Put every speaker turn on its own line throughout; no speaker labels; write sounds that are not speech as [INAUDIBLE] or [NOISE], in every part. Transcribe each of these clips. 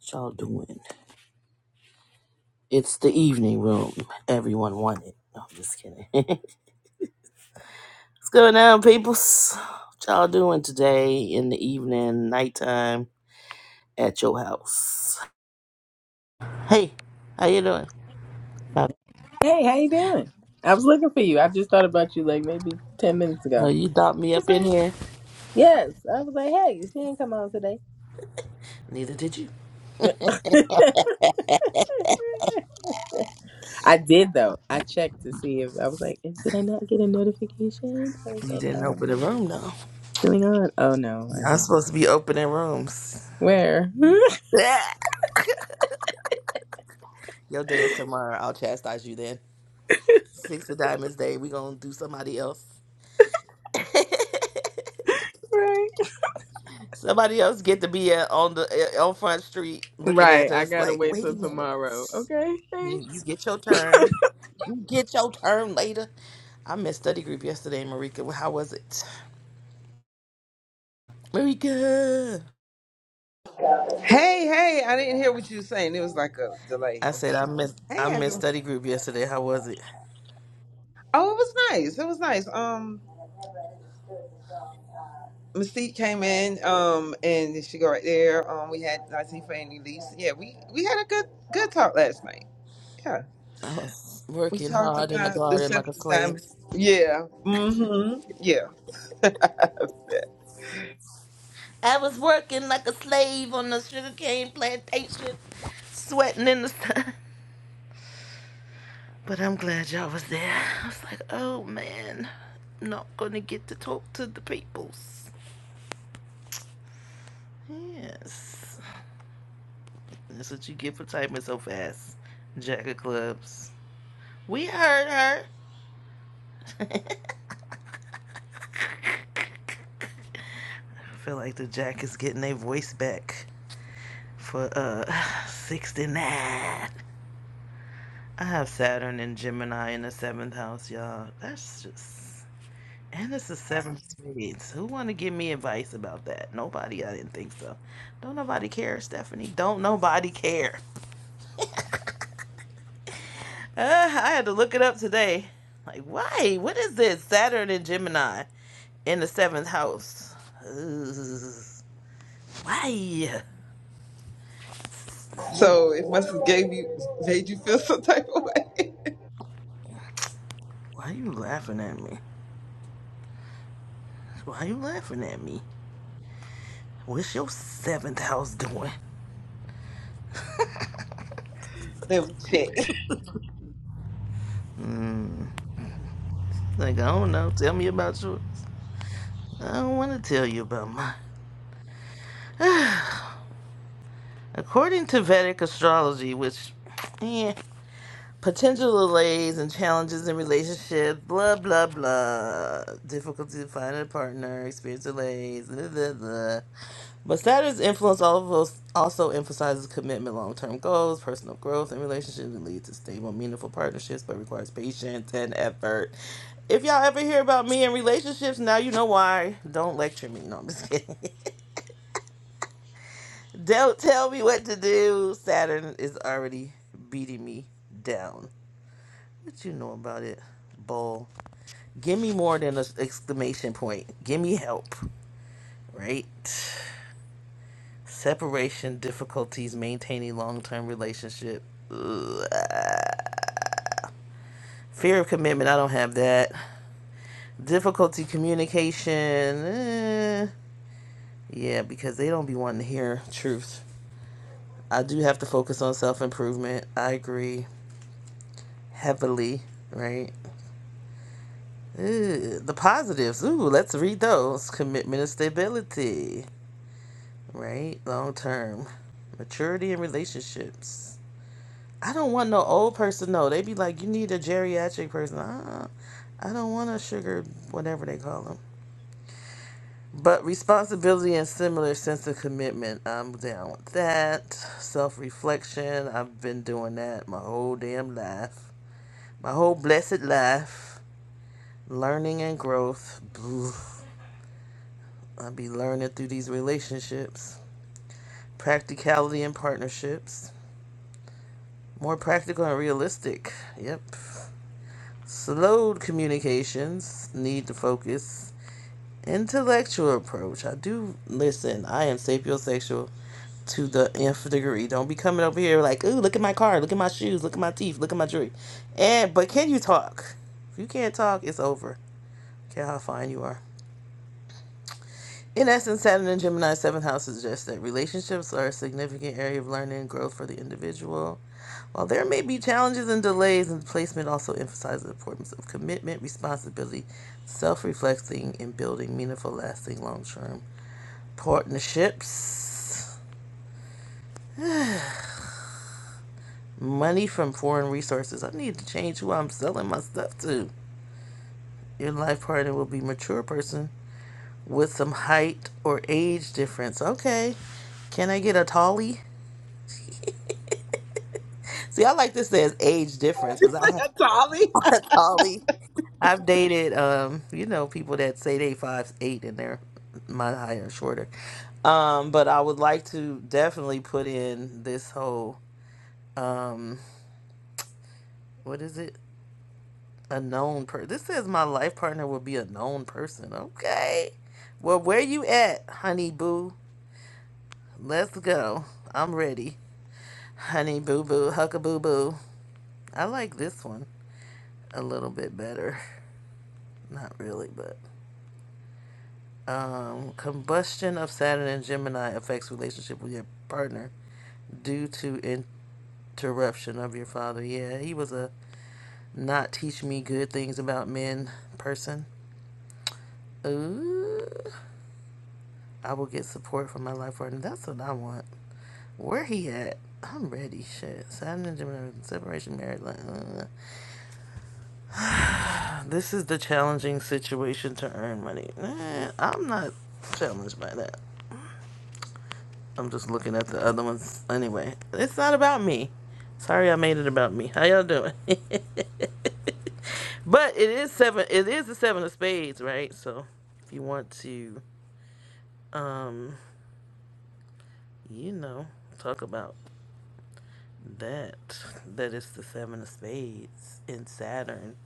What y'all doing? It's the evening room. Everyone wanted. No, I'm just kidding. [LAUGHS] What's going on, peoples? What y'all doing today in the evening, nighttime at your house? Hey, how you doing? Uh,
Hey, how you doing? I was looking for you. I just thought about you like maybe ten minutes
No,
ago.
you thought
I
me up
was
in
like,
here.
yes. I was like, hey, she didn't come on today.
Neither did you.
[LAUGHS] I did though. I checked to see if I was like, did I not get a notification? I was
You
like,
didn't
um,
open the
what's
room, though.
going on? Oh no, I
I'm
didn't.
supposed to be opening rooms.
Where? [LAUGHS]
[LAUGHS] Your day is tomorrow. I'll chastise you then. Six of Diamonds Day. we going to do somebody else.
right.
Somebody else get to be uh, on the uh, on Front Street looking
Right.
at
I
us
gotta
like,
wait
wait a
till
minute.
tomorrow. Okay.
You, you
Thanks.
get your turn. You get your turn later. I missed study group yesterday, Marika. Well, How was it? Marika.
Hey, hey, I didn't hear what you were saying. It was like a delay
I
or
said I
something.
missed
Hey,
I missed
Angela.
study group yesterday. How was it?
Oh, it was nice. It was nice. Um, Mystique came in, um, and she go right there. Um, we had Latifa and Elise. Yeah, we we had a good good talk last night. Yeah.
I was
We
working
talked
hard in the
about the
garden like
seven
a slave.
diamonds. Yeah. Mm-hmm. Yeah. [LAUGHS]
I was working like a slave on the sugarcane plantation, sweating in the sun. But I'm glad y'all was there. I was like, oh man, I'm not gonna get to talk to the peoples. Yes. That's what you get for typing so fast. Jack of clubs. We heard her. I feel like the Jack is getting their voice back for uh [SIGHS] 69. I have Saturn and Gemini in the seventh house, y'all. That's just And it's the seventh grade. So who want to give me advice about that? Nobody. I didn't think so. Don't nobody care, Stephanie. Don't nobody care. [LAUGHS] Uh, I had to look it up today. Like, why? What is this? Saturn and Gemini in the seventh house. Ugh. why? Yo,
So it must have gave you made you feel [LAUGHS] some type of way.
Why you laughing at me? Why you laughing at me? What's your seventh house doing?
[LAUGHS] Let me check.
Like, I don't know. Tell me about yours. I don't want to tell you about mine. [SIGHS] According to Vedic astrology, which, eh, potential delays and challenges in relationships, blah, blah, blah. Difficulty to find a partner, experience delays, blah, blah, blah. But Saturn's influence all of those also emphasizes commitment, long term goals, personal growth, and relationships that lead to stable, meaningful partnerships, but requires patience and effort. If y'all ever hear about me in relationships, now you know why. Don't lecture me. No, I'm just kidding. [LAUGHS] Don't tell me what to do. Saturn is already beating me down. What you know about it, bull? Give me more than an exclamation point. Give me help, right? Separation difficulties, maintaining long-term relationship. Ugh. Fear of commitment. I don't have that. Difficulty communication. eh. Yeah, because they don't be wanting to hear truth. I do have to focus on self improvement. I agree heavily, right? Ooh, the positives. Ooh, let's read those. Commitment and stability, right? Long term. Maturity in relationships. I don't want no old person, no. They be like, you need a geriatric person. Uh-uh. I don't want a sugar, whatever they call them. But responsibility and similar sense of commitment. I'm down with that. Self reflection. I've been doing that my whole damn life. My whole blessed life. Learning and growth. Blah. I be learning through these relationships. Practicality and partnerships. More practical and realistic. Yep. Slowed communications. Need to focus. Intellectual approach. I do listen. I am sapiosexual to the nth degree. Don't be coming over here like, ooh, look at my car, look at my shoes, look at my teeth, look at my jewelry. And but can you talk? If you can't talk, it's over. Care how fine you are. In essence, Saturn and Gemini's seventh house suggests that relationships are a significant area of learning and growth for the individual. While there may be challenges and delays, and placement also emphasizes the importance of commitment, responsibility, self reflecting, and building meaningful, lasting, long term partnerships. Money from foreign resources. I need to change who I'm selling my stuff to. Your life partner will be a mature person with some height or age difference. Okay. Can I get a tallie? See, I like this as age difference because I have
[LAUGHS] Tolly.
[LAUGHS] Holly. I've dated, um, you know, people that say they five eight and they're my higher and shorter. Um, but I would like to definitely put in this whole what is it? A known person. This says my life partner will be a known person. Okay. Well, where you at, honey boo? Let's go. I'm ready. Honey boo boo, hucka boo boo. I like this one a little bit better. [LAUGHS] Not really, but. Um, combustion of Saturn and Gemini affects relationship with your partner due to interruption of your father. Yeah, he was a not teach me good things about men person. Ooh, I will get support from my life partner. That's what I want. Where he at? I'm ready. Shit, Saturn and Gemini separation, married life. uh. This is the challenging situation to earn money. Eh, I'm not challenged by that. I'm just looking at the other ones. Anyway, it's not about me. Sorry, I made it about me. How y'all doing? [LAUGHS] but it is seven. It is the seven of spades, right? So if you want to, um, you know, talk about that, that is the seven of spades in Saturn.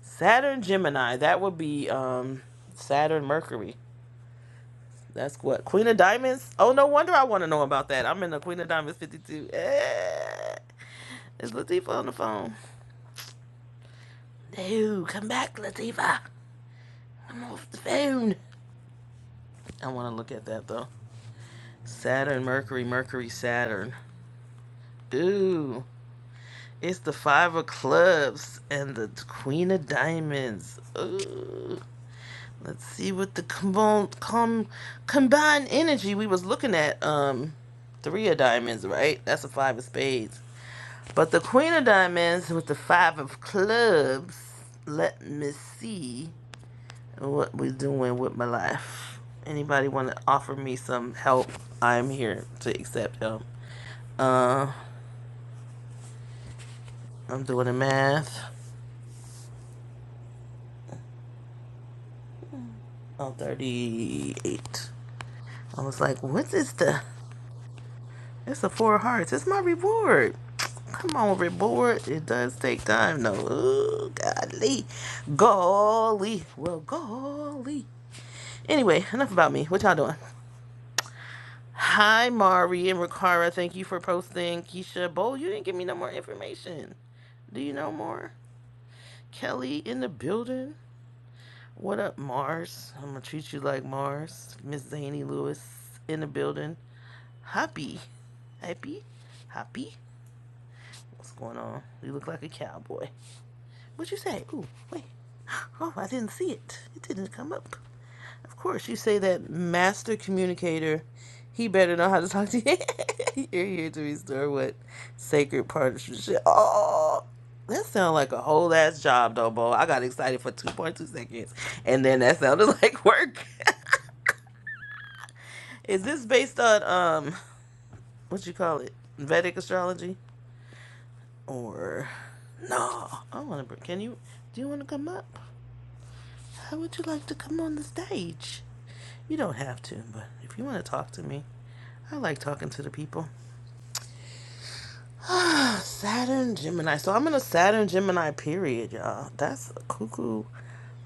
Saturn Gemini. That would be um Saturn Mercury. That's what Queen of Diamonds. Oh, no wonder I want to know about that. I'm in the Queen of Diamonds 52. Eh. Is Latifah on the phone? No, come back, Latifa. I'm off the phone. I want to look at that though. Saturn, Mercury, Mercury, Saturn. Ooh, it's the Five of Clubs and the Queen of Diamonds. Ooh. Let's see what the com- com- combined energy we was looking at. Um, three of diamonds, right? That's a five of spades. But the Queen of Diamonds with the five of clubs. Let me see. what we doing with my life. Anybody want to offer me some help? I'm here to accept help. Uh, I'm doing the math. I'm 38. I was like, what is the? It's a four of hearts. It's my reward. Come on, reward. It does take time, though. Ooh, golly, golly. Well, golly. Anyway, enough about me. What y'all doing? Hi, Mari and Rikara. Thank you for posting. Keisha Bowl, you didn't give me no more information. Do you know more? Kelly in the building. What up, Mars? I'm gonna treat you like Mars. Miss Zany Lewis in the building. Happy. Happy? Happy? What's going on? You look like a cowboy. What'd you say? Ooh, wait. [GASPS] Oh, I didn't see it. It didn't come up. Of course, you say that master communicator, he better know how to talk to you. [LAUGHS] You're here to restore what sacred partnership. Oh, that sounds like a whole ass job, though, Bo. I got excited for 2.2 seconds, and then that sounded like work. [LAUGHS] Is this based on um, what you call it, Vedic astrology, or no? I want to. Can you? Do you want to come up? How would you like to come on the stage? You don't have to, but if you want to talk to me, I like talking to the people. Ah, [SIGHS] Saturn, Gemini. So I'm in a Saturn, Gemini period, y'all. That's a cuckoo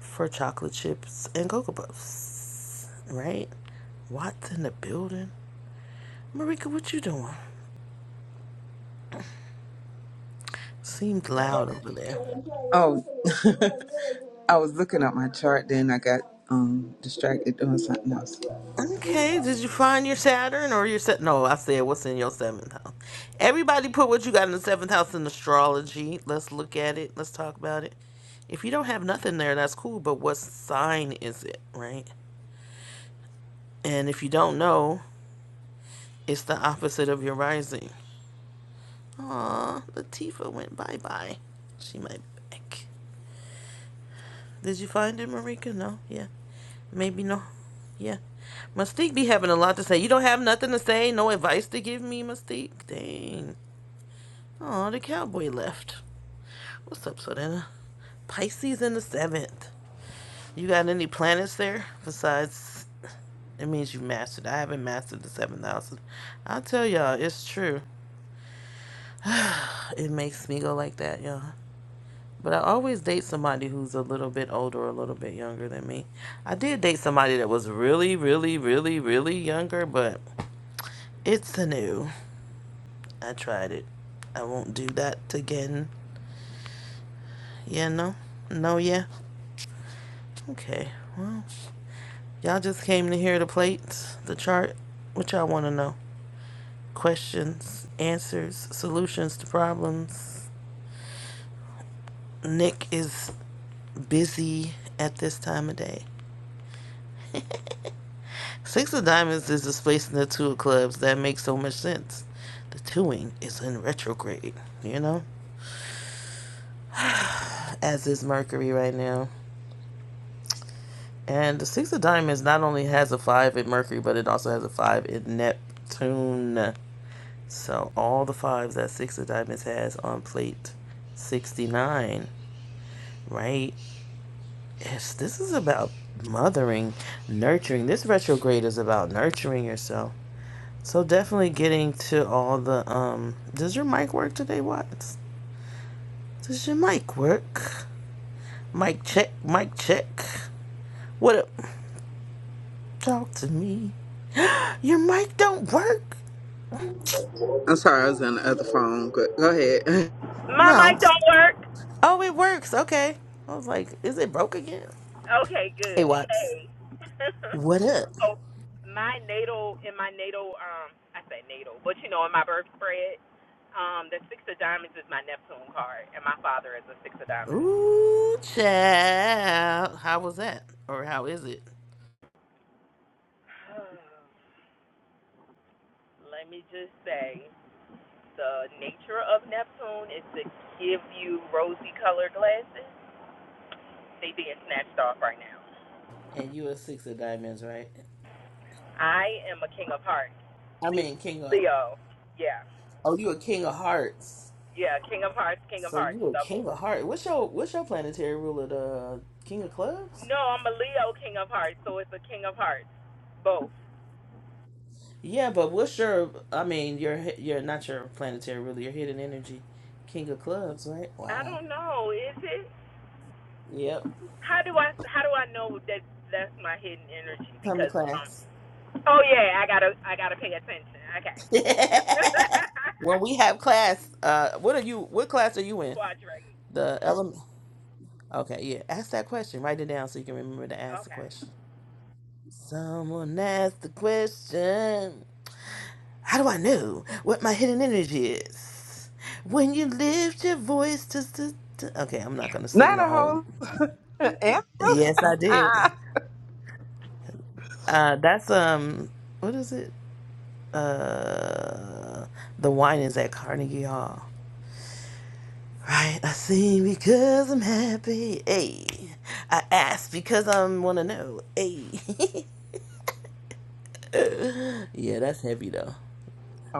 for chocolate chips and Cocoa Puffs, right? What's in the building? Marika, what you doing? Seemed loud over there.
Oh, [LAUGHS] I was looking at my chart, then I got um distracted doing something else.
Okay, did you find your Saturn or your set? No, I said what's in your seventh house. Everybody put what you got in the seventh house in astrology. Let's look at it. Let's talk about it. If you don't have nothing there, that's cool. But what sign is it, right? And if you don't know, it's the opposite of your rising. Aw, Latifa went bye bye. She might be back. Did you find it, Marika? No. Yeah. Maybe no. Yeah. Mystique be having a lot to say. You don't have nothing to say? No advice to give me, Mystique? Dang. Oh, the cowboy left. What's up, Sodena? Pisces in the seventh. You got any planets there besides? It means you mastered. I haven't mastered the seventh house. I'll tell y'all, it's true. It makes me go like that, y'all. But I always date somebody who's a little bit older, or a little bit younger than me. I did date somebody that was really, really, really, really younger, but it's a new. I tried it. I won't do that again. Yeah, no? No, yeah? Okay. Well, Y'all just came to hear the plates, the chart. What y'all want to know? Questions, answers, solutions to problems. Nick is busy at this time of day. Six of Diamonds is displacing the Two of Clubs. That makes so much sense. The Twoing is in retrograde, you know, as is Mercury right now. And the Six of Diamonds not only has a five in Mercury, but it also has a five in Neptune. So all the fives that Six of Diamonds has on plate 69, right? Yes, this is about mothering, nurturing. This retrograde is about nurturing yourself. So definitely getting to all the um does your mic work today, Watts? Does your mic work? Mic check, mic check. What up? Talk to me. Your mic don't work?
I'm sorry, I was on the other phone. Go, go ahead. [LAUGHS]
My
No.
mic don't work.
Oh, it works. Okay. I was like, is it broke again?
Okay,
Hey,
good.
Watts.
Hey. [LAUGHS]
What up?
so my natal in my natal um I say natal, but you know in my birth spread, um the six of diamonds is my Neptune card and my father is a six of diamonds.
Ooh, child. How was that? Or how is it?
[SIGHS] Let me just say the nature of Neptune is to give you rosy colored glasses. They being snatched off right now.
And you a six of diamonds, right?
I am a king of hearts.
I mean, king of.
Leo. Yeah.
Oh, you a king of hearts.
Yeah, King of Hearts, King of
So
Hearts,
you a
double.
king of hearts. What's your What's your planetary ruler? The king of clubs.
No, I'm a Leo King of Hearts, so it's a King of Hearts, both.
Yeah, but what's your? I mean, your hi- your not your planetary ruler. Your hidden energy, king of clubs, right?
I
Wow.
don't know, is it?
Yep.
How do I how do I know that that's my hidden energy?
Come to
Because um,
class.
oh yeah, I gotta I gotta pay attention. Okay.
[LAUGHS] when
[LAUGHS]
we have class, uh, what are you? What class are you in?
Quadrate.
The element. Okay, yeah. Ask that question. Write it down so you can remember to ask the
Okay.
question. Someone asked the question. How do I know what my hidden energy is? When you lift your voice to, to, to Okay, I'm not gonna sing
Not
the
a
whole
whole [LAUGHS] answer.
Yes I did. Uh that's um what is it? Uh the wine is at Carnegie Hall. Right, I sing because I'm happy. Hey, I ask because I want to know. Hey, [LAUGHS] yeah, that's heavy though.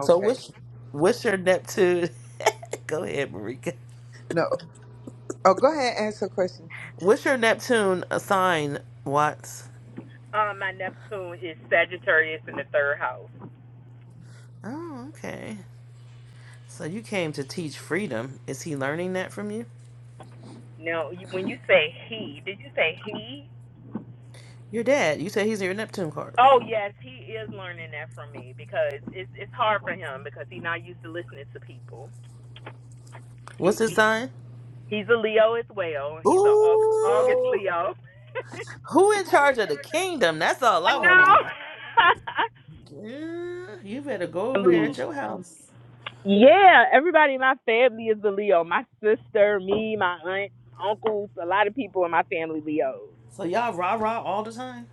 So what's what's your Neptune? [LAUGHS] Go ahead, Marika.
No. Oh, go ahead and answer a question.
What's your Neptune a sign, Watts?
Um, my Neptune is Sagittarius in the third house.
Oh, okay. So you came to teach freedom. Is he learning that from you?
Now, you- when you say he, did you say he?
Your dad. You said he's your Neptune card.
Oh yes, he is learning that from me because it's it's hard for him because he's not used to listening to people.
What's
He,
his
he
sign?
he's a Leo as well. He's a Au- August
Ooh.
Leo.
Who in charge of the kingdom? That's all
I
I want to
know.
know.
[LAUGHS]
Girl, you better go over there at
Family.
your house.
yeah, everybody in my family is a Leo. My sister, me, my aunt, uncles, a lot of people in my family Leos.
So y'all rah rah all the time.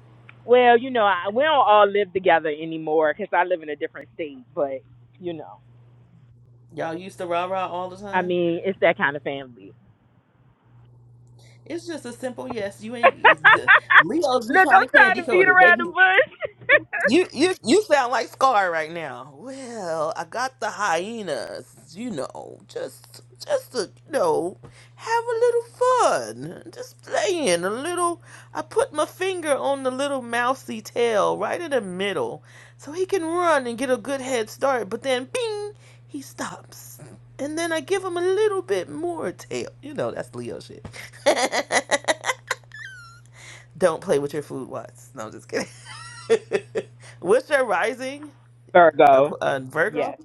Well, you know, I, we don't all live together anymore because I live in a different state. But you know,
Y'all used to rah rah all the
I
time.
mean, it's that kind of family.
It's just a simple yes. You
[LAUGHS]
ain't it's the- Leo's. You
Look,
trying
I'm
to
trying to
candy
beat
code it,
around
baby?
the bush.
You you you sound like Scar right now. Well, I got the hyenas. You know, just just to you know, have a little fun, just playing a little. I put my finger on the little mousy tail right in the middle, so he can run and get a good head start. But then, bing, he stops. And then I give him a little bit more tail. You know, that's Leo shit. [LAUGHS] Don't play with your food was. No, I'm just kidding. [LAUGHS] What's your rising?
[LAUGHS] Virgo.
Aqu- Uh, Virgo?
Yes.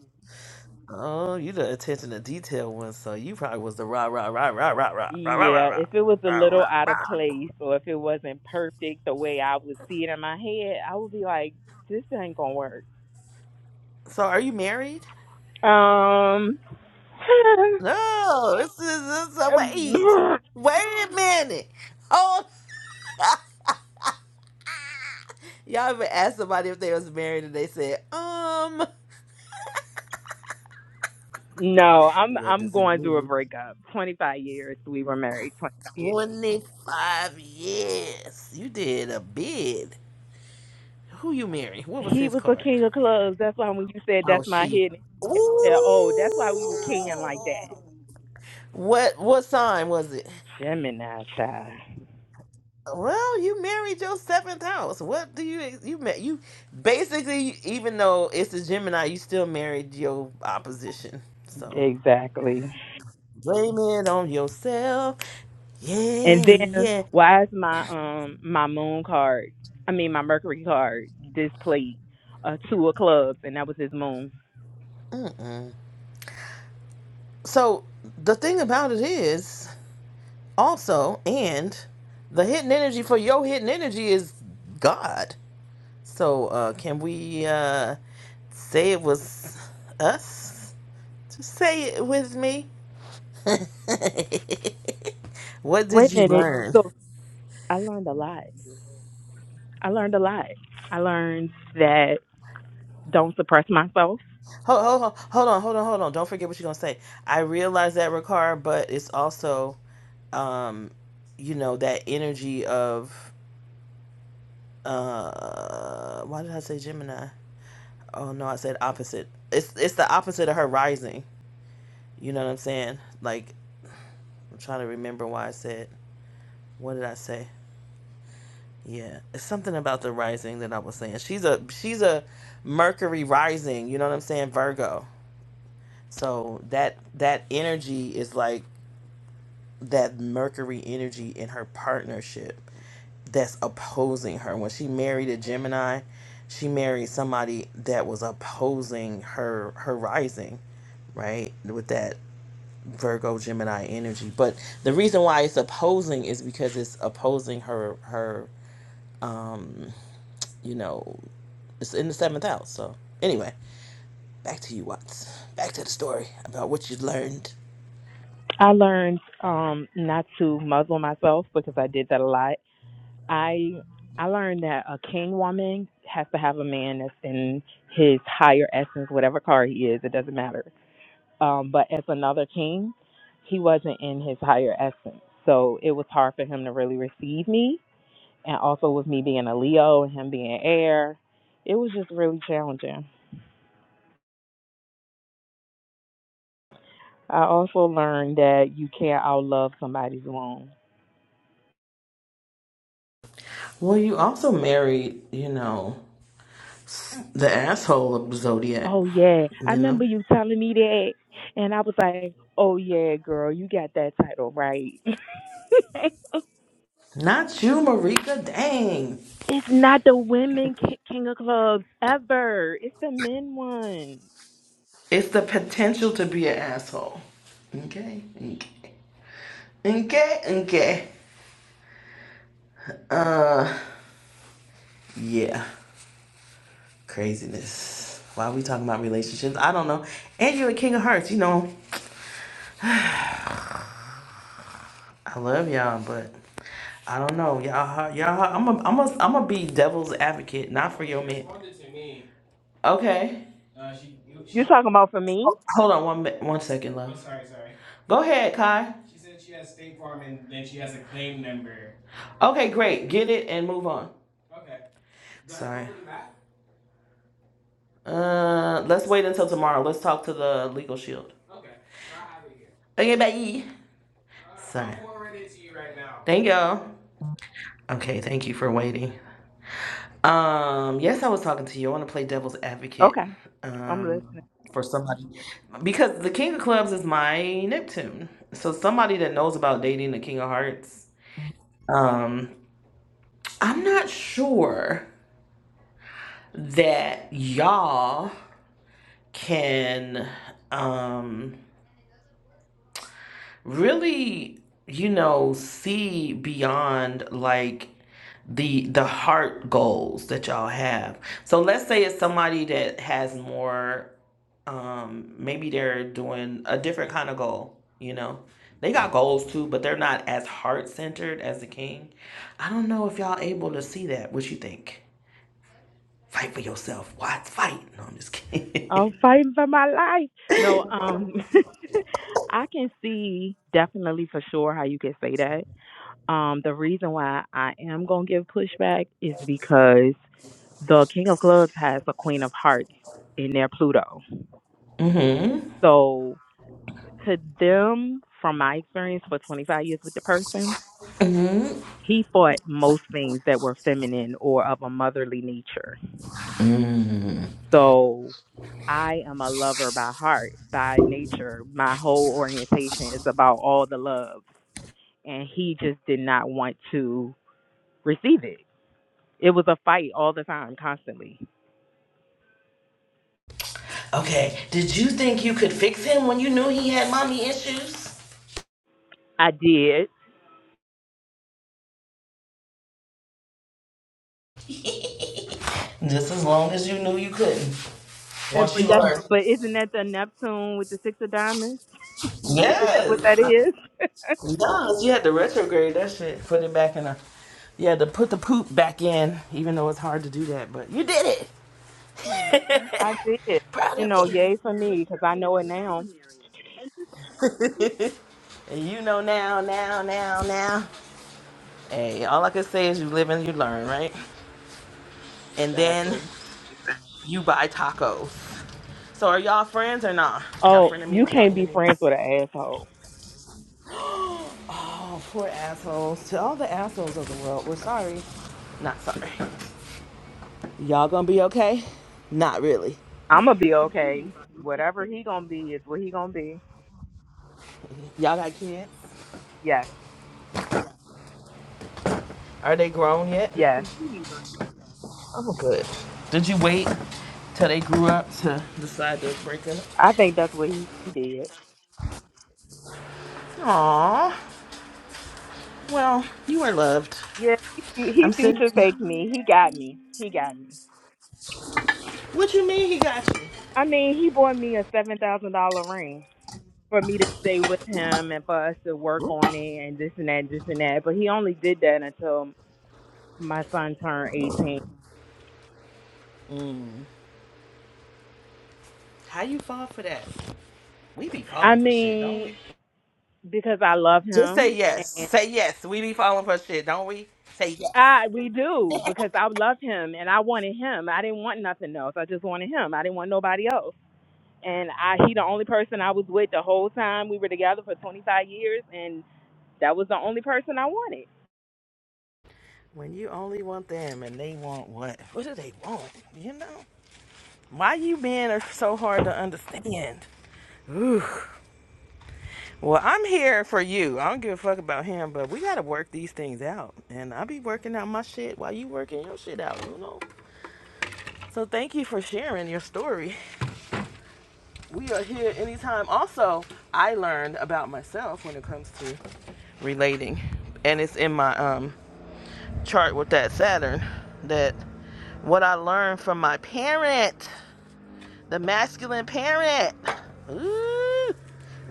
Oh, you the attention to detail one, so you probably was the rah rah rah rah rah rah rah rah rah
Yeah.
rah
If it was a
rah rah.
little out of
rah.
place or if it wasn't perfect the way I would see it in my head, I would be like, this ain't going to work.
So are you married?
Um,
No, this is this is a
[LAUGHS]
wait. Wait a minute. Oh y'all ever asked somebody if they was married and they said, um
no, I'm
what
I'm
does it
going through a
mean?
breakup. 25 years we were married. 25 years.
Twenty five years. You did a bid. Who you marrying? What was
He
his
was a
card?
king of clubs. That's why when you said
Oh,
that's my
she.
hidden, I said,
Ooh.
oh, that's why we were king like that.
What what sign was it?
Gemini child.
Well, you married your seventh house. What do you you met you basically even though it's a Gemini, you still married your opposition. So
Exactly.
blame it on yourself.
And
Yeah,
then
yeah.
why is my um my moon card, I mean my Mercury card displayed uh two of clubs and that was his moon.
Mm-mm. So the thing about it is also and the hidden energy for your hidden energy is God. So, uh, can we uh, say it was us? Just say it with me. [LAUGHS] what did
Wait a
you
minute.
learn?
So I learned a lot. I learned a lot. I learned that don't suppress myself.
Hold, hold, hold hold on, hold on, hold on. Don't forget what you're going to say. I realize that, Ricard, but it's also, um, you know, that energy of, uh, why did I say Gemini? Oh, no, I said opposite. It's, it's the opposite of her rising. You know what I'm saying? Like, I'm trying to remember why I said, what did I say? Yeah, it's something about the rising that I was saying. She's a she's a Mercury rising, you know what I'm saying? Virgo. So that that energy is like that Mercury energy in her partnership that's opposing her. When she married a Gemini, she married somebody that was opposing her her rising, right? With that Virgo Gemini energy. But the reason why it's opposing is because it's opposing her her you know, it's in the seventh house. So anyway, back to you, Watts. Back to the story about what you learned.
I learned um not to muzzle myself because I did that a lot. I I learned that a king woman has to have a man that's in his higher essence, whatever car he is, it doesn't matter. Um, but as another king, he wasn't in his higher essence. So it was hard for him to really receive me. And also with me being a Leo and him being air, it was just really challenging. I also learned that you can't outlove somebody's wound.
Well, you also married, you know, the asshole of Zodiac.
Oh yeah, I
You know,
remember you telling me that, and I was like, "Oh yeah, girl, you got that title right." [LAUGHS]
not you, Marika. Dang,
it's not the women ki- king of clubs ever. It's the men one.
it's the potential to be an asshole. Okay, okay, okay, okay. Yeah, craziness. Why are we talking about relationships? I don't know. And you're a king of hearts. You know, I love y'all, but. I don't know, y'all. Y'all, I'm a, I'm a, I'm a be devil's advocate, not for your man. Okay,
You talking about for me?
hold on one, mi- one second, love. Go ahead, Kai. Okay, great. Get it and move on. Uh, let's wait until tomorrow. Let's talk to the legal shield. Okay, bye. Thank y'all. Okay, thank you for waiting. Um, yes, I was talking to you. I want to play devil's advocate.
Okay, I'm
Um,
listening.
for somebody because the king of clubs is my Neptune. So somebody that knows about dating the king of hearts. Um, I'm not sure that y'all can um really you know see beyond like the the heart goals that y'all have so let's say it's somebody that has more um maybe they're doing a different kind of goal you know they got goals too but they're not as heart centered as the king i don't know if y'all able to see that what you think Fight for yourself. Why fight? No, I'm just kidding.
I'm fighting for my life. No, um, [LAUGHS] I can see definitely for sure how you could say that. Um, the reason why I am gonna give pushback is because the King of Clubs has a Queen of Hearts in their Pluto.
[LAUGHS] mm-hmm.
So to them, from my experience for 25 years with the person,
Mm-hmm.
he fought most things that were feminine or of a motherly nature.
Mm-hmm.
So I am a lover by heart, by nature. My whole orientation is about all the love. And he just did not want to receive it. It was a fight all the time, constantly.
Okay. Did you think you could fix him when you knew he had mommy issues?
I did.
Just as long as you knew you couldn't.
And,
Once
but
you
that's
learned.
but isn't that the Neptune with the six of diamonds? Isn't that what that
Yes.
is? [LAUGHS]
Yes. You had to retrograde that shit. Put it back in a. You had to put the poop back in, even though it's hard to do that, but you did it. [LAUGHS]
I did.
Proud
You
of
know, yay for me because I know it now.
you. [LAUGHS] and you know now, now, now, now. Hey, all I can say is you live and you learn, right? and then
Exactly.
you buy tacos. So are y'all friends or not? Y'all
Oh, you
frenemies? Y'all
can't be friends
enemies?
with an asshole.
[GASPS] Oh, poor assholes. To all the assholes of the world, we're sorry. Not sorry. Y'all gonna be okay? Not really.
I'm gonna be okay. Whatever he gonna be is what he gonna be.
Y'all got kids?
Yes,
Are they grown yet?
yes.
I'm good. Did you wait till they grew up to decide to break up?
I think that's what he did.
Aww. Well, you are loved.
Yeah, he, he
I'm
future
sitting.
faked me. He got me. He got me.
What you mean he got you?
I mean, he bought me a seven thousand dollar ring. for me to stay with him and for us to work on it and this and that, this and that. But he only did that until my son turned 18.
How you fall for that? We be
I
calling for shit, don't
mean,
we?
because I love
Just say
him
yes.
and
Say yes. We be falling for shit, don't we? Say yes.
I we do because I love him and I wanted him. I didn't want nothing else. I just wanted him. I didn't want nobody else. And I he the only person I was with the whole time we were together for 25 years and that was the only person I wanted.
When you only want them and they want what? What do they want? You know? Why you men are so hard to understand? Ooh. Well, I'm here for you. I don't give a fuck about him, but we gotta work these things out. And i be working out my shit while you working your shit out, you know? So thank you for sharing your story. We are here anytime. Also, I learned about myself when it comes to relating and it's in my um chart with that Saturn that what I learned from my parent, the masculine parent, ooh,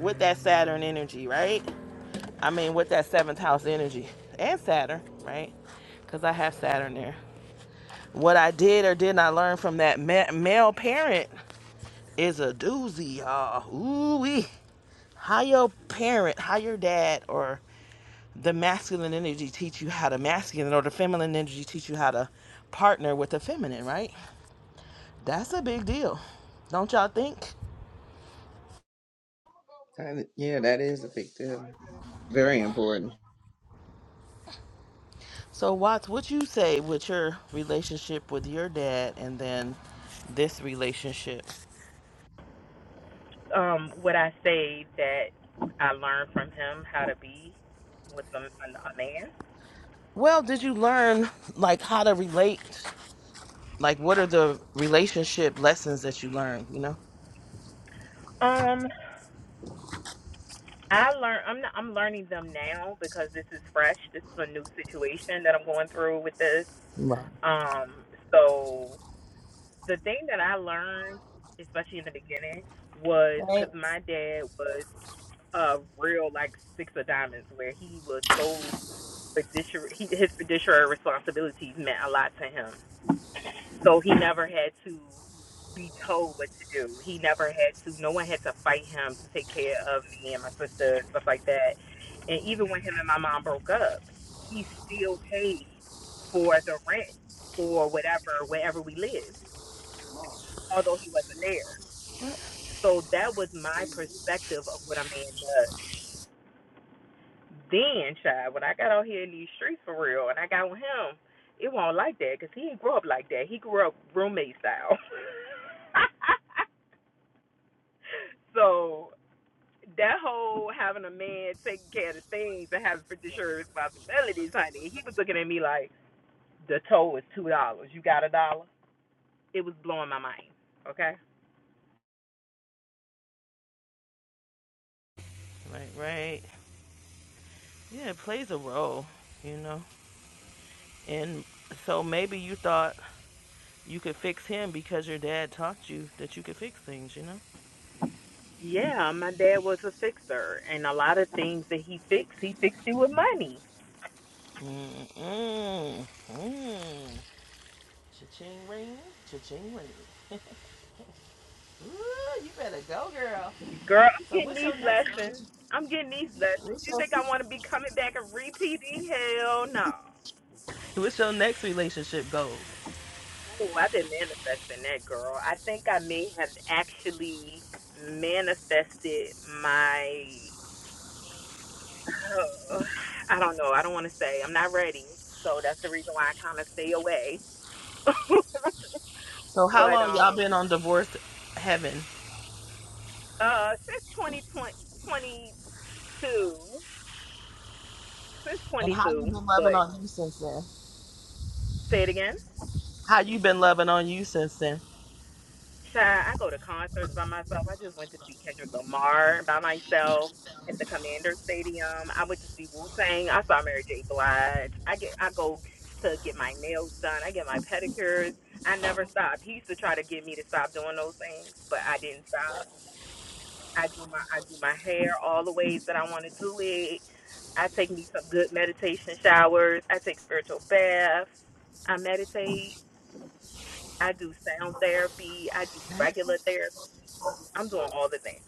with that Saturn energy, right? I mean, with that seventh house energy and Saturn, right? Because I have Saturn there. What I did or did not learn from that ma- male parent is a doozy, y'all. Ooh wee. How your parent, how your dad, or the masculine energy teach you how to masculine or the feminine energy teach you how to partner with the feminine, right? That's a big deal. Don't y'all think?
That- Yeah, that is a big deal. Very important.
So Watts, what you say with your relationship with your dad and then this relationship?
Um, would I say that I learned from him how to be with a, a man?
Well, did you learn like how to relate? Like what are the relationship lessons that you learned, you know?
Um, I learn. I'm not, I'm learning them now because this is fresh. This is a new situation that I'm going through with this.
Right.
Um, so the thing that I learned, especially in the beginning, was because my dad was a real like six of diamonds, where he was so fiduciary. He, his fiduciary responsibilities meant a lot to him. So he never had to be told what to do. He never had to. No one had to fight him to take care of me and my sister, stuff like that. And even when him and my mom broke up, he still paid for the rent or whatever wherever we lived, although he wasn't there. So that was my perspective of what a man does. Then, child, when I got out here in these streets for real, and I got with him, it wasn't like that because he didn't grow up like that. He grew up roommate style. [LAUGHS] So that whole having a man taking care of the things and having fiduciary responsibilities, honey, he was looking at me like the toll is two dollars. You got a dollar? It was blowing my mind. Okay.
Right, right. Yeah, it plays a role, you know. And so maybe you thought You could fix him because your dad taught you that you could fix things, you know?
Yeah, my dad was a fixer, and a lot of things that he fixed, he fixed it with money.
Mm-mm. Mm. Cha-ching ring, cha-ching ring. Ooh, you better go, girl.
Girl, I'm
So
getting
what's your
these
next
lessons. I'm getting these lessons.
what's
You think I
your,
want to be coming back and repeating? Hell no.
what's your next relationship goal?
Oh, I've been manifesting that girl. I think I may have actually manifested my. [SIGHS] Oh, I don't know. I don't want to say. I'm not ready. So that's the reason why I kind of stay away. [LAUGHS] but
So how long
um,
y'all been on divorce heaven?
uh, since 2022, since
And how you
22,
been loving
but
on you since then?
say it again.
How you been loving on you since then?
Child, I go to concerts by myself. I just went to see Kendrick Lamar by myself at the Commander Stadium. I went to see Wu Tang. I saw Mary J. Blige. I get I go to get my nails done. I get my pedicures. I never stop. He used to try to get me to stop doing those things, but I didn't stop. I do my I do my hair all the ways that I want to do it. I take me some good meditation showers. I take spiritual baths. I meditate. I do sound therapy. I do regular therapy. I'm doing all the things.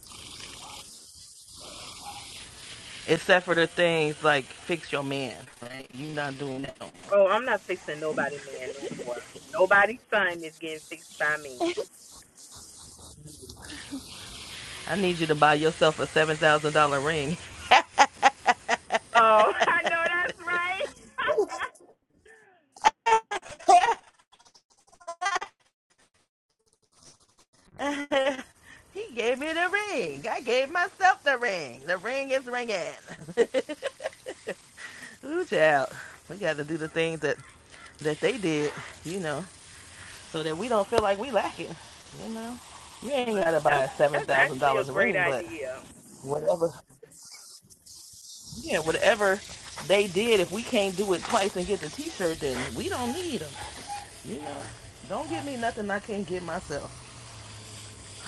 Except for the things like fix your man, right? You not doing that no more.
Oh, I'm not fixing nobody, man, no more. Nobody's son is getting fixed by me.
I need you to buy yourself a seven thousand dollar ring
Oh, [LAUGHS] I know that's right.
[LAUGHS] he gave me the ring. I gave myself the ring. The ring is ringing. [LAUGHS] Ooh, child. We got to do the things that, that they did, you know, so that we don't feel like we lacking, you know. You ain't got to
[LAUGHS]
buy
that's
a
that's actually a
$7,000
great
ring, but
idea.
whatever, yeah, whatever they did, if we can't do it twice and get the t-shirt, then we don't need them, you know. Don't give me nothing I can't give myself,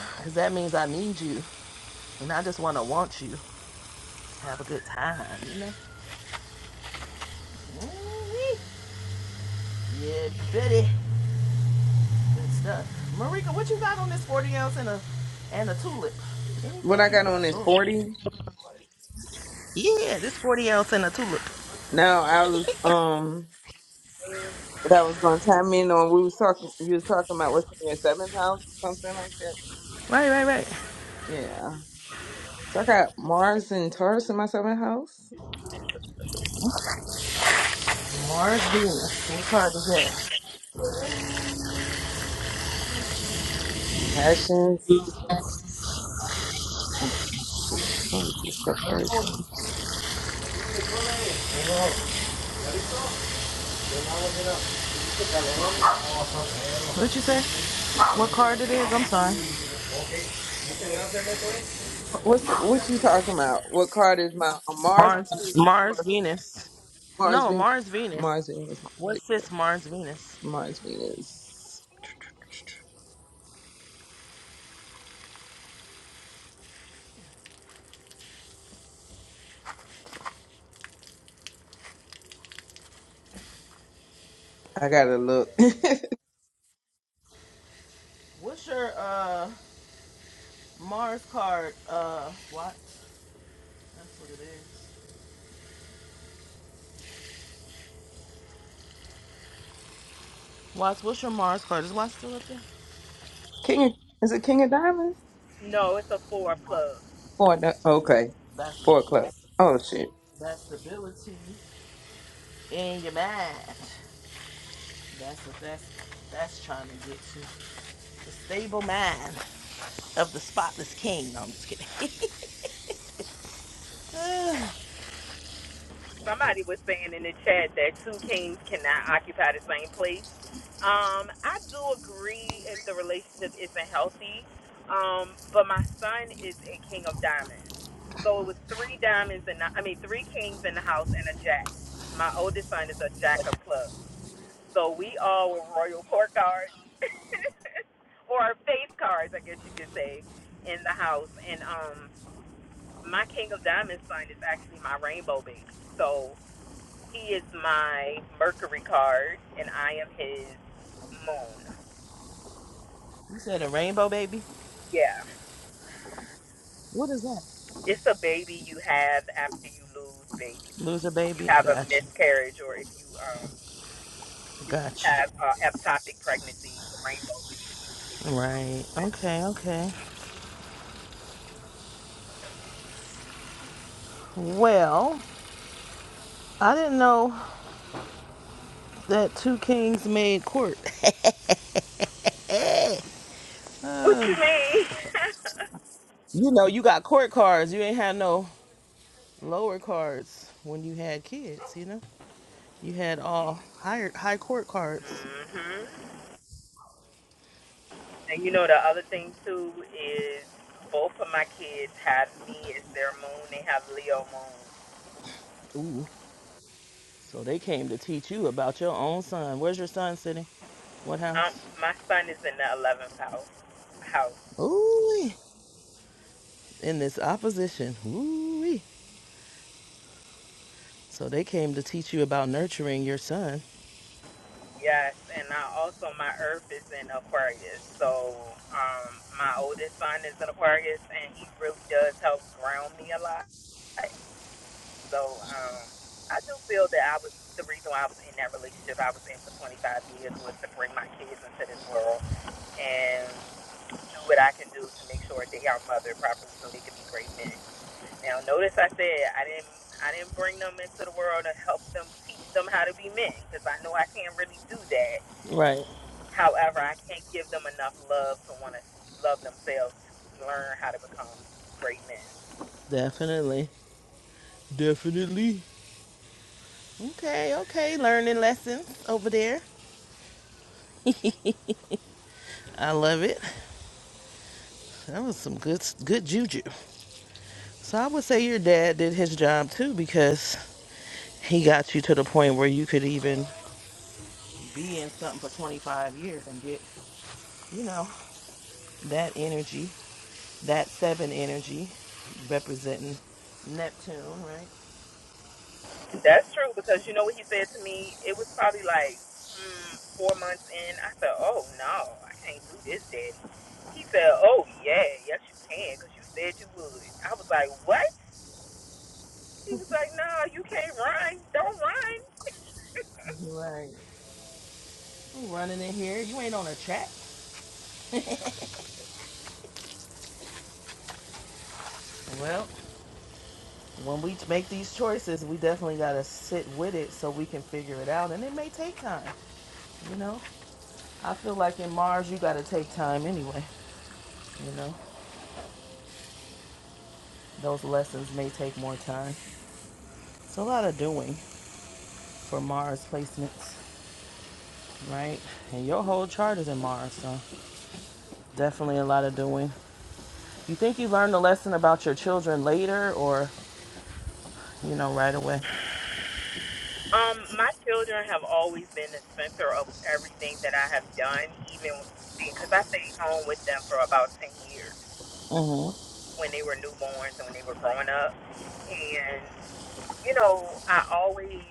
because that means I need you, and I just want to want you. Have a good time, you know. Yeah, Betty. Good stuff. Marika, what you got on this 40 ounce and a and a tulip?
What I
Anything? You
got
got
on is
some.
40.
Yeah, this 40 ounce and a tulip.
Now, I was, um, what I was going to chime in on, we was talking, you was talking about what's in your seventh house or something like that.
Right, right, right.
Yeah. So I got Mars and Taurus in my seventh house.
Mars Venus. What card is that?
Passions. Okay, Taurus is the first.
What you say? What card it is? I'm sorry.
What's what you talking about? What card is my uh, Mars card
Mars
is the
Mars
fourth.
Venus.
Mars
No,
Venus.
Mars Venus.
Mars Venus.
What's this Mars Venus?
Mars Venus. I gotta look. [LAUGHS]
What's your uh Mars card? Uh Watts. That's what it is. Watts, what's your Mars card? Is Watts still up there?
King of, is it King of Diamonds?
No, it's a four plug.
Four. di- Okay,
That's what it
four
is.
club. Oh shit.
That stability in your mind. That's what that's that's trying to get to. The stable mind of the spotless king. No, I'm just kidding. [LAUGHS] you
Somebody was saying in the chat that two kings cannot occupy the same place. Um, I do agree if the relationship isn't healthy. Um, but my son is a king of diamonds. So it was three diamonds in the, I mean three kings in the house and a jack. My oldest son is a jack of clubs. So we all were royal court cards [LAUGHS] or face cards, I guess you could say, in the house. And um my king of diamonds son is actually my rainbow baby. So he is my Mercury card and I am his moon.
said a rainbow baby?
Yeah.
What is that?
It's a baby you have after you lose baby.
Loser
If you
baby? I
have a
got you.
miscarriage or if you um
I
if you
got you.
have uh, ectopic pregnancy, the rainbow baby.
Right. Okay, okay. Well, I didn't know that two kings made court.
What you mean? [LAUGHS]
You know, you got court cards. You ain't had no lower cards when you had kids, you know? You had all higher high court cards.
mhm. And you know the other thing too is both of my kids have me as their moon. They have Leo moon.
Ooh. So they came to teach you about your own son. Where's your son sitting? What
Um,
house?
my son is in the 11th house. House.
Ooh. In this opposition. Ooh. So they came to teach you about nurturing your son.
Yes, and I also my Earth is in Aquarius, so um my oldest son is in Aquarius, and he really does help ground me a lot. So um I do feel that I was the reason why I was in that relationship I was in for 25 years was to bring my kids into this world and do what I can do to make sure they are mothered properly so they can be great men. Now notice I said I didn't. I didn't bring them into the world to help them teach them how to be men because I know I can't really do that
Right.
However, I can't give them enough love to want to love themselves to learn how to become great men.
Definitely. Definitely. Okay, okay. Learning lessons over there. I love it. That was some good good juju. So I would say your dad did his job too because he got you to the point where you could even be in something for 25 years and get, you know, that energy. That seven energy representing Neptune, right?
That's true because you know what he said to me? It was probably like mm, four months in. I said, oh no, I can't do this, Daddy. He said, oh yeah, yes you can because you said you would. I was like, what? He was like, no, you can't run. Don't run.
Right. I'm running in here. You ain't on a track. Well, when we make these choices, we definitely got to sit with it so we can figure it out. And it may take time, you know? I feel like in Mars, you got to take time anyway, you know? Those lessons may take more time. It's a lot of doing for Mars placements, right? And your whole chart is in Mars, so definitely a lot of doing. You think you learned the lesson about your children later, or you know, right away.
Um, my children have always been the center of everything that I have done, even because I stayed home with them for about 10 years.
Mm-hmm.
when they were newborns and when they were growing up. And, you know, I always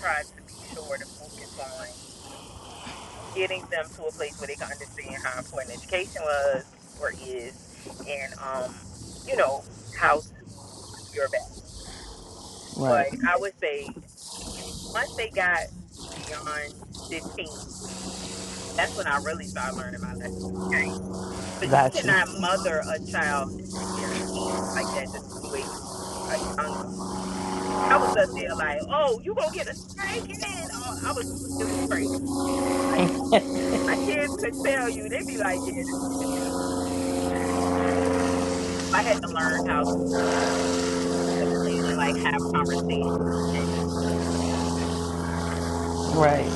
try to be sure to focus on getting them to a place where they can understand how important education was or is and, um, you know, how to do your best.
Right.
But I would say once they got beyond 15, that's when I really started learning my lessons. Okay. Because you
Got you.
cannot mother a child near teens like that just the way you, like, young I was up there like, oh, you gonna get a snake in? Oh, I was, it was crazy. Like my kids could tell you, they'd be like, yeah. I had to learn how to sit and like have conversations. And,
Right.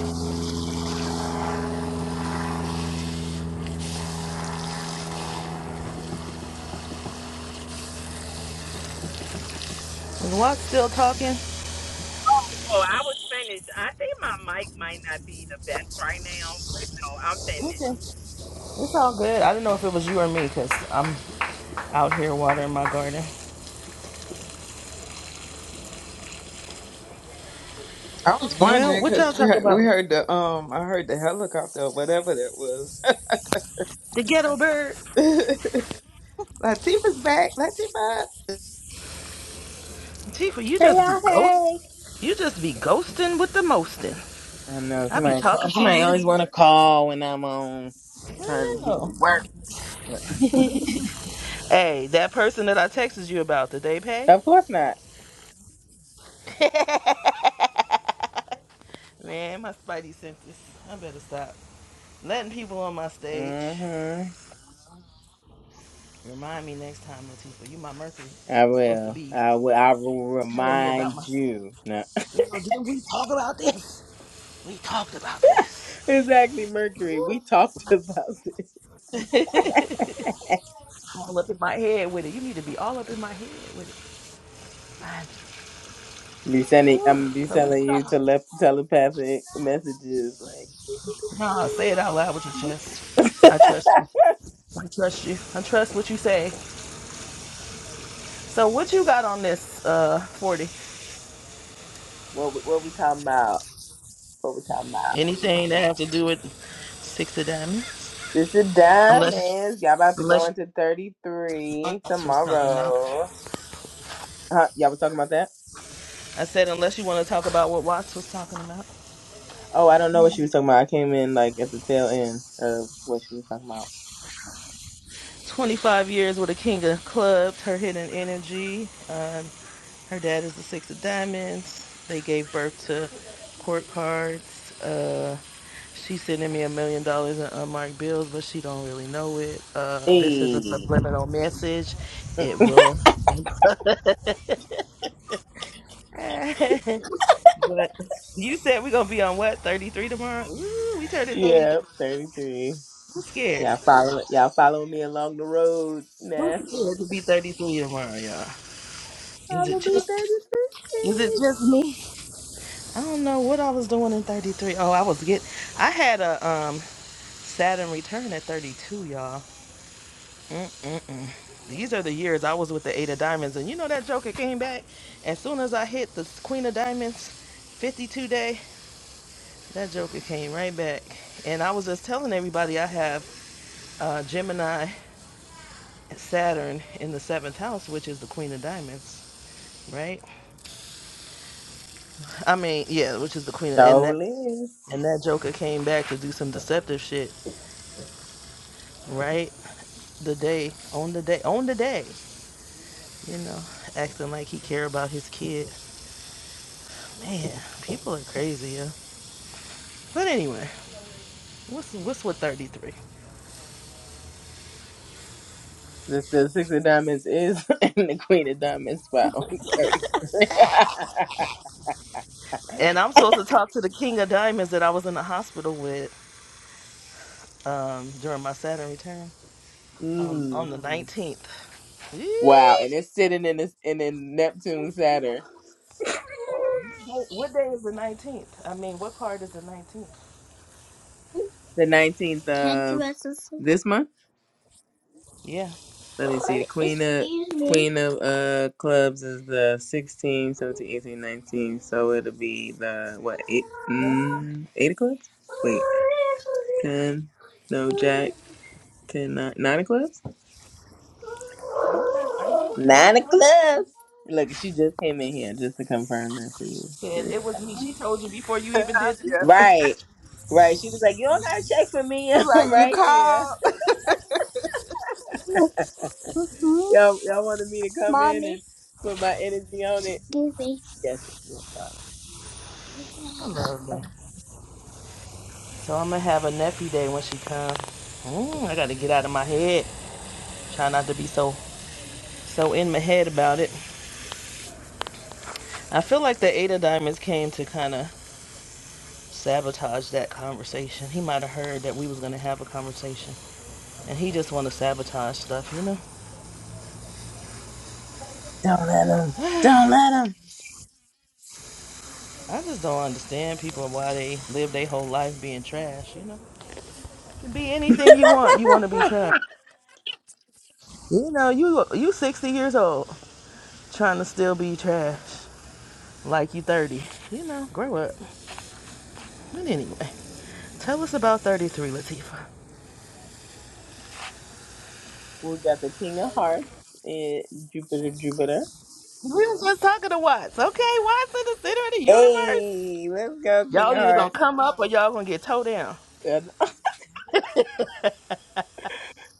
Is Lot still talking?
oh, so I was finished. I think my mic might not be the best right now, but no, I'm finished.
Okay. It's all good. I didn't know if it was you or me because I'm out here watering my garden.
I was
Well,
wondering
what
because
y'all
we
talk
heard, we
about?
heard the um I heard the helicopter or whatever that was.
The ghetto bird.
[LAUGHS] Latifah's back. Latifa.
Tifa, you just be ghost. You just be ghosting with the mostin.
I know
I be
somebody. Call,
talking to
somebody
you.
always want to call when I'm on trying to
I
get to
know.
work. [LAUGHS]
Hey, that person that I texted you about, did they pay?
of course not.
[LAUGHS] Man, my spidey senses. I better stop letting people on my stage.
hmm
Remind me next time, Latifah. You my Mercury.
I
Supposed to
will.
be
I will. I will
telling me about
remind
my
you. No.
girl. Didn't we talk about this? We talked about
[LAUGHS]
this.
exactly, Mercury. We talked [LAUGHS] about it.
[LAUGHS] all up in my head with it. You need to be all up in my head with it. I,
Be sending.
whew.
I'm be
so what
sending
you
you
got?
tele- telepathic messages. Like,
Nah, say it out loud with your
[LAUGHS]
chest. I trust you. I trust you. I trust what you say. So what you got on this uh 40?
what? We, what we talking about? What we talking about?
Anything that have to do with six of diamonds?
This is dumb,
Unless
man. Y'all about to go
unless
into 33
that's was talking about.
tomorrow. Huh? Y'all was talking about that?
I said, unless you want to talk about what Watts was talking about.
Oh, I don't know what she was talking about. I came in like at the tail end of what she was talking about.
25 years with a king of clubs, her hidden energy. Um, her dad is the six of diamonds. They gave birth to court cards. Uh, she's sending me a million dollars in unmarked bills, but she don't really know it. Uh, this is a
Hey.
subliminal message. It will. [LAUGHS] but you said we're gonna be on what 33 tomorrow. Ooh, we turned it 33.
Yeah, 33.
I'm scared.
Y'all following y'all following me along the road
Who's
now.
scared to be 33 tomorrow, y'all?
I
Is it
will be
just is it
33.
just me? I don't know what I was doing in 33. Oh, I was getting I had a um Saturn return at 32, y'all. Mm-mm-mm. These are the years I was with the Eight of Diamonds, and you know that Joker came back. As soon as I hit the Queen of Diamonds, 52 day, that Joker came right back. And I was just telling everybody I have uh, Gemini, Saturn in the seventh house, which is the Queen of Diamonds, right? I mean, yeah, which is the queen, of, and that
So is.
and that Joker came back to do some deceptive shit, right? The day on the day on the day, you know, acting like he care about his kid. Man, people are crazy, yeah. But anyway, what's what's with thirty three?
The, the Six of Diamonds is [LAUGHS] in the Queen of Diamonds spot on 33. [LAUGHS]
And I'm supposed to talk to the King of Diamonds that I was in the hospital with um, during my Saturn return um,
mm.
on the nineteenth.
Wow, and it's sitting in this in in Neptune Saturn.
What what day is the nineteenth? I mean, what card is the nineteenth?
The 19th of this month?
Yeah.
Let me see. The queen of queen of uh clubs is the 16, 17, 18, 19. So it'll be the what eight
Huh?
mm, eight of clubs? Wait, ten? No, jack. Ten nine, nine of clubs?
Are you not? Are you? Are you
Nine of
doing?
clubs. Look, she just came in here just to confirm that for you. She
Said
was
it was
like-
me. She told you before you
[LAUGHS]
even did
yeah.
the
It
Right, right. She was like, "You don't gotta check for me.
was
[LAUGHS]
like
I'm
you
right here."
called. [LAUGHS]
[LAUGHS] Mm-hmm. y'all, y'all wanted me to come in and Mommy, put my energy on it. excuse me. Yes, yes, darling.
I love that. So I'm gonna have a nephew day when she comes. Mm, I gotta get out of my head. Try not to be so so in my head about it. I feel like the Eight of Diamonds came to kind of sabotage that conversation. He might have heard that we was gonna have a conversation, and he just want to sabotage stuff. You know,
Don't let him. Don't let him.
I just don't understand people and why they live their whole life being trash. You know, You can be anything you want. You want to be trash.
[LAUGHS]
You know, you you 60 years old. trying to still be trash like you 30. You know, grow up. But anyway, tell us about 33, Latifah.
we got the King of Hearts and Jupiter, Jupiter.
We was just talking to Watts, okay? Watts in the center of the universe.
Hey, let's go, King of
Y'all either gonna
Hearts.
come up or y'all gonna get towed down,
And, [LAUGHS]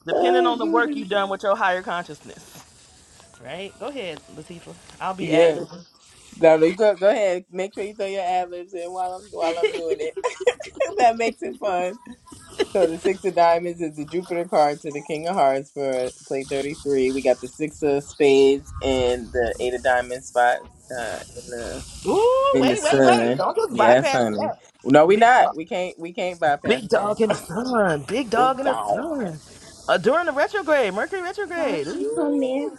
depending
oh
on the work
goodness.
you've done with your higher consciousness. Right? Go ahead, Latifah. I'll be ad
Yes.
libbing.
darling. go. Go ahead. Make sure you throw your ad libs in while I'm while I'm doing it. [LAUGHS] that makes it fun. So the six of diamonds is the Jupiter card to the King of Hearts for play thirty three. We got the six of spades and the eight of diamonds spot uh, in the
Ooh,
in the
wait, wait, wait.
sun.
Don't just
Yes,
bypass
honey.
that.
No, we
Big dog.
not. We can't. We can't bypass
Big
that.
dog in the sun. Big
[LAUGHS] Big
dog in the
dog.
sun. Uh, during the retrograde, Mercury
We
retrograde. Ooh.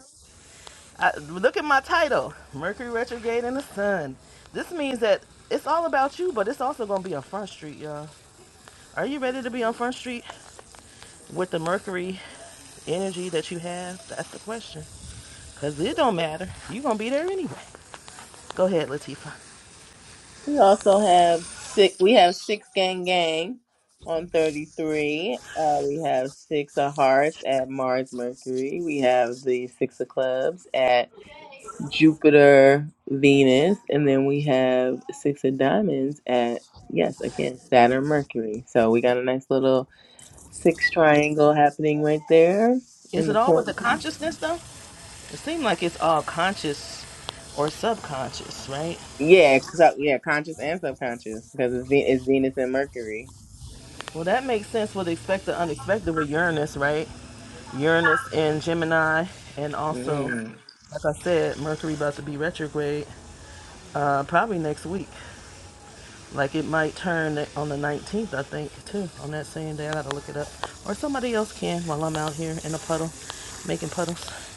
I, look at my title Mercury retrograde in the sun. This means that it's all about you, but it's also going to be on Front Street, y'all. Are you ready to be on Front Street with the Mercury energy that you have? That's the question. Because it don't matter. You're going to be there anyway. Go ahead, Latifah.
also have six. We have six gang gang on thirty three. Uh, we have six of hearts at Mars Mercury. We have the six of clubs at. Jupiter, Venus, and then we have six of diamonds at yes, again, Saturn, Mercury. So we got a nice little six triangle happening right there
Is
in
it
the
all with
corner.
the consciousness, though? It seems like it's all conscious or subconscious, right?
Yeah, so, yeah, conscious and subconscious because it's, Ve- it's Venus and Mercury.
Well, that makes sense with expect the unexpected with Uranus, right? Uranus in Gemini, and also,
Mm.
like I said, Mercury about to be retrograde, uh, probably next week. Like it might turn it on the 19th, I think, too, on that same day. I gotta look it up, or somebody else can while I'm out here in a puddle, making puddles.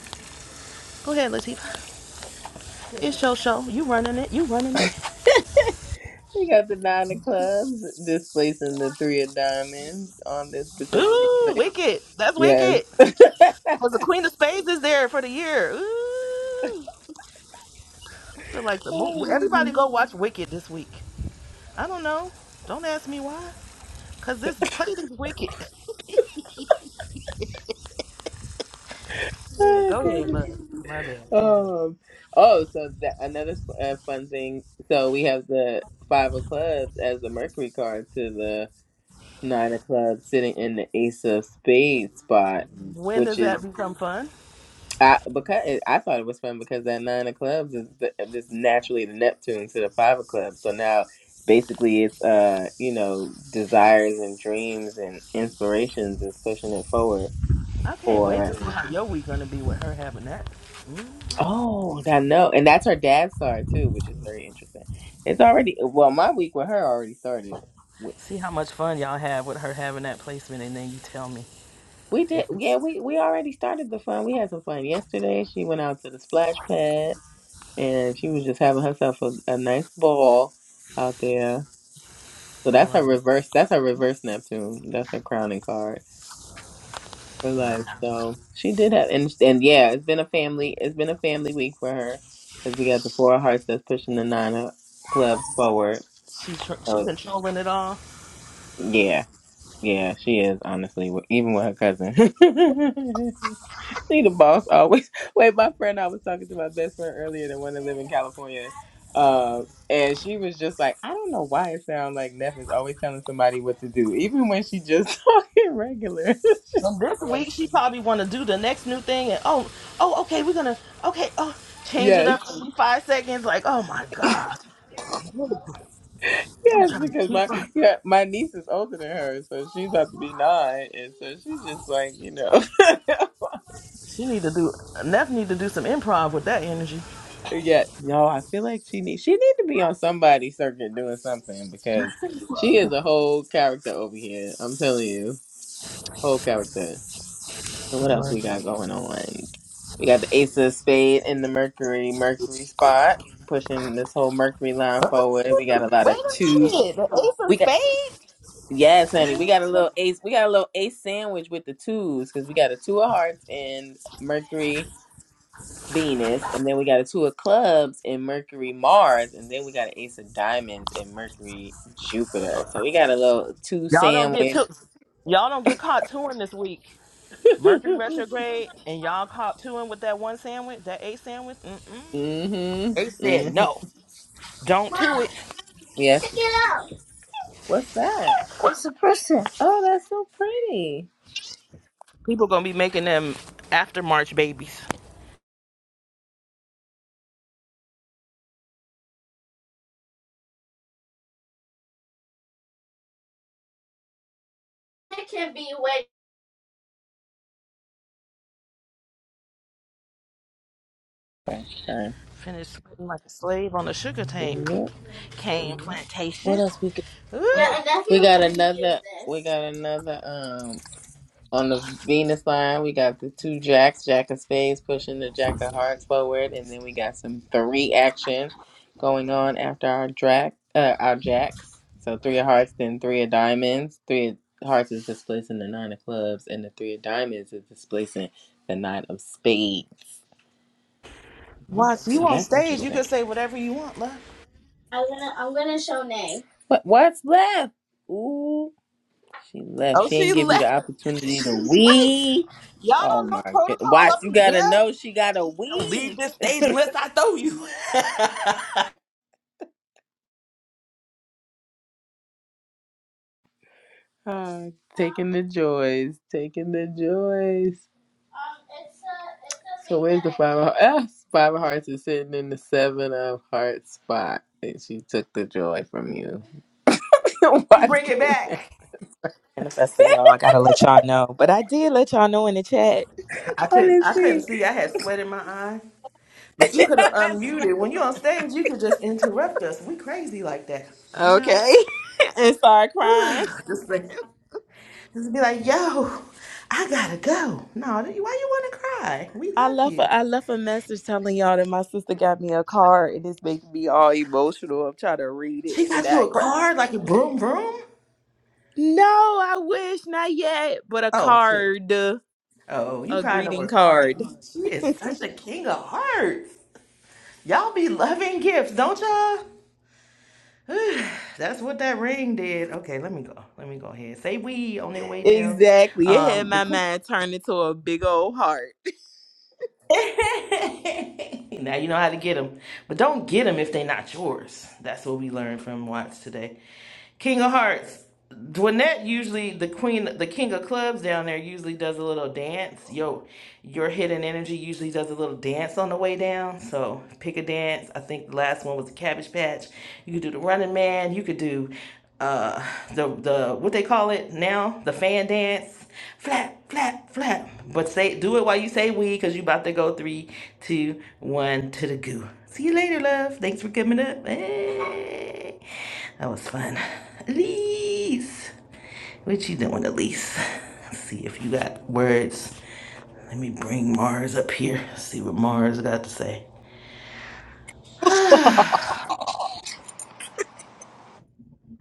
Go ahead, Latifah. It's your show. You running it. You running it.
[LAUGHS] We got the nine of clubs displacing the three of diamonds on this particular
Ooh,
plate.
wicked. That's
Yes.
wicked.
[LAUGHS]
Cause the Queen of Spades is there for the year. Ooh. I feel like the movie.
oh
Everybody
goodness.
go watch Wicked this week. I don't know. Don't ask me why. Cause this Clayton's wicked. Yeah,
Oh
go ahead,
goodness.
but my bad.
Um, oh, so that another uh, fun thing. So we have the five of clubs as the Mercury card to the nine of clubs sitting in the ace of spades spot,
When
which
does
is
that become fun?
I because it, I thought it was fun because that nine of clubs is the, um, just naturally the Neptune to the five of clubs. So now basically it's uh you know desires and dreams and inspirations is pushing it forward
I can't wait to see how your week gonna be with her having that.
Oh, I know. And that's her dad's card too, which is very interesting. It's already well, my week with her already started. We
See how much fun y'all have with her having that placement, and then you tell me
we did
if it's.
yeah, we we already started the fun. We had some fun yesterday. She went out to the splash pad and she was just having herself a, a nice ball out there. So
I
that's her
love it.
reverse that's her reverse Neptune. That's her crowning card for life. So she did have and and yeah, it's been a family it's been a family week for her because we got the four of hearts that's pushing the nine of clubs forward.
She tr- she
so
controlling it all.
Yeah, yeah, she is honestly, with- even with her cousin. [LAUGHS] she the boss always. [LAUGHS] Wait, my friend, I was talking to my best friend earlier, the one that live in California, um, and she was just like, I don't know why it sounds like Neff is always telling somebody what to do, even when she just [LAUGHS] talking regular. [LAUGHS] It just
And this
sound like-
week she probably want to do the next new thing. And oh oh okay, we're gonna okay oh change it
yes.
up every five seconds. Like oh my god.
Yes, because my yeah, my niece is older than her, so she's about to be nine, and so she's just like you know. [LAUGHS]
She need to do Neff need to do some improv with that energy.
Yeah, no, I feel like she need she need to be on somebody's circuit doing something because she is a whole character over here. I'm telling you, whole character. So what else we got going on? We got the Ace of Spade in the Mercury Mercury spot, pushing this whole Mercury
[LAUGHS]
line
Wait
forward. We got a lot of
a
twos.
minute. The ace of
We got
spades?
yes, honey. We got a little ace. We got a little ace sandwich with the twos because we got a two of hearts and Mercury Venus, and then we got a two of clubs in Mercury, Mars, and then we got an ace of diamonds in Mercury, Jupiter. So we got a little two
Y'all don't get
sandwich.
too y'all don't get caught touring this week.
[LAUGHS]
Mercury
mhm.
retrograde and y'all caught touring with that one sandwich, that Ace sandwich. Mm-mm. They said
Mhm.
no. Don't do
Mom,
it.
Yes. check it out. What's that? That's a person. Oh, that's so pretty.
People gonna be making them after March babies.
It can be wet. Okay. Sorry.
Finish sweating like a slave on a sugar tank
What,
cane
what
plantation.
else we got? Yeah,
Ooh.
and that's We got another. We got another. um, On the Venus line, we got the two jacks, jack of spades pushing the jack of hearts forward, and then we got some three action going on after our drac, uh, our jacks. So three of hearts, then three of diamonds. Three of hearts is displacing the nine of clubs, and the three of diamonds is displacing the nine of spades.
Watch you
So
on
that's
stage, you can
interesting.
say whatever you want, love.
I wanna, I'm gonna show Nay. What, what's left? Ooh. She left.
Oh,
She
she
didn't give you
left.
the opportunity to wee. Oh my god.
protocol
Watch,
up
you
in
gotta
here?
know she got a
Don't leave
wee.
this stage unless I throw you.
Ah, taking the joys. Taking the joys. So where's the five of hearts? [LAUGHS] Five of hearts is sitting in the seven of hearts spot. And she took the joy from you. [LAUGHS]
[LAUGHS] you
Watch
bring it
came back.
back.
Manifesting, y'all. I gotta let y'all know. But I did let y'all know in the chat.
I
I
couldn't.
didn't
I couldn't
see.
see. I had sweat in my eye.
[LAUGHS]
But you could have
I swear
unmuted.
to
When
God.
you're on stage, you could just interrupt us. We crazy like that, you know.
Okay. [LAUGHS] and start
[SIGHS]
crying.
just like, just be like, yo, I gotta go. No, why you want to cry? We
I
love
left
you.
a I left a message telling y'all that my sister got me a card and it's making me all emotional. I'm trying to read
She
it and
got
I
you a
cry.
card, like a broom broom.
No, I wish not yet, but a
Oh shit.
card, a
Oh, you crying over
greeting
a card.
card.
She is
[LAUGHS]
such a king of hearts. Y'all be loving gifts, don't y'all? [SIGHS] That's what that ring did. Okay, let me go. Let me go ahead. Say we on their way down.
Exactly. It had
Um,
my
the
mind turned into a big old heart.
[LAUGHS] now you know how to get them, but don't get them if they're not yours. That's what we learned from Watts today. King of Hearts. Dwanette usually the queen, the king of clubs down there usually does a little dance. Yo, your hidden energy usually does a little dance on the way down. So pick a dance. I think the last one was the Cabbage Patch. You could do the Running Man. You could do uh the the what they call it now the fan dance. Flap, flap, flap. But say do it while you say we, cause you about to go three, two, one to the goo. See you later, love. Thanks for coming up. Hey, that was fun. Elise, what you doing, Elise? Let's see if you got words. Let me bring Mars up here. See what Mars got to say. [SIGHS] Is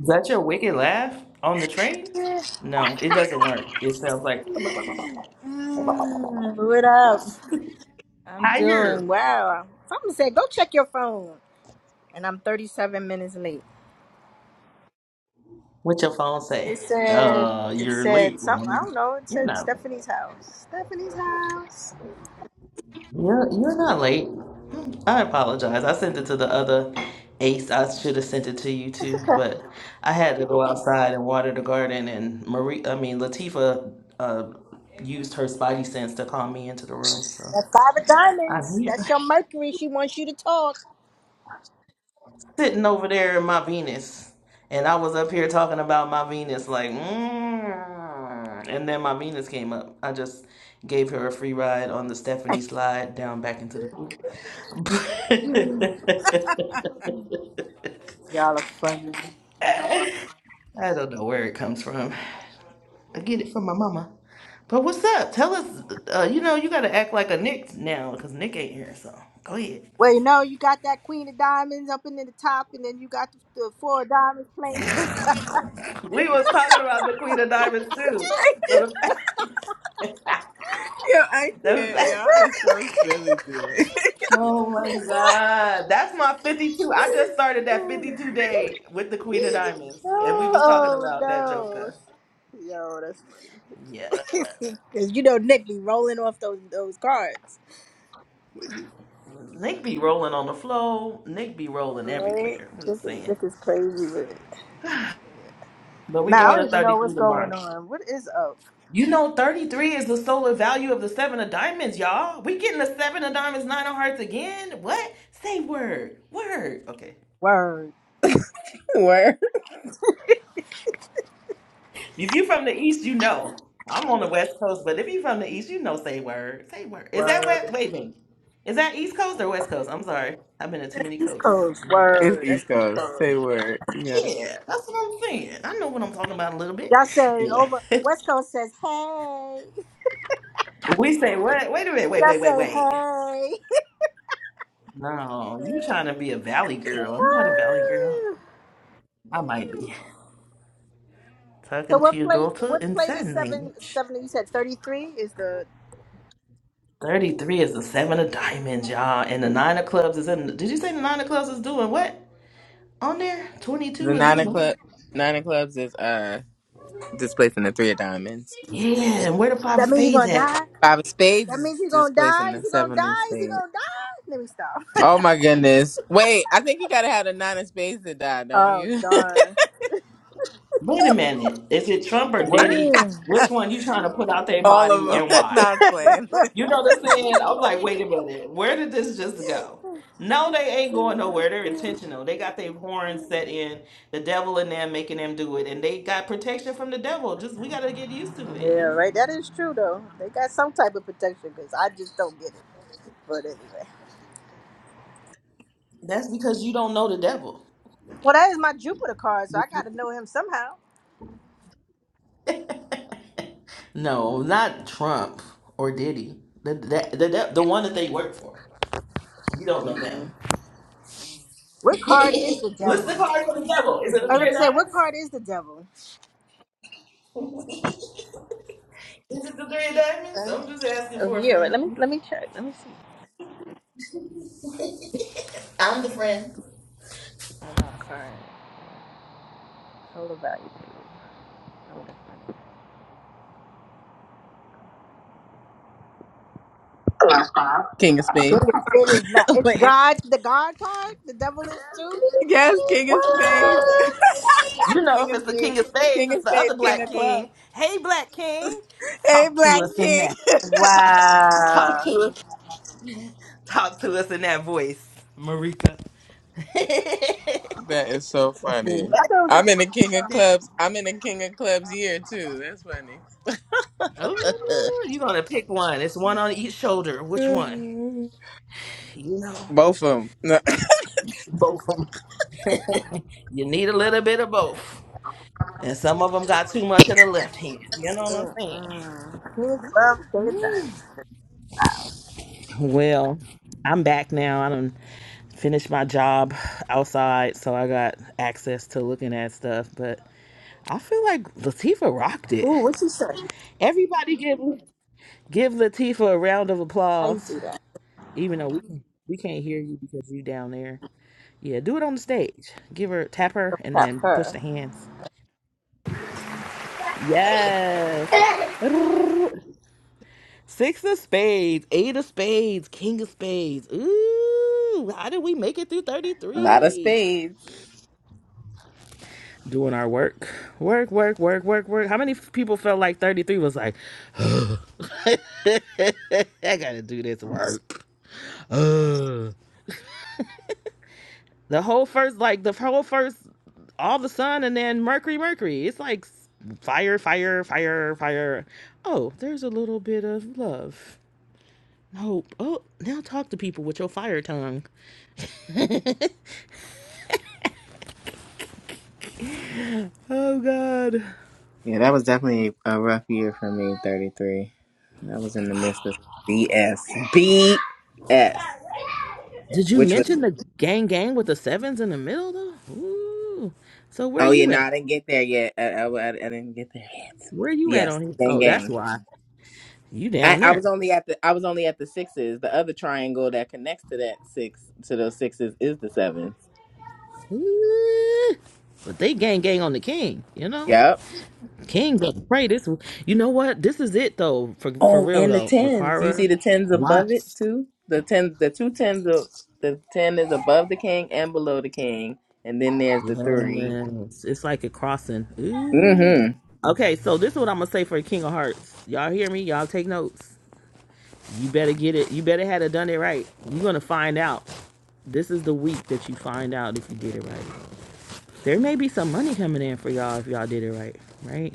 that your wicked laugh on the train? No, it doesn't work. It sounds like
What up? I'm
higher.
doing well. Something said, go check your phone. And I'm 37 minutes late.
What your phone say?
It said,
Uh,
it
you're
said
late.
something, I
woman.
don't know. It
You're
said
not late.
Stephanie's house. Stephanie's house.
You're you're not late. I apologize. I sent it to the other ace. I should have sent it to you too, but I had to go outside and water the garden. And Marie, I mean Latifa, uh, used her spidey sense to call me into the room. So
That five of
I'm
diamonds.
here.
That's your Mercury. She wants you to talk.
sitting over there in my Venus, and I was up here talking about my Venus, like, mm. and then my Venus came up. I just gave her a free ride on the Stephanie slide down back into the group. [LAUGHS]
Y'all are-
I don't know where it comes from. I get it from my mama. But what's up? Tell us. Uh, you know, you gotta act like a Nick now, cause Nick ain't here. So go ahead.
Wait, no, you got that queen of diamonds up in the top, and then you got the, the four of diamonds playing. [LAUGHS]
We was talking about the Queen of Diamonds too. So the fact,
Yo, I
the
can't. Y'all
fact.
are so silly today.
Oh my God. That's my 52. I just started that
oh,
52 day with the Queen of Diamonds. And we was talking
oh,
about that
no.
Joker.
Yo, that's
Yeah.
[LAUGHS] Cause you know Nick be rolling off those those cards.
Nick be rolling on the floor. Nick be rolling
Right?
everywhere. I'm
This
just
is,
saying.
this is crazy man.
But we
Now I
going
don't
to
even know
33
what's going
tomorrow.
on. What is up?
You know 33 is the solar value of the seven of diamonds, y'all. We getting the seven of diamonds, nine of hearts again. What? Say word. Word. Okay.
Word.
[LAUGHS] word.
If you from the east, you know. I'm on the west coast, but if you from the east, you know say word. Say word. Is that west?
Word.
Wait a minute. Is that east coast or west coast? I'm sorry. I've been to too many
East
coasts.
Coast.
It's
Word. That's
East
East
Coast.
Coast.
Say word. Yeah.
Yeah, that's what I'm saying. I know what I'm talking about a little bit.
Y'all say
Anyway.
over
[LAUGHS]
West Coast says hey.
we say what? Wait a minute. Wait,
Y'all
wait, wait,
say
wait.
hey.
No, you trying to be a valley
[LAUGHS]
girl. I'm not a valley girl.
Woo.
I might be.
so
Talking to
what
your
plate
daughter
what
in
plate is
sign
seven
language.
seventy you said thirty three is the
33 is the seven of diamonds, y'all. And the nine of clubs is in. Did you say the nine of clubs is doing what? on there.
The
22 is
nine of
normal.
clubs, nine of clubs is uh displacing the three of diamonds.
Yeah, and where the five of
that means he
spades
gonna
at?
die?
Five of spades
That
is
means he gonna
displacing
die? Is
the
he gonna
seven of
die? Is he
spades.
gonna die? Let me stop.
Oh my goodness! Wait, I think you gotta have the nine of spades to die, don't
Oh
you?
darn.
Wait a minute. Is it Trump or
What?
Diddy?
Yeah.
Which one you trying to put out their
[LAUGHS] All
body
of
and
them. [LAUGHS]
why?
not playing.
[LAUGHS]
You know what I'm saying? I'm like, wait a minute. Where did this just go? No, they ain't going nowhere. They're intentional. They got their horns set in, the devil in them making them do it. And they got protection from the devil. Just we gotta get used to it, you
yeah, right.
know?
That is true though. They got some type of protection because I just don't get it. But anyway.
That's because you don't know the devil.
Well, that is my Jupiter card, so I got to know him somehow.
No, not Trump or Diddy. The, the, the, the the one that they work for. You don't know
Yeah.
them.
What card is the
[LAUGHS] What's the
devil?
card for the devil? Is it the
I was
three
about
of
to say, what
diamonds?
card is the devil?
Is it the three of diamonds? I'm just asking
Oh,
for a
yeah. let me
friend.
let me check. Let me see.
I'm the friend.
Hold on, card. Total value.
[LAUGHS] King of
It
spades.
is, it is not.
[LAUGHS]
It's
Wait,
God, the God card. The devil is too.
yes, king of spades,
What?
You
[LAUGHS]
know,
king
if
of
it's the
spades,
king of spades,
king
it's
of
the
spades,
other
king
black
of clubs.
king. Hey, black king,
Hey,
talk to
black
us in
king.
that.
[LAUGHS]
[LAUGHS]
Wow.
Talk to us. Talk to us in that voice. [LAUGHS]
That is so
Like,
funny.
I
what?
thought it was the
I'm in the King of Clubs. I'm in the King of Clubs year too. That's funny.
Oh, you're gonna pick one. It's one on each shoulder. Which one?
[LAUGHS] [LAUGHS]
You know,
Both of them.
both of them. You need a little bit of both. And some of them got too much of the left hand. You know what I'm saying?
Mm-mm. King of Clubs, King of Diamonds.
Well, I'm back now. I done finished my job outside, so I got access to looking at stuff. But I feel like Latifah rocked it.
Ooh, what you say?
Everybody give give Latifah a round of
How you
applause,
do that?
even though we we can't hear you because you down there. Yeah, do it on the stage. Give her tap her and
Cap
then push
her.
the hands. Yes.
[LAUGHS]
Six of spades, eight of spades, king of spades. Ooh, how did we make it through
A lot of
33?
spades.
Doing our work. Work, work, work, work, work. How many people felt like 33 was like, [LAUGHS] I gotta do this work? The whole first, like, the whole first, all the sun and then Mercury, Mercury. It's like fire, fire, fire, fire. Oh, there's a little bit of love. Hope. Oh, now talk to people with your fire tongue. Oh, God.
yeah, that was definitely a rough year for me, 33. I was in the midst of BS. BS.
Did you
Which was,
mention the gang gang with the sevens in the middle though? Ooh. So where
oh yeah,
you
no,
at?
I didn't get there yet. I, I, I- I didn't get there yet. But
Where you at
yes,
on here?
same
Oh, that's
game.
why. You
I,
down
I
there.
was only at the I was only at the sixes. The other triangle that connects to that six to those sixes is the sevens.
Ooh. But they gang gang on the king, you know?
Yep.
King got to pray this you know what? This is it though, for for
Oh,
real
and the
though.
tens. You
Rikara,
see the tens above it
Watts.
too. The ten, the two tens of the ten is above the king and below the king, and then there's the three.
Yes. It's like a crossing. Ooh.
Mm-hmm.
Okay, so this is what I'm gonna say for King of Hearts. Y'all hear me? Y'all take notes. You better get it. You better had it done it right. You're gonna find out. This is the week that you find out if you did it right. There may be some money coming in for y'all if y'all did it right, right?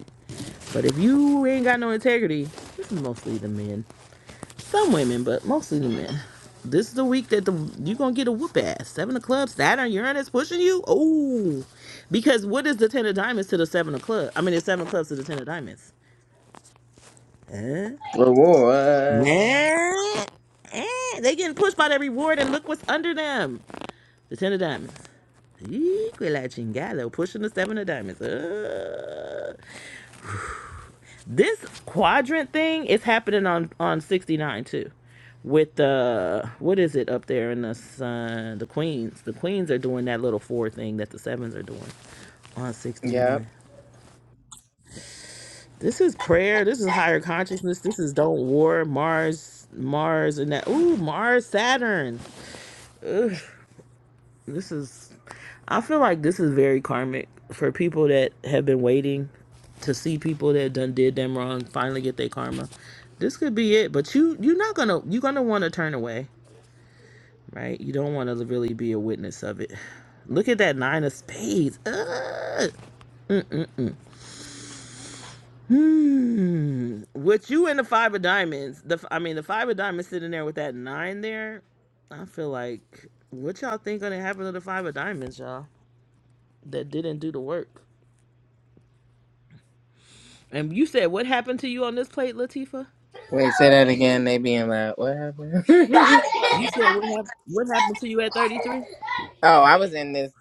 But if you ain't got no integrity, this is mostly the men. Some women, but mostly the men. This is the week that the you gonna get a whoop ass. Seven of clubs, Saturn, Uranus pushing you. Oh, because what is the ten of diamonds to the seven of clubs? I mean, the seven of clubs to the ten of diamonds. Huh?
Reward.
Eh, eh, they getting pushed by that reward, and look what's under them. The ten of diamonds. Ee, Quit la chingada, pushing the seven of diamonds. Uh, this quadrant thing is happening on on 69 too. With the what is it up there in the sun? The queens, the queens are doing that little four thing that the sevens are doing on
Yep.
69. This is prayer. This is higher consciousness. This is don't war Mars, Mars, and that. Ooh, Mars, Saturn. This is I feel like this is very karmic for people that have been waiting to see people that done did them wrong finally get their karma. This could be it, but you you're not gonna you're gonna want to turn away, right? You don't want to really be a witness of it. Look at that nine of spades. Ugh. Hmm. With you and the five of diamonds, the I mean the five of diamonds sitting there with that nine there, I feel like what y'all think gonna happen to the five of diamonds, y'all? That didn't do the work. And you said what happened to you on this plate, Latifa?
Wait, say that again. They being loud. What happened?
You said
[LAUGHS]
what happened? What happened to you at thirty three?
Oh, I was in this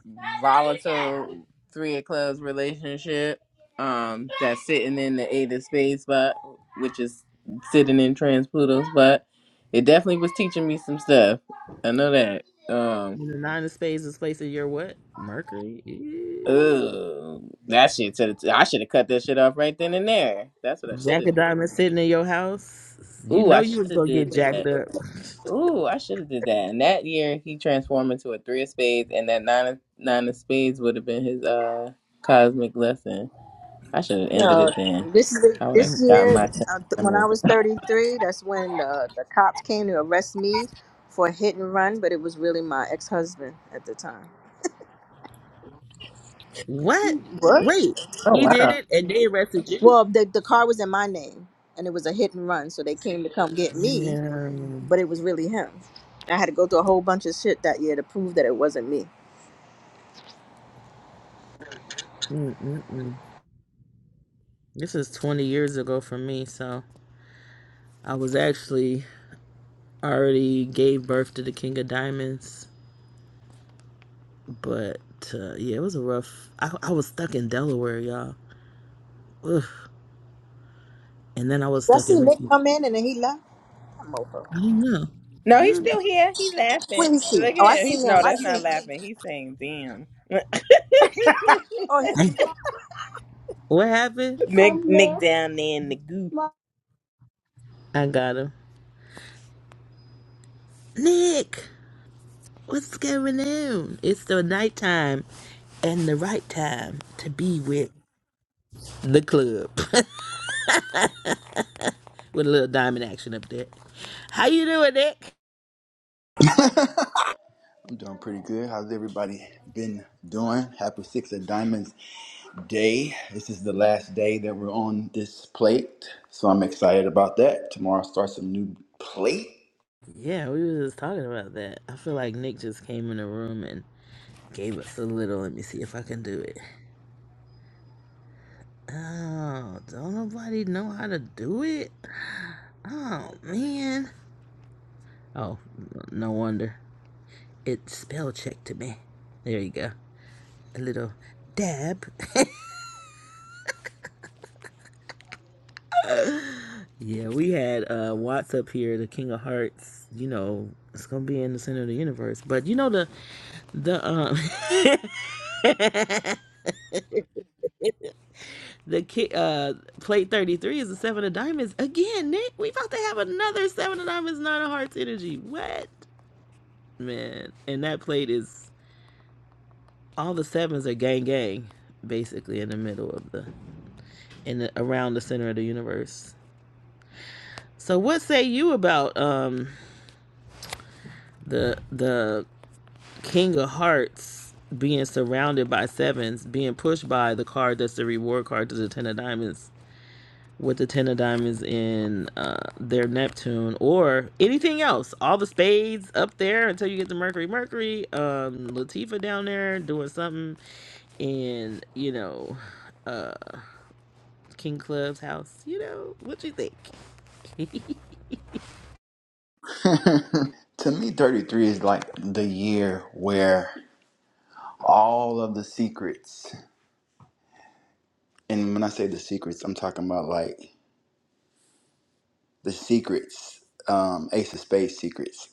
volatile three of clubs relationship. Um, that's sitting in the eight of spades spot, which is sitting in trans Pluto's spot. It definitely was teaching me some stuff. I know that. Um,
When the nine of spades is placed in your what? Mercury. Eh.
ugh, that shit. To the t- I should have cut that shit off right then and there. That's what I should
Jack
have
of
did.
diamonds sitting in your house. You
Ooh,
know
I
you
should
was
have
gonna get
did that.
jacked up.
Ooh, I should have did that. And that year he transformed into a three of spades, and that nine of, nine of spades would have been his uh cosmic lesson. I should have
You
ended
know,
it then.
this is the,
I would have
Mm,
this
gotten
year
my ten
uh, when I
minutes.
was 33. That's when the the cops came to arrest me for a hit and run, but it was really my ex husband at the time.
What?
What?
Wait,
Oh
he did
wow!
it, and they arrested you.
Well, the the car was in my name, and it was a hit and run, so they came to come get me,
Yeah.
but it was really him. I had to go through a whole bunch of shit that year to prove that it wasn't me.
Mm-mm-mm. This is twenty years ago for me, so I was actually already gave birth to the king of diamonds. But uh, yeah, it was a rough. I, I was stuck in Delaware, y'all. Ugh. And then I
Did
was
I
stuck
see
in
Nick
Richmond.
come in and then he left? That mofo.
I don't know.
No, he's
Huh?
still here. He laughing.
Where he see?
Look at
Oh, I
him.
see
He's no,
him. I
that's
see
not
him.
laughing. He's saying, "Damn." [LAUGHS]
Oh,
i What happened?
Nick, Nick down there in the goo.
I got him. Nick, what's going on? It's the nighttime and the right time to be with the club [LAUGHS] with a little diamond action up there. How you doing, Nick?
I'm doing pretty good. How's everybody been doing? Happy Six of Diamonds Day. This is the last day that we're on this plate, so I'm excited about that. Tomorrow starts a new plate.
Yeah, we were just talking about that. I feel like Nick just came in the room and gave us a little. Let me see if I can do it. Oh, don't nobody know how to do it? Oh, man. Oh, no wonder. It's spell check to me. There you go. A little dab. [LAUGHS] yeah, we had uh, Watts up here, the King of Hearts. You know, it's gonna be in the center of the universe. But you know the the um [LAUGHS] the ki- uh plate thirty three is the seven of diamonds again. Nick, we about to have another seven of diamonds, nine of hearts energy. What? Man, and that plate is all the sevens are gang gang, basically in the middle of the in the, around the center of the universe. So what say you about um the the King of Hearts being surrounded by sevens, being pushed by the card that's the reward card to the Ten of Diamonds, with the ten of diamonds in uh, their Neptune or anything else. All the spades up there until you get the Mercury. Mercury, um, Latifa down there doing something in you know uh King Club's house. You know what you think,
[LAUGHS] to me, 33 is like the year where all of the secrets, and when I say the secrets, I'm talking about like the secrets, um, Ace of Spades secrets.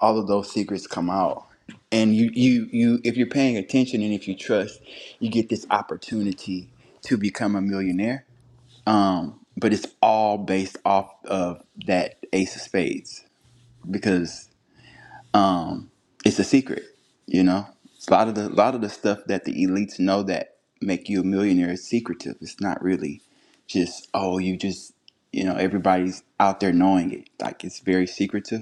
all of those secrets come out and you you you if you're paying attention and if you trust you get this opportunity to become a millionaire um but it's all based off of that ace of spades because um it's a secret you know It's a lot of the a lot of the stuff that the elites know that make you a millionaire is secretive it's not really just oh you just you know everybody's out there knowing it like it's very secretive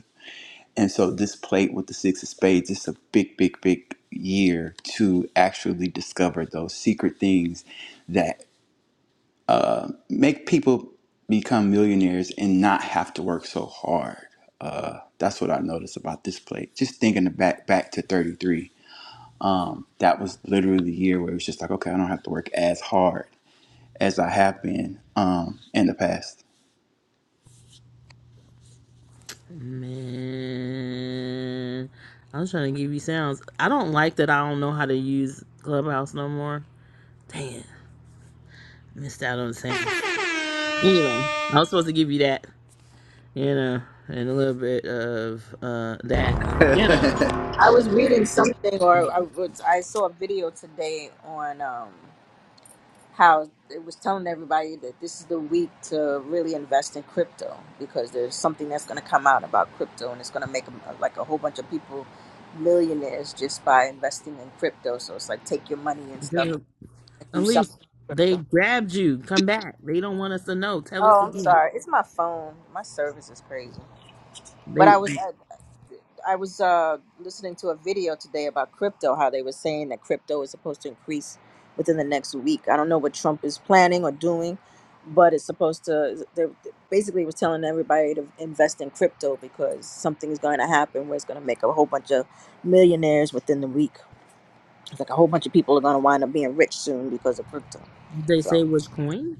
and so this plate with the six of spades, it's a big, big, big year to actually discover those secret things that make people become millionaires and not have to work so hard. Uh, that's what I noticed about this plate. Just thinking back back to 33, um, that was literally the year where it was just like, okay, I don't have to work as hard as I have been um, in the past.
man. I was trying to give you sounds. I don't like that. I don't know how to use Clubhouse no more. Damn, missed out on the sound. Anyway, I was supposed to give you that. you know, and a little bit of uh that, you know,
[LAUGHS]
I was reading something, or I, was, I saw a video today on um, how it was telling everybody that this is the week to really invest in crypto because there's something that's going to come out about crypto, and it's going to make a- like a whole bunch of people millionaires just by investing in crypto. So it's like take your money and stuff
because
and
at
do something.
least
with
they
Crypto.
grabbed you. Come back. They don't want us to know. Tell us
Oh, I'm
again.
sorry. It's my phone. My service is crazy. But
They
I was. I was uh, listening to a video today about crypto, how they were saying that crypto is supposed to increase within the next week. I don't know what Trump is planning or doing, but it's supposed to. They basically was telling everybody to invest in crypto because something is going to happen where it's going to make a whole bunch of millionaires within the week. It's like a whole bunch of people are going to wind up being rich soon because of crypto.
they say
So.
which coin?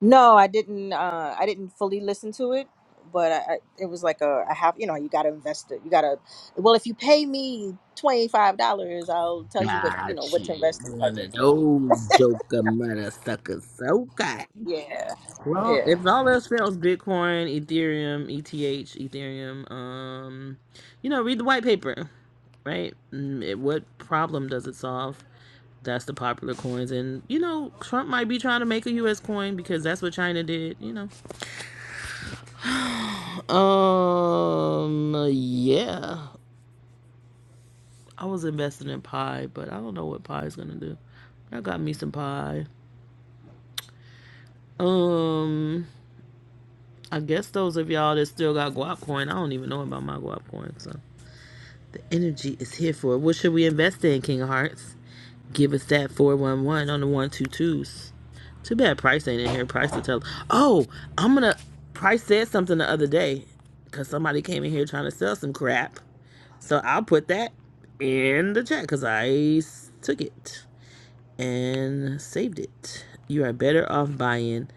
No, I didn't. Uh, I didn't fully listen to it, but I, I, it was like a I have you know you got to invest it. You got to well if you pay me twenty five dollars, I'll tell you what you know
Got
what to
you.
invest in
One
type of
of
thing.
those joker motherfuckers. Okay.
Yeah,
Well,
yeah.
If all else fails, Bitcoin, Ethereum, ETH, Ethereum. Um, you know, read the white paper, right? Mm, It, what problem does it solve? That's the popular coins. And, you know, Trump might be trying to make a U.S. coin because that's what China did, you know. [SIGHS] um, yeah. I was invested in pie, but I don't know what pie is going to do. I got me some pie. Um, I guess those of y'all that still got guap coin, I don't even know about my guap coin. So the energy is here for it. What should we invest in, King of Hearts? Give us that 411 on the one two twos. Too bad Price ain't in here. Price to tell. Oh, I'm going to. Price said something the other day because somebody came in here trying to sell some crap. So I'll put that in the chat because I took it and saved it. You are better off buying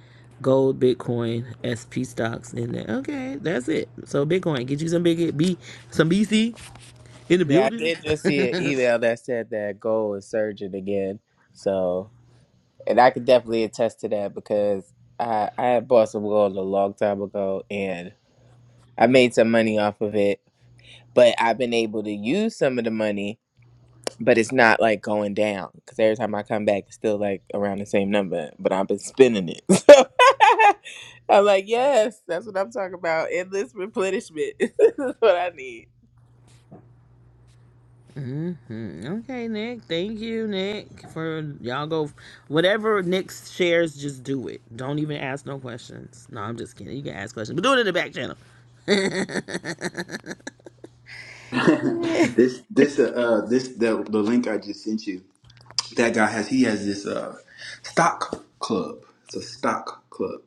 gold, Bitcoin, SP stocks in there. Okay, that's it. So Bitcoin, get you some big B, some BC in the
Yeah, I
building.
did just see an email that said that gold is surging again. So And I could definitely attest to that because I I had bought some gold a long time ago and I made some money off of it. But I've been able to use some of the money, but it's not like going down because every time I come back, it's still like around the same number. But I've been spending it. [LAUGHS] So I'm like, yes, that's what I'm talking about. Endless replenishment [LAUGHS] is what I need.
Mm-hmm. Okay, Nick. Thank you, Nick, for y'all go. Whatever Nick shares, just do it. Don't even ask no questions. No, I'm just kidding. You can ask questions, but do it in the back channel.
this this uh, uh this the the link I just sent you. that guy has he has this uh stock club. It's a stock club,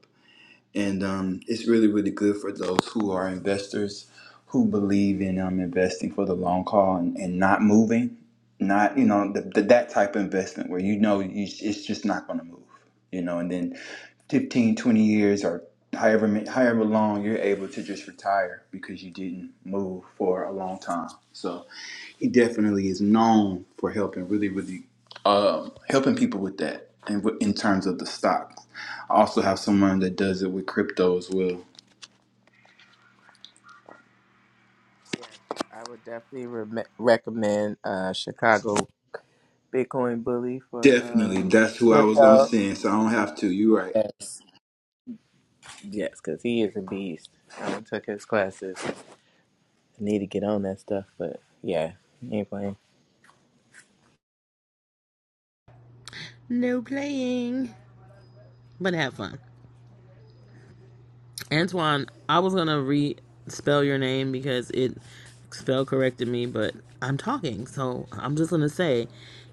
and um, it's really really good for those who are investors who believe in um investing for the long haul and, and not moving, not you know the, the, that type of investment where you know you, it's just not going to move, you know, and then 15 20 years or however ma- however long you're able to just retire because you didn't move for a long time. So he definitely is known for helping really really um, helping people with that and w- in terms of the stocks i also have someone that does it with crypto as well
Yes, I would definitely re- recommend uh, Chicago Bitcoin Bully for
definitely
uh,
that's who i was going to
crypto.
send so i don't have to you're right
Yes. Yes, because he is a beast. I done took his classes. I need to get on that stuff, but yeah, he ain't playing.
No playing, but have fun. Antoine, I was gonna re spell your name because it spell corrected me, but I'm talking, so I'm just gonna say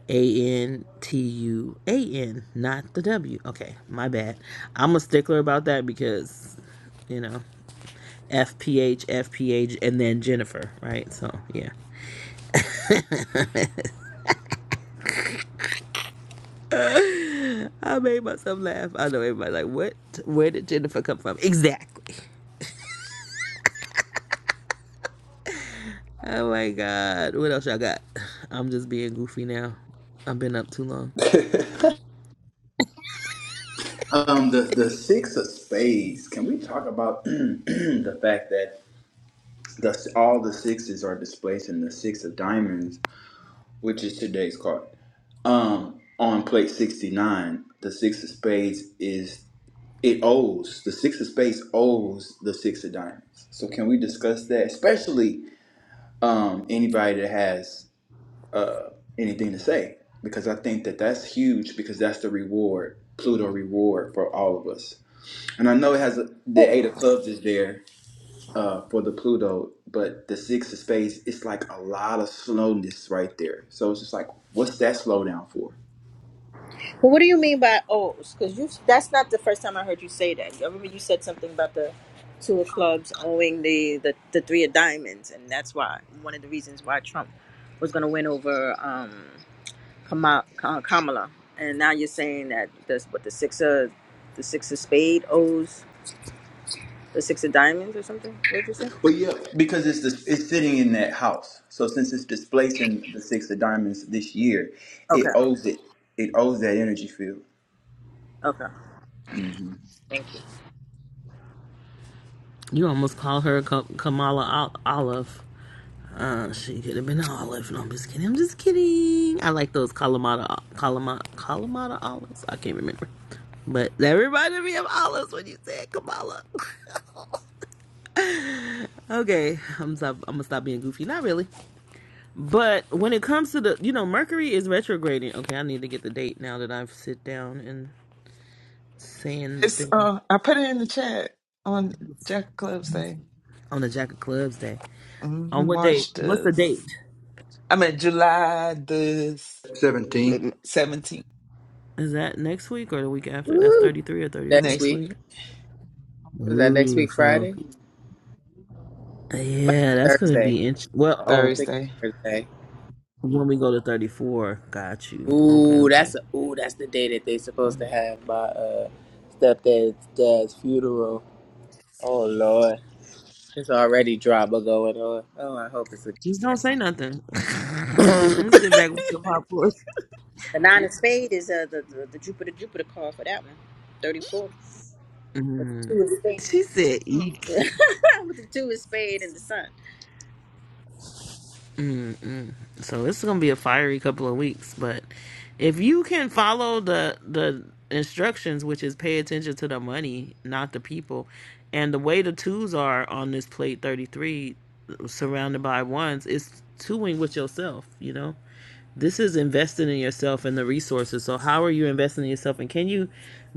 A N T U A N, not the W. Okay, my bad. I'm a stickler about that because you know. F P H F P H and then Jennifer, right? So, yeah. I made myself laugh. I know everybody like, what? Where did Jennifer come from? Exactly. Oh my God. What else y'all got? I'm just being goofy now. I've been up too long.
um the the six of spades can we talk about [CLEARS THROAT] the fact that the, all the sixes are displacing the six of diamonds which is today's card um on plate 69 the six of spades is it owes the six of space owes the six of diamonds. So can we discuss that, especially um, anybody that has uh, anything to say? Because I think that that's huge because that's the reward, Pluto reward for all of us. And I know it has a, the
Well,
eight of clubs is there uh, for the Pluto, but the six of space it's like a lot of slowness right there. So it's just like, what's that slowdown for?
what do you mean by O's? Because you that's not the first time I heard you say that. I remember you said something about the two of clubs owing the the, the three of diamonds, and that's why one of the reasons why Trump was going to win over. Um, Kama, Ka- Kamala, and now you're saying that that's what the six of the six of spade owes the six of diamonds or something. What did you say?
Well, yeah, because it's dis- it's sitting in that house. So since it's displacing the six of diamonds this year, it
Okay,
owes it it owes that energy field.
okay,
hmm
thank you.
You almost call her Kamala Olive. Uh, she could have been Olive. No, I'm just kidding. I'm just kidding. I like those Kalamata, Kalamata, Kalamata olives. I can't remember. But that reminded me of olives when you said Kamala. [LAUGHS] Okay, I'm stop. I'm gonna stop being goofy. Not really. But when it comes to the, you know, Mercury is retrograding. Okay, I need to get the date now that I've sit down and saying the
It's
thing
uh, I put it in the chat on Jack Club's thing.
on the Jack of Clubs day.
Mhm,
On what date?
March
What's the
the,
date?
I mean July the
Seventeen.
seventeenth
Is that next week or the week after? That's
Woo!
33 or
Next
34.
next
week.
week,
Was that next
Ooh,
week
so
Friday? It might
yeah,
be
that's gonna
Thursday.
be interesting. Well,
I
oh,
think
Thursday.
it's Thursday.
when we go to 34, got you. Okay,
Ooh,
okay.
that's a ooh, that's the day that they supposed to
Oh.
have my uh stepdad's dad's funeral. Oh Lord. There's already drama going on. Oh, I hope it's a
Just don't say nothing. [LAUGHS]
[LAUGHS]
I'm sit back with the popcorn.
The nine of spade is uh, the, the the Jupiter Jupiter card for that one, thirty four. With the
Mm.
two of
She
spade,
said,
[LAUGHS]
"Eek."
with the two of spade and the sun.
Mm-mm. So it's gonna be a fiery couple of weeks, but if you can follow the the instructions, which is pay attention to the money, not the people, and the way the twos are on this plate thirty three, surrounded by ones, it's twoing with yourself. You know, this is investing in yourself and the resources. So how are you investing in yourself, and can you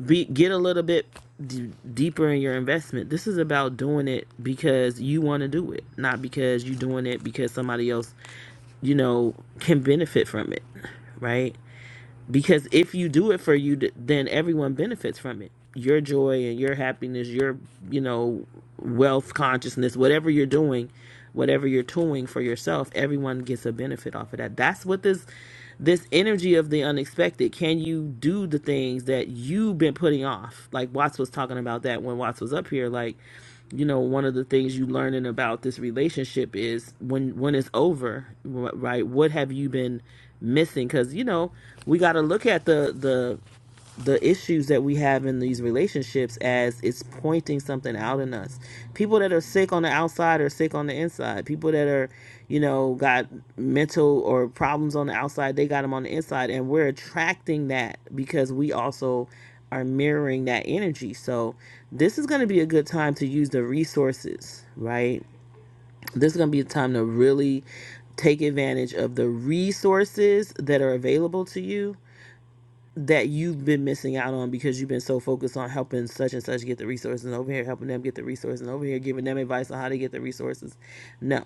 be get a little bit d- deeper in your investment? This is about doing it because you want to do it, not because you're doing it because somebody else you know, can benefit from it, right? Because if you do it for you, th- then everyone benefits from it. Your joy and your happiness, your, you know, wealth consciousness, whatever you're doing, whatever you're doing for yourself, everyone gets a benefit off of that. That's what this this energy of the unexpected. Can you do the things that you've been putting off? Like Watts was talking about that when Watts was up here. Like you know one of the things you learning about this relationship is when when it's over right what have you been missing because you know we got to look at the the the issues that we have in these relationships as it's pointing something out in us. People that are sick on the outside are sick on the inside. People that are, you know, got mental or problems on the outside, they got them on the inside. And we're attracting that because we also are mirroring that energy. So this is going to be a good time to use the resources, right? This is going to be a time to really take advantage of the resources that are available to you that you've been missing out on because you've been so focused on helping such and such get the resources and over here, helping them get the resources and over here, giving them advice on how to get the resources. No,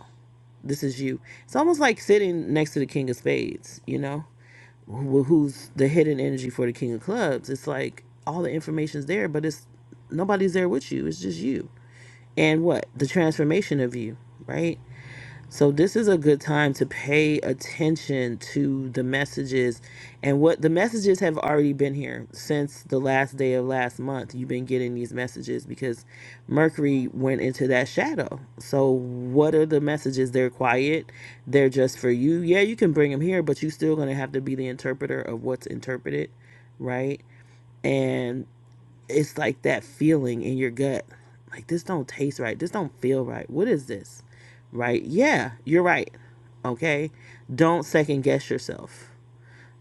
this is you. It's almost like sitting next to the king of spades, you know, wh- who's the hidden energy for the king of clubs. It's like all the information's there, but it's nobody's there with you. It's just you. And what? The transformation of you, right? So, this is a good time to pay attention to the messages and what the messages have already been here since the last day of last month. You've been getting these messages because Mercury went into that shadow. So, what are the messages? They're quiet, they're just for you. Yeah, you can bring them here, but you're still going to have to be the interpreter of what's interpreted, right? And it's like that feeling in your gut like this don't taste right this don't feel right what is this right yeah you're right okay don't second guess yourself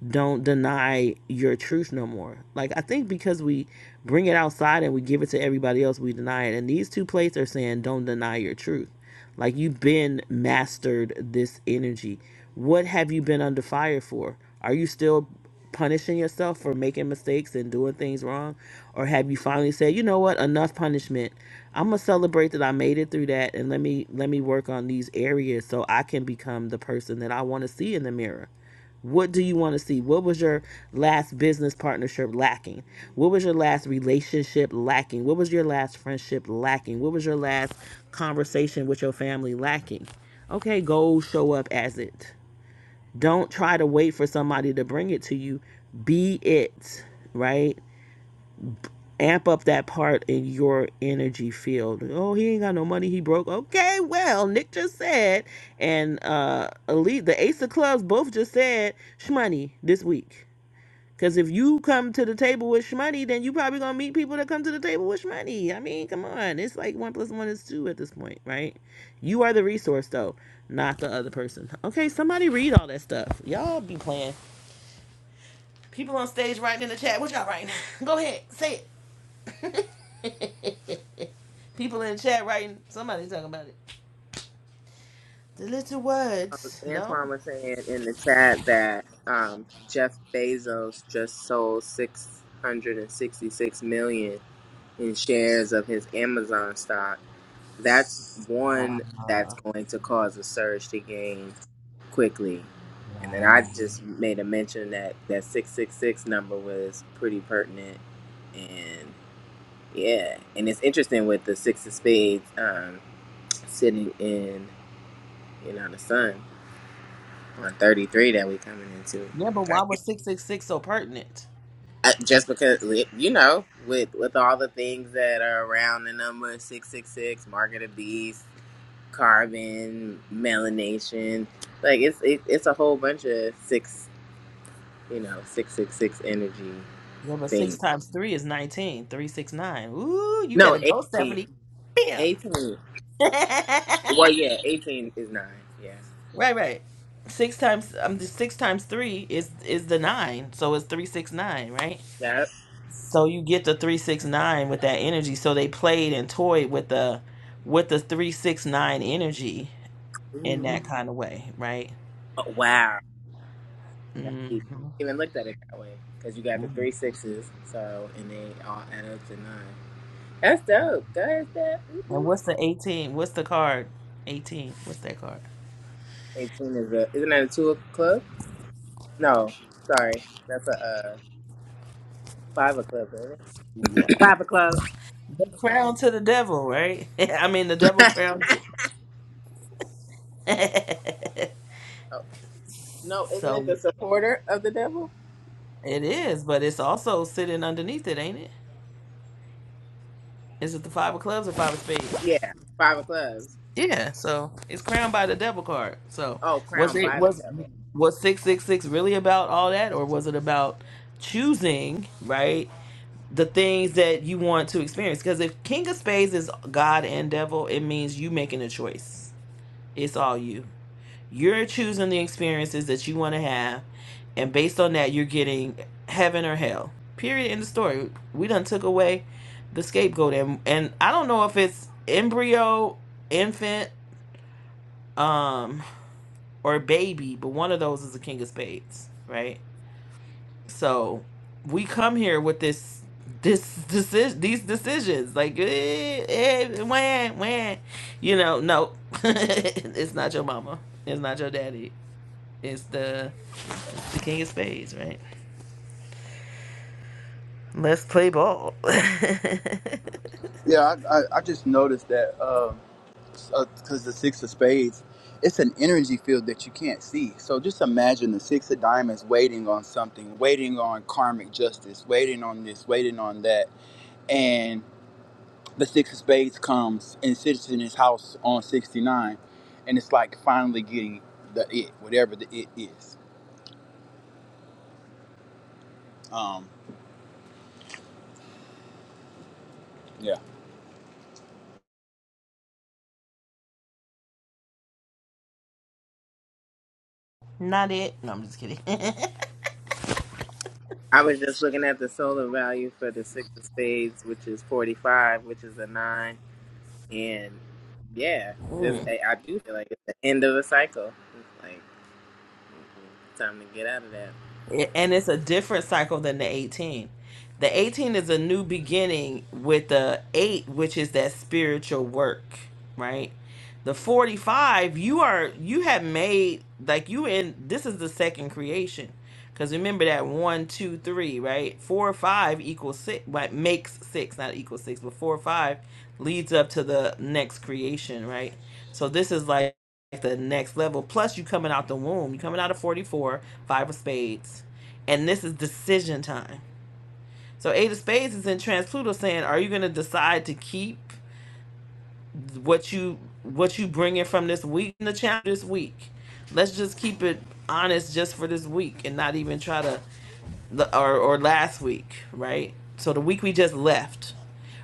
don't deny your truth no more. Like I think because we bring it outside and we give it to everybody else, we deny it. And these two plates are saying, don't deny your truth. Like you've been mastered this energy. What have you been under fire for? Are you still punishing yourself for making mistakes and doing things wrong? Or have you finally said, you know what, enough punishment. I'm gonna celebrate that I made it through that and let me let me work on these areas so I can become the person that I wanna see in the mirror. What do you want to see? What was your last business partnership lacking? What was your last relationship lacking? What was your last friendship lacking? What was your last conversation with your family lacking? Okay, go show up as it. Don't try to wait for somebody to bring it to you. Be it, right? Amp up that part in your energy field. Oh, he ain't got no money. He broke. Okay, well, Nick just said, and uh, Elite, the Ace of Clubs both just said, shmoney this week Cause if you come to the table with shmoney, then you probably gonna meet people that come to the table with shmoney. I mean, come on, it's like one plus one is two at this point, right? You are the resource though, not the other person. Okay, somebody read all that stuff. Y'all be playing. People on stage writing in the chat. What y'all writing? [LAUGHS] Go ahead, say it. [LAUGHS] people in the chat writing. Somebody talking about it. The little
Um,
words, no.
Antoine was saying in the chat that um, Jeff Bezos just sold 666 million in shares of his Amazon stock. That's one that's going to cause a surge to gain quickly. And then I just made a mention that that 666 number was pretty pertinent. And yeah, and it's interesting with the six of spades um, sitting in, you know, the sun. on 33 that we coming into.
Yeah, but
Uh,
why was six six six so pertinent?
Just because you know, with with all the things that are around the number six six six, market of the beast, carbon, melanation, like it's it, it's a whole bunch of six, you know, six six six energy
Yeah, but six
things.
times three is 19. Three, six, nine. Ooh, you
No,
better go,
18,
Stephanie. Bam.
18.
[LAUGHS]
Well,
right,
yeah, eighteen is nine. Yeah,
right. Six times um the six times three is is the nine. So it's three six nine, right?
that.
So you get the three six nine with that energy. So they played and toyed with the with the three six nine energy in
Ooh,
that kind of way, right?
Oh, wow, that's
Mm.
deep. Even looked at it that way because you got the three sixes, so and they all add up to nine. That's dope. Go ahead, Steph.
And
hmm
what's the eighteen? What's the card? Eighteen. What's that card?
18 is a, isn't that a 2 a club? No, sorry. That's a uh, 5 of club, isn't it?
Yeah.
Five of club.
The crown to the devil, right? [LAUGHS] I mean, the devil crown. to- [LAUGHS]
Oh, no, isn't it
so
the supporter of the devil?
it is, but it's also sitting underneath it, ain't it? Is it the five of clubs or five of spades?
Yeah, 5 of clubs.
Yeah. So it's crowned by the devil card. So
Oh,
was
crowned
it
by the
was
devil.
was six six six really about all that, or was it about choosing right the things that you want to experience? Because if King of Spades is God and Devil, it means you making a choice. It's all you. You're choosing the experiences that you want to have, and based on that, you're getting heaven or hell. Period. In the story, we done took away the scapegoat, and and I don't know if it's embryo, infant, um, or baby, but one of those is the king of spades, right? So we come here with this this decision these decisions like eh, eh, when when you know no [LAUGHS] it's not your mama it's not your daddy it's the The king of spades, right? Let's play ball.
yeah. I, I, I just noticed that because the six of spades, it's an energy field that you can't see. So just imagine the six of diamonds waiting on something, waiting on karmic justice, waiting on this, waiting on that, and. the six of spades comes and sits in his house on 69 and it's like finally getting the it whatever the it is um yeah
[LAUGHS] Not it. No, I'm just kidding. [LAUGHS]
I was just looking at the solar value for the 6 of spades, which is 45, which is a 9. And yeah, this I I do feel like it's the end of a cycle. It's like, time to get out of that.
and it's a different cycle than the 18. The 18 is a new beginning with the 8, which is that spiritual work, right? The 45, you are you have made like you in this is the second creation. Because remember that one, two, three, right? Four or five equals six, like makes six, not equals six, but four or five leads up to the next creation, right? So this is like the next level. Plus, you coming out the womb. You coming out of 44, five of spades. And this is decision time. So eight of spades is in trans Pluto saying, are you gonna decide to keep what you what you bring in from this week in the challenge this week? Let's just keep it honest just for this week and not even try to or or last week, right? So the week we just left,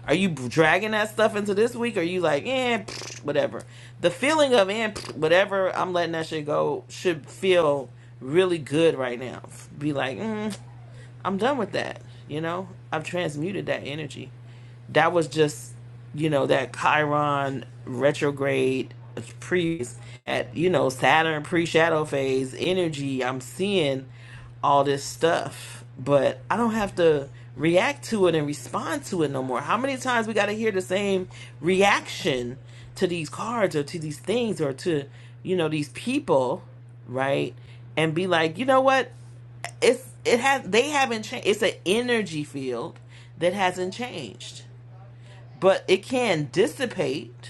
are you dragging that stuff into this week? Or are you like, eh, pfft, whatever? The feeling of eh, pfft, whatever, I'm letting that shit go should feel really good right now. Be like, mm, I'm done with that. You know, I've transmuted that energy. That was just, you know, that Chiron retrograde previous at you know Saturn pre shadow phase energy. I'm seeing all this stuff, but I don't have to react to it and respond to it no more. How many times we got to hear the same reaction to these cards or to these things or to you know these people, right? And be like, you know what? it's it has they haven't changed. It's an energy field that hasn't changed, but it can dissipate.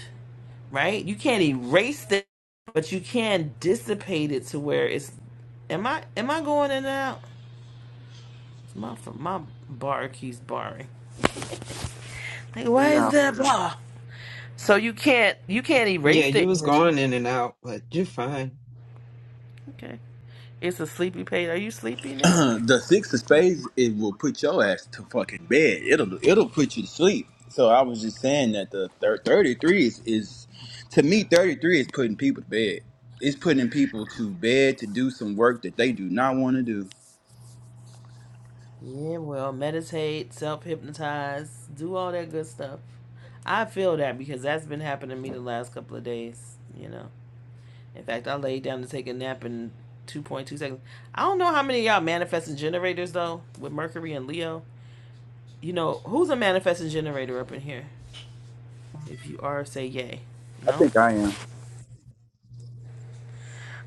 Right? You can't erase it, but you can dissipate it to where it's. Am I am I going in and out? My my bar keeps barring. Like, why is
No.
that a bar? So you can't you can't
Yeah,
erase
you
it.
was going in and out, but you're fine.
Okay. It's a sleepy page. Are you sleepy,
[CLEARS THROAT]
Nick?
the six of spades it will put your ass to fucking bed it'll it'll put you to sleep so i was just saying that the thir- 33 is, is to me 33 is putting people to bed it's putting people to bed to do some work that they do not want to do
Yeah, well, meditate, self hypnotize, do all that good stuff. I feel that because that's been happening to me the last couple of days, you know. In fact, I laid down to take a nap in 2.2 seconds. I don't know how many of y'all manifesting generators though, with Mercury and Leo. You know, who's a manifesting generator up in here? If you are, say yay.
i
No?
think i am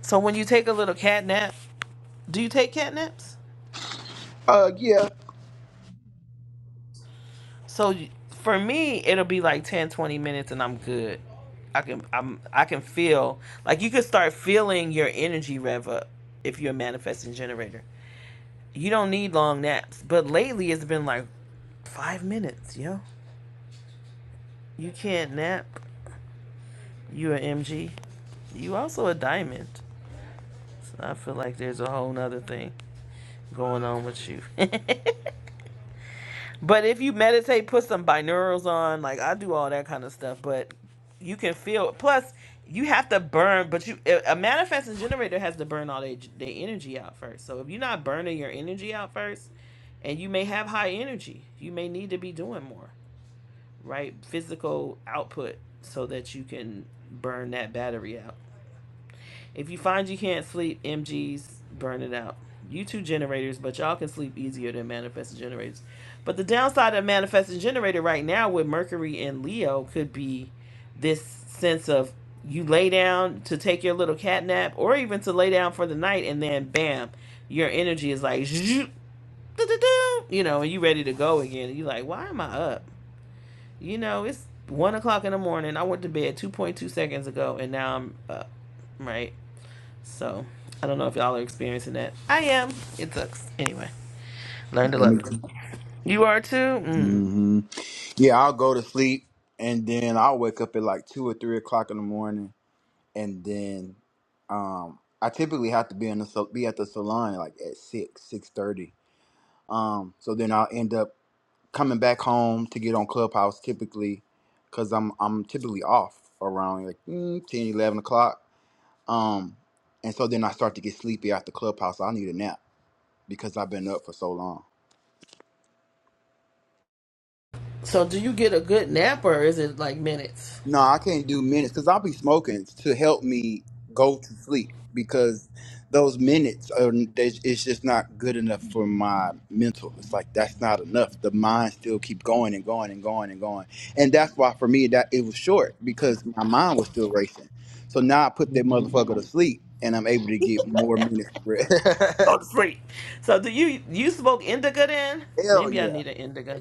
So when you take a little cat nap, do you take cat naps?
uh yeah
So for me, it'll be like 10, 20 minutes and I'm good. I can I'm I can feel like you could start feeling your energy rev up if you're a manifesting generator. You don't need long naps, but lately it's been like 5 minutes, yo. You can't nap. You a MG. You also a diamond. So I feel like there's a whole nother thing going on with you. [LAUGHS] But if you meditate, put some binaurals on. Like I do all that kind of stuff, but you can feel. Plus, you have to burn. But you, a a manifesting generator has to burn all their their energy out first. So if you're not burning your energy out first, and you may have high energy, you may need to be doing more, right? Physical output so that you can burn that battery out. If you find you can't sleep, MGs, burn it out. You two generators, but y'all can sleep easier than manifesting generators. But the downside of manifesting generator right now with Mercury and Leo could be this sense of you lay down to take your little cat nap or even to lay down for the night and then bam, your energy is like zzzz, doo-doo-doo, you know, and you ready to go again. And you like, why am I up? You know, it's one o'clock in the morning. I went to bed two point two seconds ago and now I'm up. Right. So I don't know if y'all are experiencing that. I am. It sucks. Anyway, learn to
Yeah, me
love it. You are too. Mm.
too. Yeah, I'll go to sleep and then I'll wake up at like two or three o'clock in the morning, and then um, I typically have to be in the sal- be at the salon like at six six thirty. Um, so then I'll end up coming back home to get on Clubhouse typically, cause I'm I'm typically off around like mm, 10, eleven o'clock. Um, and so then I start to get sleepy after Clubhouse. I need a nap because I've been up for so long.
So do you get a good nap or is it like minutes?
No, I can't do minutes because I'll be smoking to help me go to sleep because those minutes are they- it's just not good enough for my mental. It's like that's not enough. The mind still keep going and going and going and going, and that's why for me that it was short because my mind was still racing. So now I put that
Go
motherfucker to sleep, and I'm able to get more minutes of rest. [LAUGHS]
to sleep. So do you you smoke indica then?
Hell
Maybe I
yeah!
need an indica.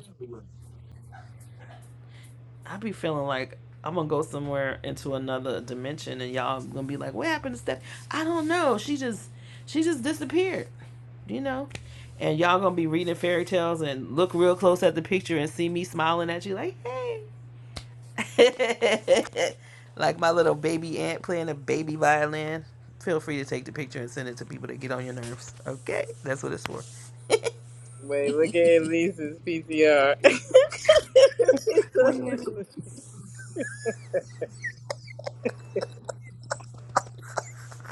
I be feeling like I'm gonna go somewhere into another dimension and y'all gonna be like, what happened to Steph? I don't know. She just she just disappeared. You know. And y'all gonna be reading fairy tales and look real close at the picture and see me smiling at you like, hey. [LAUGHS] like my little baby ant playing a baby violin. Feel free to take the picture and send it to people that get on your nerves. Okay, that's what it's for.
Wait,
[LAUGHS]
look at Elise's PCR. [LAUGHS]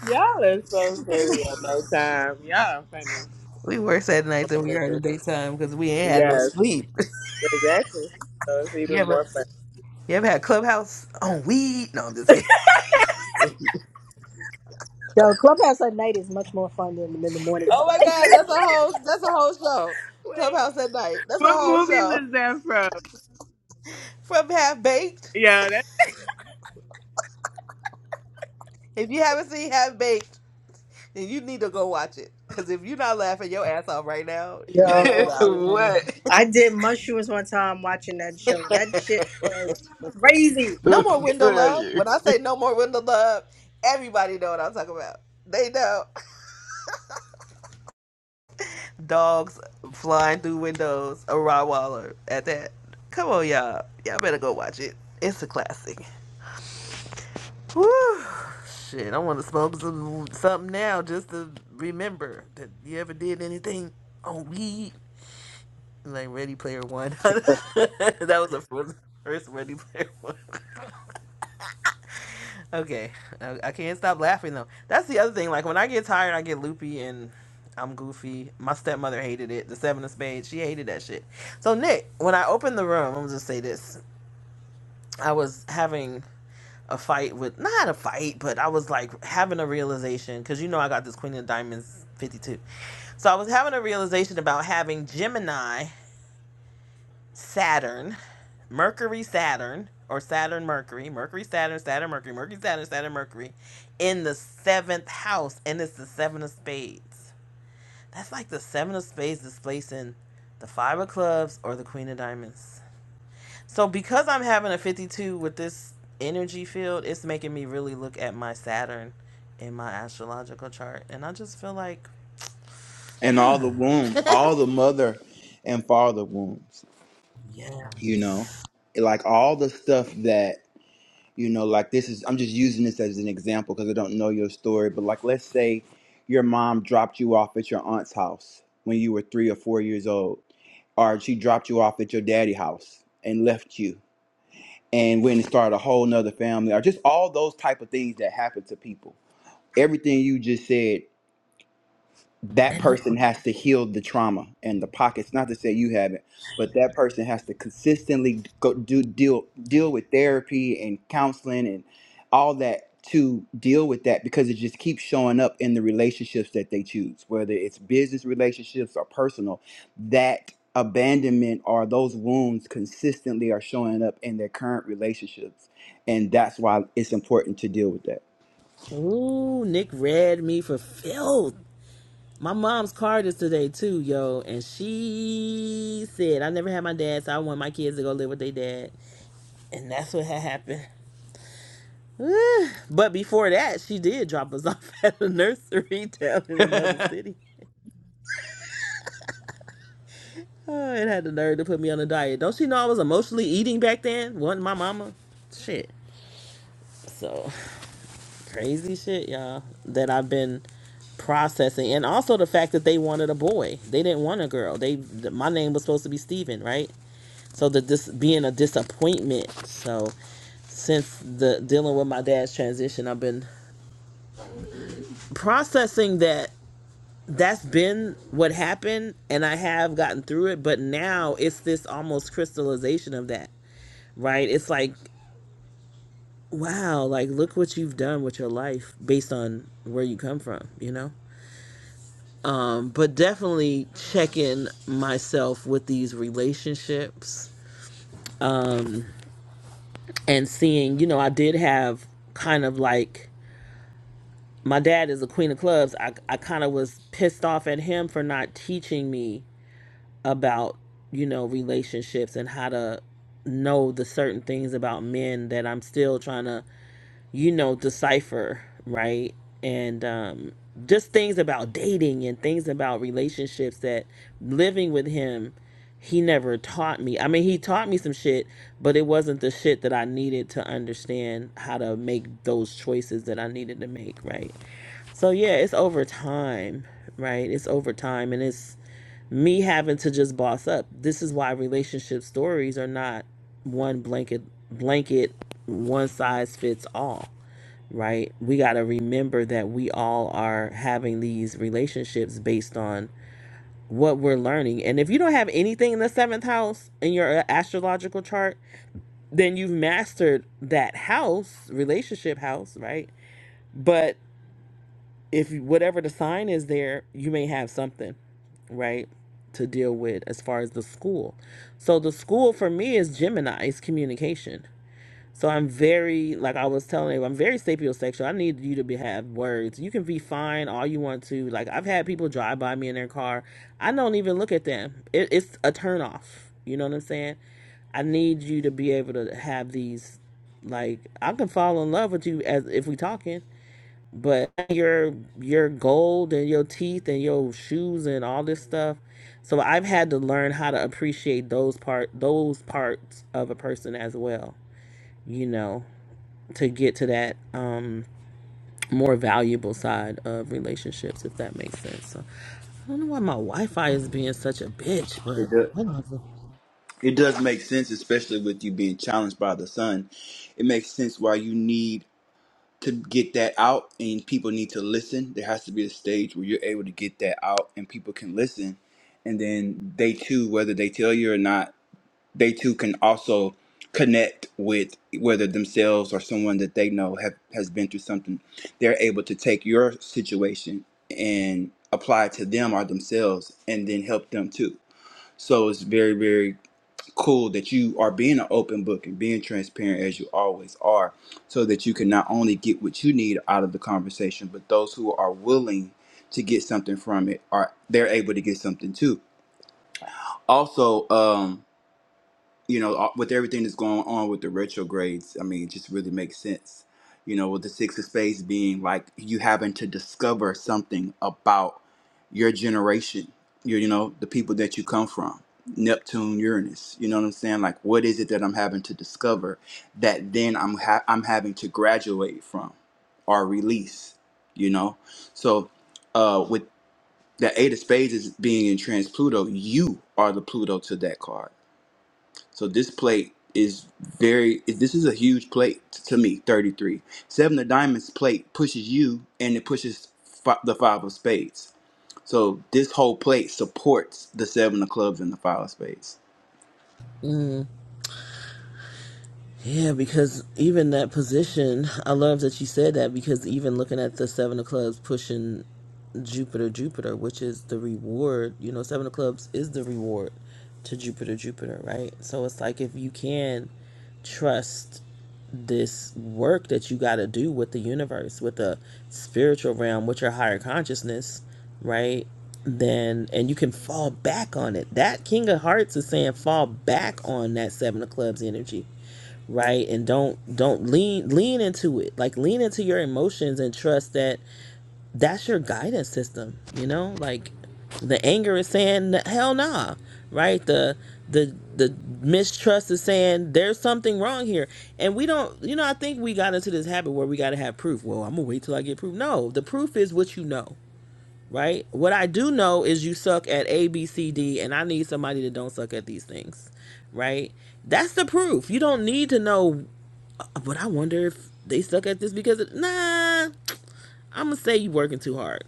Y'all are so silly at nighttime. Y'all are funny.
we worse at nights than we are in the daytime because we ain't had no
Yes,
sleep.
exactly. So it's
[LAUGHS] you
even
ever
more fun.
you ever had Clubhouse on weed? No, I'm just kidding. [LAUGHS]
Yo, clubhouse at night is much more fun than in the morning
Oh
[LAUGHS]
my
time.
Wait,
God, that's a whole that's a whole show.
wait.
Clubhouse at night. That's a
what
whole
movie
show.
was that from?
From Half Baked.
Yeah, that.
If you haven't seen Half Baked, then you need to go watch it. Cause if you're not laughing your ass off right now, you
[LAUGHS]
missing out.
Yo,
what?
I did mushrooms one time watching that show. That shit was crazy.
[LAUGHS]
No more window
Tell
love.
you.
When I say no more window love, everybody know what I'm talking about. They know. [LAUGHS] Dogs flying through windows, a Rottweiler at that. Come on, y'all. Y'all better go watch it. It's a classic. Woo! Shit, I want to smoke some something now just to remember that you ever did anything on weed. Like Ready Player One. [LAUGHS] that was the first, first Ready Player One. Okay, I, can't stop laughing though. That's the other thing. Like when I get tired, I get loopy and I'm goofy. My stepmother hated it. The Seven of Spades, she hated that shit. So Nick, when I opened the room, I'm just say this. I was having a fight with not a fight, but I was like having a realization because you know I got this Queen of Diamonds 52. So I was having a realization about having Gemini, Saturn. Mercury, Saturn, or Saturn, Mercury, Mercury, Saturn, Saturn, Mercury, Mercury, Saturn, Saturn, Mercury, in the seventh house, and it's the seven of spades. That's like the seven of spades displacing the five of clubs or the queen of diamonds. So because I'm having a 52 with this energy field, it's making me really look at my Saturn in my astrological chart, and I just feel like,
And all the wounds, all the mother and father wounds,
yeah.
you know, like all the stuff that you know like this is i'm just using this as an example because i don't know your story but like let's say your mom dropped you off at your aunt's house when you were three or four years old or she dropped you off at your daddy's house and left you and went and started a whole nother family or just all those type of things that happen to people everything you just said that person has to heal the trauma and the pockets not to say you haven't but that person has to consistently go do deal deal with therapy and counseling and all that to deal with that because it just keeps showing up in the relationships that they choose whether it's business relationships or personal that abandonment or those wounds consistently are showing up in their current relationships and that's why it's important to deal with that
Ooh, Nick read me for filth. My mom's card is today too, yo, and she said I never had my dad, so I want my kids to go live with their dad, and that's what had happened. [SIGHS] but before that, she did drop us [LAUGHS] off at a nursery [LAUGHS] down in another city. [SIGHS] Oh, it had the nerve to put me on a diet. Don't she know I was emotionally eating back then? Wasn't my mama? Shit. So [LAUGHS] crazy shit, y'all. That I've been processing, and also the fact that they wanted a boy. They didn't want a girl. They my name was supposed to be Steven, right? so the dis being a disappointment so since the dealing with my dad's transition i've been processing that that's been what happened and i have gotten through it but now it's this almost crystallization of that right it's like wow like look what you've done with your life based on where you come from you know um but definitely checking myself with these relationships and seeing you know i did have kind of like my dad is a queen of clubs i, I kind of was pissed off at him for not teaching me about you know relationships and how to know the certain things about men that i'm still trying to you know decipher right and um just things about dating and things about relationships that living with him he never taught me i mean he taught me some shit but it wasn't the shit that i needed to understand how to make those choices that i needed to make right so yeah, it's over time, right? It's over time and it's me having to just boss up. This is why relationship stories are not one blanket blanket one size fits all, right? We got to remember that we all are having these relationships based on what we're learning. And if you don't have anything in the 7th house in your uh, astrological chart, then you've mastered that house, relationship house, right? But if whatever the sign is there, you may have something, right, to deal with as far as the school. So the school for me is Gemini, is communication. So I'm very, like I was telling you, I'm very sapiosexual. I need you to be, have words. You can be fine all you want to. Like I've had people drive by me in their car. I don't even look at them. It, it's a turn off. You know what I'm saying? I need you to be able to have these like I can fall in love with you as if we talking but your your gold and your teeth and your shoes and all this stuff so i've had to learn how to appreciate those part those parts of a person as well you know to get to that um more valuable side of relationships if that makes sense so i don't know why my wi-fi is being such a bitch but
It does.
whatever.
It does make sense, especially with you being challenged by the sun. It makes sense why you need to get that out and people need to listen. There has to be a stage where you're able to get that out and people can listen. And then they too, whether they tell you or not, they too can also connect with whether themselves or someone that they know have has been through something. They're able to take your situation and apply it to them or themselves and then help them too. So it's very, very cool that you are being an open book and being transparent as you always are so that you can not only get what you need out of the conversation but those who are willing to get something from it are they're able to get something too also um you know, uh, with everything that's going on with the retrogrades, I mean, it just really makes sense. You know, with the six of spades being like you having to discover something about your generation, you, you know, the people that you come from, Neptune, Uranus. You know what I'm saying? Like, what is it that I'm having to discover that then I'm ha- I'm having to graduate from or release? You know, so uh, with the eight of spades is being in trans Pluto, you are the Pluto to that card so this plate is very. This is a huge plate t- to me. Thirty three. Seven of diamonds plate pushes you, and it pushes fi- the five of spades. So this whole plate supports the seven of clubs and the five of spades.
Mm. Yeah, because even that position, I love that you said that because even looking at the Seven of Clubs pushing Jupiter, Jupiter, which is the reward, you know, Seven of Clubs is the reward to Jupiter, Jupiter, right? So it's like if you can trust this work that you got to do with the universe, with the spiritual realm, with your higher consciousness, right? Then and you can fall back on it. That King of Hearts is saying fall back on that Seven of Clubs energy right and don't don't lean lean into it like lean into your emotions and trust that that's your guidance system you know like the anger is saying hell nah right the the the mistrust is saying there's something wrong here and we don't you know i think we got into this habit where we got to have proof well i'm gonna wait till i get proof no the proof is what you know right what i do know is you suck at a b c d and i need somebody that don't suck at these things right? That's the proof. You don't need to know but I wonder if they stuck at this because of, nah. I'm gonna say you working too hard.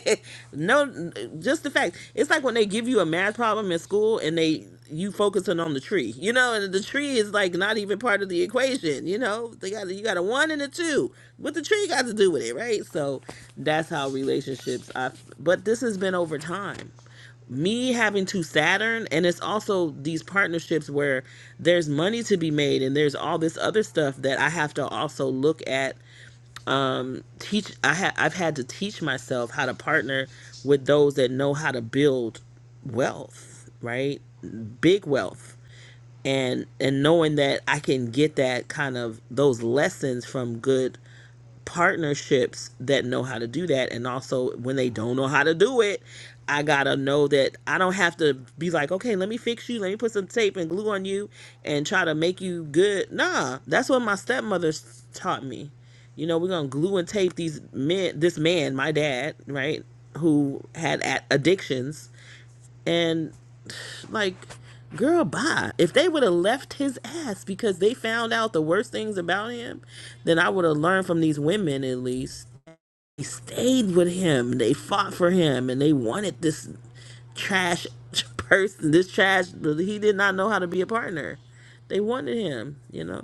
[LAUGHS] no, just the fact. It's like when they give you a math problem in school and they you focusing on the tree, you know, and the tree is like not even part of the equation. You know, they got you got a one and a two. What the tree got to do with it, right? So that's how relationships. I. But this has been over time me having to Saturn, and it's also these partnerships where there's money to be made, and there's all this other stuff that I have to also look at. Um, teach I ha- I've had to teach myself how to partner with those that know how to build wealth, right? Big wealth, and and knowing that I can get that kind of those lessons from good partnerships that know how to do that and also when they don't know how to do it i gotta know that i don't have to be like okay let me fix you let me put some tape and glue on you and try to make you good nah that's what my stepmother taught me you know we're gonna glue and tape these men this man my dad right who had addictions and like, girl, bye. If they would have left his ass because they found out the worst things about him, then I would have learned from these women at least. They stayed with him. They fought for him, and they wanted this trash [LAUGHS] person. This trash. He did not know how to be a partner. They wanted him. You know.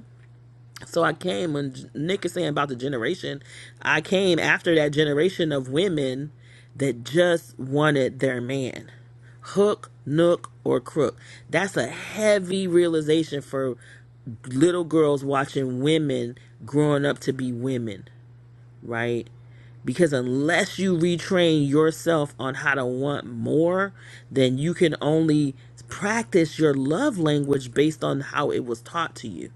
So I came and Nick is saying about the generation, I came after that generation of women that just wanted their man. Hook, nook, or crook. That's a heavy realization for little girls watching women growing up to be women, right? Because unless you retrain yourself on how to want more, then you can only practice your love language based on how it was taught to you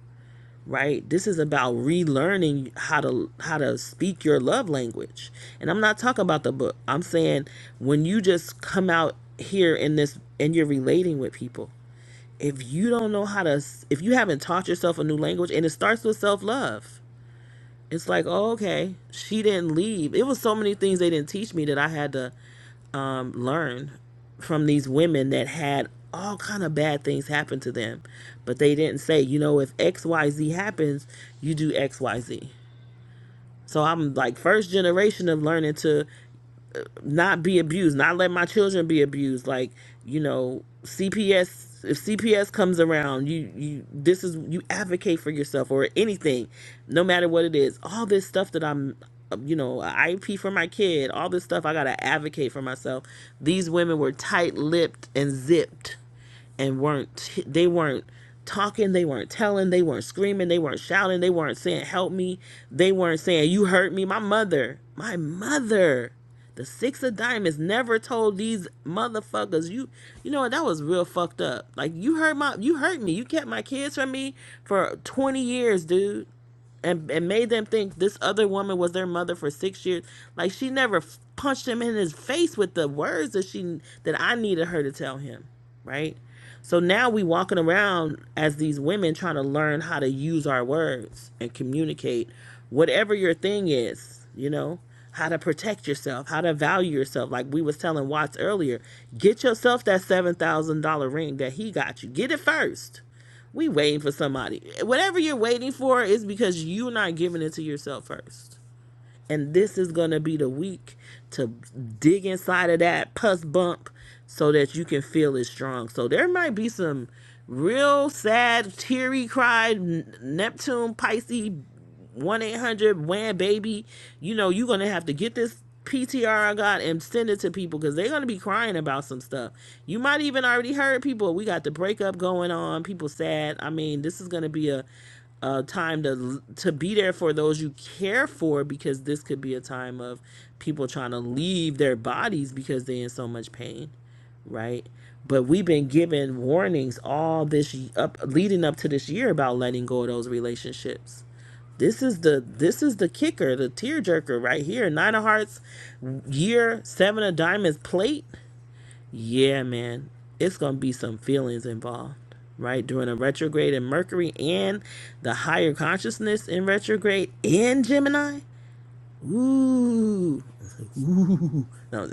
right this is about relearning how to how to speak your love language and i'm not talking about the book i'm saying when you just come out here in this and you're relating with people if you don't know how to if you haven't taught yourself a new language and it starts with self-love it's like oh, okay she didn't leave it was so many things they didn't teach me that i had to um, learn from these women that had all kind of bad things happen to them but they didn't say you know if xyz happens you do xyz so i'm like first generation of learning to not be abused, not let my children be abused. Like, you know, CPS if CPS comes around, you you this is you advocate for yourself or anything, no matter what it is. All this stuff that I'm uh, you know, a I P for my kid, all this stuff I got to advocate for myself. These women were tight-lipped and zipped and weren't they weren't talking they weren't telling they weren't screaming they weren't shouting they weren't saying help me they weren't saying you hurt me my mother my mother the six of diamonds never told these motherfuckers you you know what that was real fucked up like you hurt my you hurt me you kept my kids from me for 20 years dude and and made them think this other woman was their mother for six years. Like she never punched him in his face with the words that she that I needed her to tell him, right? So now we walking around as these women trying to learn how to use our words and communicate whatever your thing is, you know, how to protect yourself, how to value yourself. Like we was telling Watts earlier, get yourself that seven thousand dollar ring that he got you. Get it first. We waiting for somebody. Whatever you're waiting for is because you're not giving it to yourself first. And this is going to be the week to dig inside of that pus bump so that you can feel it strong. So there might be some real sad, teary cried Neptune Pisces 1 800 WHAM baby. You know, you're going to have to get this PTR I got and send it to people because they're going to be crying about some stuff. You might even already heard people. We got the breakup going on. People sad. I mean, this is going to be a uh, time to to be there for those you care for because this could be a time of people trying to leave their bodies because they're in so much pain right but we've been given warnings all this up leading up to this year about letting go of those relationships this is the this is the kicker the tearjerker right here nine of hearts year seven of diamonds plate yeah, man. It's going to be some feelings involved, right? During a retrograde in Mercury and the higher consciousness in retrograde in Gemini. Ooh. Ooh. No, [LAUGHS]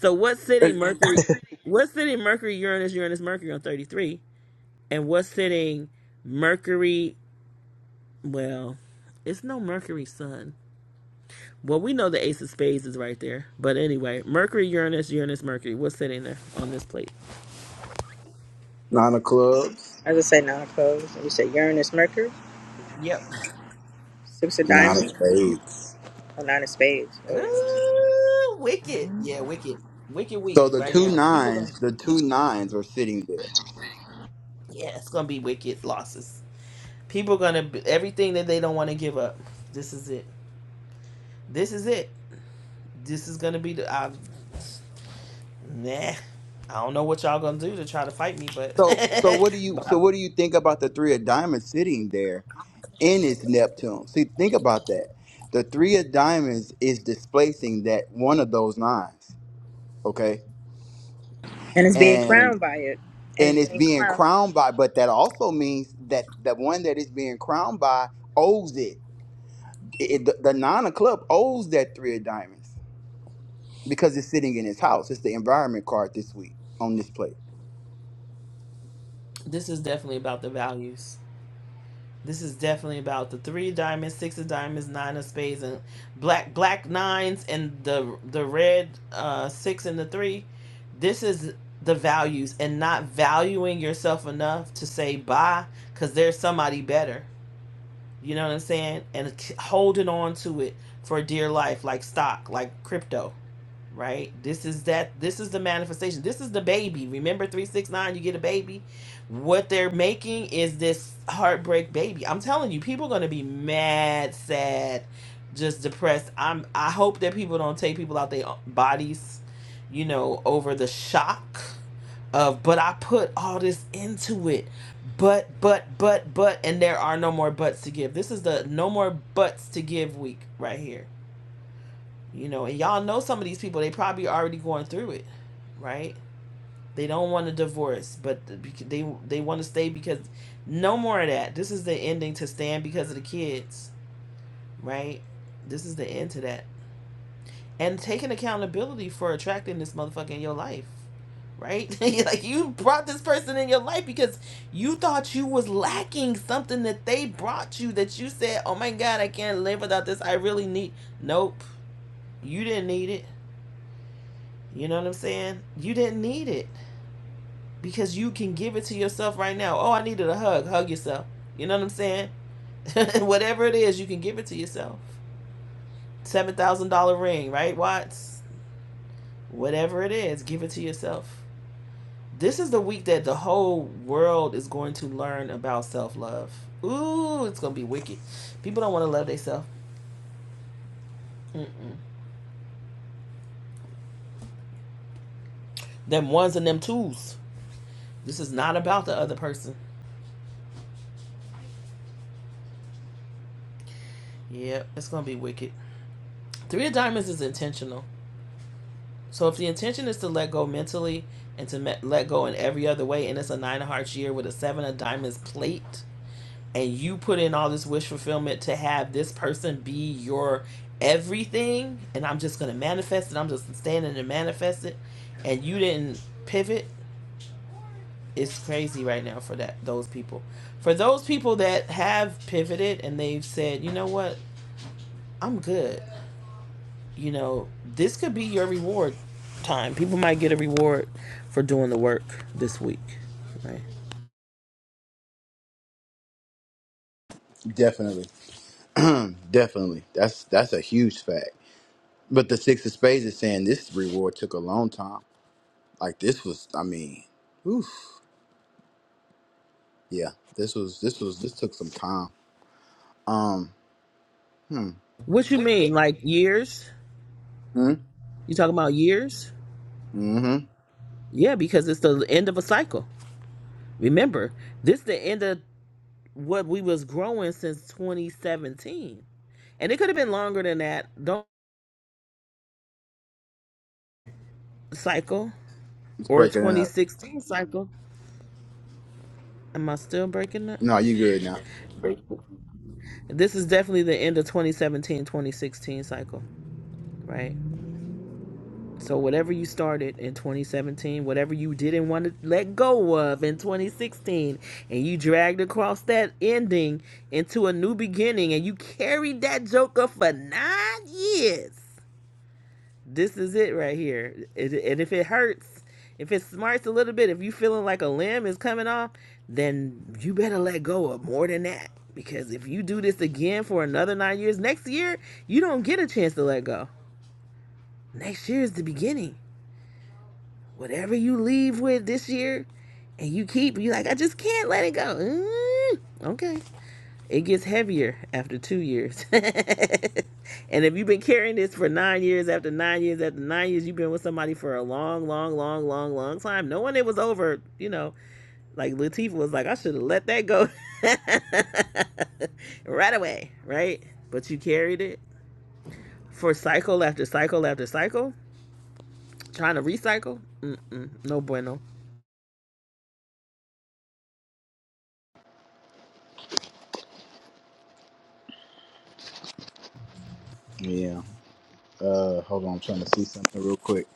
so what's sitting Mercury? What's sitting Mercury, Uranus, Uranus, Mercury on 33? And what's sitting Mercury? Well, it's no Mercury Sun. Well, we know the Ace of Spades is right there. But anyway, Mercury, Uranus, Uranus, Mercury. What's sitting there on this plate?
Nine of clubs,
I would say nine of clubs. And you said Uranus, Mercury,
Yep.
six of
nine of
diamonds,
spades.
oh, nine of spades. Oh yeah,
Ooh, wicked.
nine.
Yeah, wicked. Wicked
So
week
the
right
two
now. People gonna
nines, the two nines are sitting there.
yeah, it's gonna be wicked losses. People gonna be, everything that they don't want to give up. This is it. This is it. This is gonna be the I, nah. I don't know what y'all gonna do to try to fight me, but
So so
[LAUGHS]
what do you
but
so what do you think about the three of diamonds sitting there in its Neptune? See, think about that. The three of diamonds is displacing that one of those nines. okay
And it's being
and
crowned by it, and
and
it's
it's
being
being
crowned.
crowned by but that also means that the one that is being crowned by owes it, It- it- the, the nine of club owes that three of diamonds because it's sitting in his house it's the environment card this week on this plate
this is definitely about the values. This is definitely about the three of diamonds, six of diamonds, nine of spades, and black black nines and the the red uh, six and the three. This is the values and not valuing yourself enough to say bye because there's somebody better. You know what I'm saying? And holding on to it for dear life, like stock, like crypto right? This is that this is the manifestation. This is the baby. Remember 369 you get a baby. What they're making is this heartbreak baby. I'm telling you people are going to be mad, sad, just depressed. I'm I hope that people don't take people out their bodies, you know, over the shock of but I put all this into it. But but but but and there are no more buts to give. This is the no more buts to give week right here you know and y'all know some of these people they probably already going through it right they don't want a divorce but they they want to stay because no more of that this is the ending to stand because of the kids right this is the end to that and taking accountability for attracting this motherfucker in your life right [LAUGHS] like you brought this person in your life because you thought you was lacking something that they brought you that you said oh my god i can't live without this i really need nope you didn't need it You know what I'm saying? You didn't need it because you can give it to yourself right now. Oh, I needed a hug. Hug yourself. You know what I'm saying? [LAUGHS] Whatever it is, you can give it to yourself. $7,000 ring, right, Watts? Whatever it is, give it to yourself. This is the week that the whole world is going to learn about self love. Ooh, it's going to be wicked. People don't want to love themselves. Mm-mm. Them ones and them twos. This is not about the other person. Yep, it's going to be wicked. Three of Diamonds is intentional So if the intention is to let go mentally and to me- let go in every other way, and it's a nine of hearts year with a seven of diamonds plate, and you put in all this wish fulfillment to have this person be your everything, and I'm just gonna manifest it. I'm just standing and manifest it, and you didn't pivot. It's crazy right now for that those people. For those people that have pivoted and they've said, you know what, I'm good. you know, this could be your reward time. People might get a reward for doing the work this week. Right?
definitely [CLEARS THROAT] definitely that's that's a huge fact but the six of spades is saying this reward took a long time like this was i mean oof, yeah this was this was this took some time um
What you mean, like years? You talking about years?
mm-hmm
Yeah, because it's the end of a cycle. Remember, this is the end of what we was growing since 2017, and it could have been longer than that. Don't cycle
it's
or
breaking it up
2016 cycle. Am I still breaking that?
no you good now
This is definitely the end of 2017, 2016 cycle, right? So whatever you started in 2017, whatever you didn't want to let go of in 2016, and you dragged across that ending into a new beginning, and you carried that joker for nine years. This is it right here. And if it hurts, if it smarts a little bit, if you feeling like a limb is coming off, then you better let go of more than that. Because if you do this again for another nine years, next year you don't get a chance to let go. Next year is the beginning Whatever you leave with this year and you keep, you like, I just can't let it go. Mm, okay. It gets heavier after two years. [LAUGHS] and if you've been carrying this for nine years, after nine years, after nine years, you've been with somebody for a long, long, long, long, long time, No one it was over, you know, like Latifah was like, I should have let that go [LAUGHS] right away, right? But you carried it for cycle after cycle after cycle, trying to recycle. Mm-mm, no bueno.
Yeah. Uh, hold on, I'm trying to see something real quick.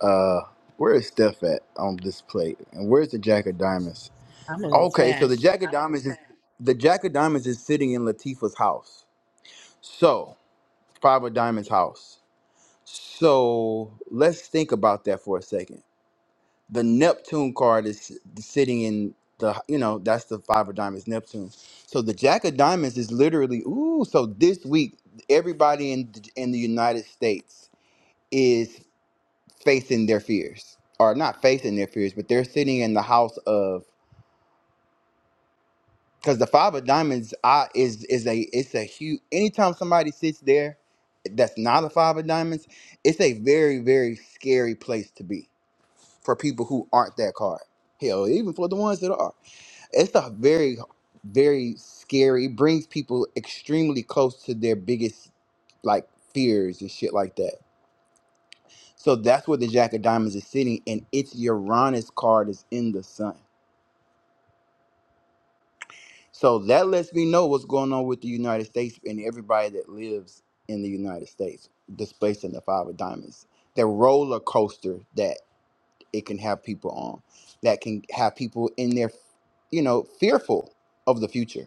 Uh, where is Steph at on this plate? And where's the Jack of Diamonds?
I'm in the
Okay, so the
trash.
Jack of Diamonds is the Jack of Diamonds is sitting in Latifah's house. So Five of Diamonds' house. So let's think about that for a second. The Neptune card is s- sitting in the you know that's the Five of Diamonds Neptune. So the Jack of Diamonds is literally ooh. So this week, everybody in the- in the United States. facing their fears or not facing their fears but they're sitting in the house of because the five of diamonds I, is is a it's a huge anytime somebody sits there that's not a five of diamonds it's a very very scary place to be for people who aren't that card hell even for the ones that are it's a very very scary it brings people extremely close to their biggest like fears and shit like that so that's where the jack of diamonds is sitting and its uranus card is in the sun So that lets me know what's going on with the United States and everybody that lives in the United States, displacing the five of diamonds. The roller coaster that it can have people on, that can have people in their, you know, fearful of the future.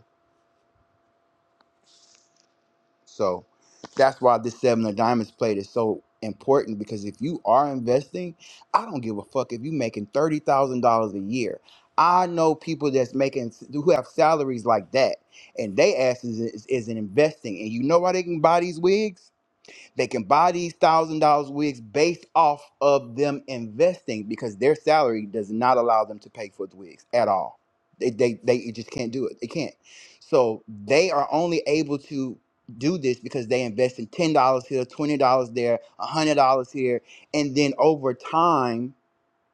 So that's why this seven of diamonds plate is so important because if you are investing, I don't give a fuck if you making thirty thousand dollars a year. I know people that's making who have salaries like that, and they asses is, is, isn't investing. And you know why they can buy these wigs? They can buy these thousand dollars wigs based off of them investing because their salary does not allow them to pay for the wigs at all. They they they just can't do it. They can't. So they are only able to do this because they invest in ten dollars here, twenty dollars there, a hundred dollars here, and then over time,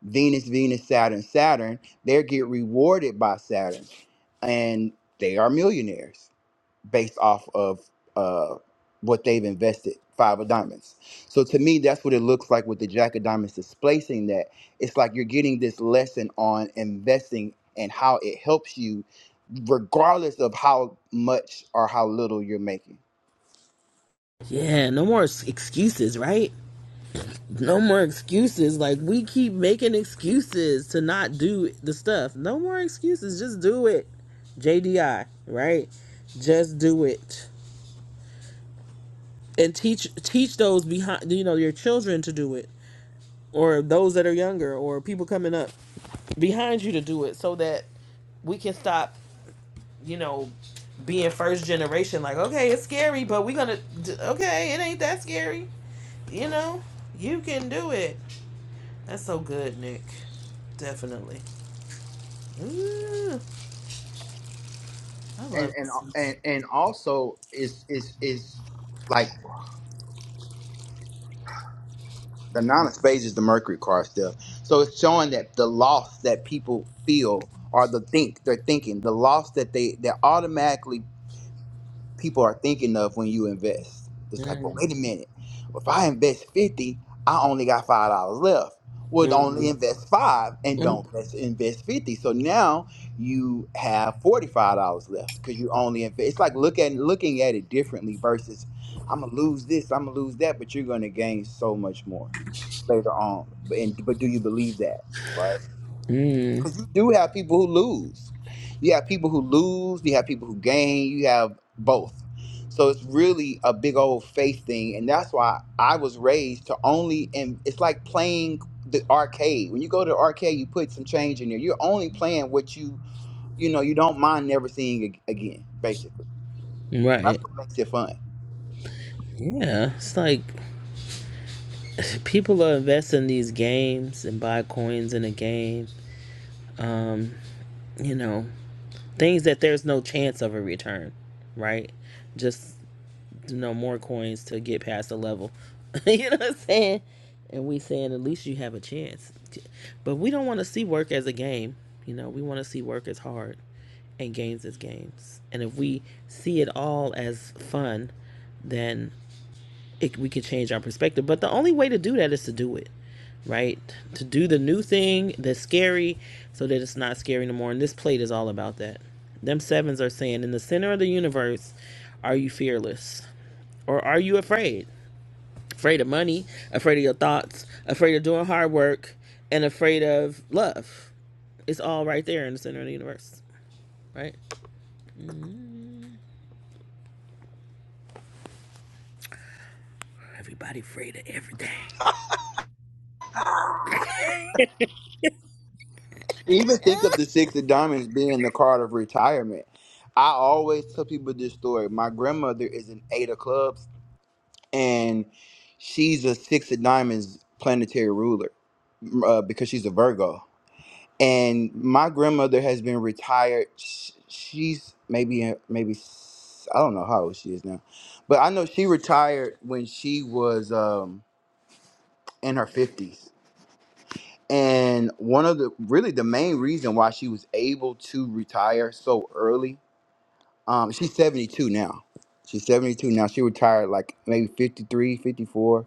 Venus, Venus, Saturn, Saturn, they get rewarded by Saturn, and they are millionaires based off of uh, what they've invested five of diamonds. So to me, that's what it looks like with the jack of diamonds displacing that. It's like you're getting this lesson on investing and how it helps you, regardless of how much or how little you're making.
Yeah, no more s- excuses, right? No more excuses. Like we keep making excuses to not do the stuff. No more excuses. Just do it. JDI, right? Just do it. And teach teach those behind you know, your children to do it or those that are younger or people coming up behind you to do it so that we can stop, you know, being first generation like, okay, it's scary, but we're going to okay, it ain't that scary you know, you can do it. That's so good, Nick. Definitely. Ooh, I
And
love
and
this.
and and also is is is like the nine of spades is the Mercury card stuff. So it's showing that the loss that people feel or the think they're thinking, the loss that they that automatically people are thinking of when you invest. It's like, well,
Mm,
wait a minute. Well, If I invest 50, I only got five dollars left. Would only
mm,
invest five and
mm,
don't invest invest 50. So now you have $45 left because you only invest. It's like look at looking at it differently versus I'm gonna lose this, I'm gonna lose that, but you're gonna gain so much more later on. But and but do you believe that? Like,
mm,
you do have people who lose. You have people who lose, you have people who gain, you have both. So it's really a big old faith thing. And that's why I was raised to only, and it's like playing the arcade. When you go to the arcade, you put some change in there. You're only playing what you, you know, you don't mind never seeing ag- again, basically. That's
right.
what makes it fun.
Yeah, it's like [SIGHS] people are investing in these games and buy coins in a game. Um, you know, things that there's no chance of a return, right? Just. you know, more coins to get past the level. [LAUGHS] you know what I'm saying? And we saying at least you have a chance. But we don't want to see work as a game. You know, we want to see work as hard and games as games. And if we see it all as fun, then it, we can change our perspective. But the only way to do that is to do it, right? To do the new thing that's scary so that it's not scary no more. And this plate is all about that. Them sevens are saying, in the center of the universe, are you fearless? Or are you afraid? Afraid of money, afraid of your thoughts, afraid of doing hard work, and afraid of love. It's all right there in the center of the universe, right? Everybody afraid of everything.
Even think of the Six of Diamonds being the card of retirement. I always tell people this story. My grandmother is an eight of clubs and she's a six of diamonds planetary ruler uh, because she's a Virgo. And my grandmother has been retired. Sh- She's maybe uh, maybe s- I don't know how old she is now, but I know she retired when she was um, in her fifties. And one of the really the main reason why she was able to retire so early, um, she's seventy two now. She's seventy two now. She retired like maybe 53, 54.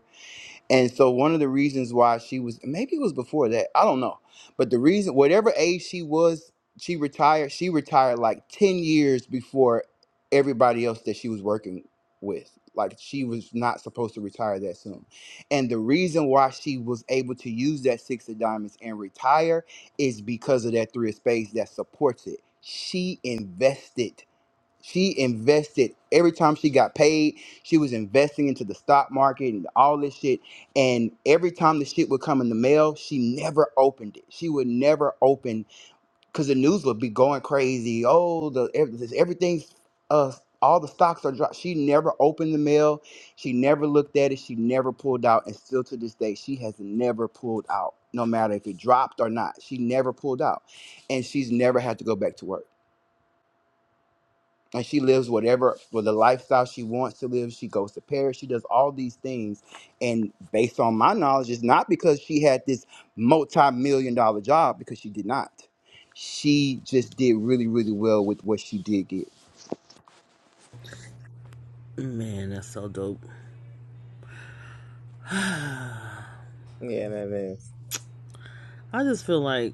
And so one of the reasons why she was maybe it was before that, I don't know. But the reason whatever age she was, she retired, she retired like 10 years before everybody else that she was working with. Like she was not supposed to retire that soon. And the reason why she was able to use that six of diamonds and retire is because of that three of spades that supports it. She invested she invested every time she got paid. She was investing into the stock market and all this shit. And every time the shit would come in the mail, she never opened it. She would never open because the news would be going crazy. Oh, the ev- this- everything's uh, all the stocks are dropped. She never opened the mail. She never looked at it. She never pulled out. And still to this day, she has never pulled out, no matter if it dropped or not. She never pulled out, and she's never had to go back to work and she lives whatever with the lifestyle she wants to live. She goes to Paris. She does all these things, and based on my knowledge, it's not because she had this multi-million dollar job because she did not. She just did really, really well with what she did get.
Man, that's so dope.
Yeah, that is.
I just feel like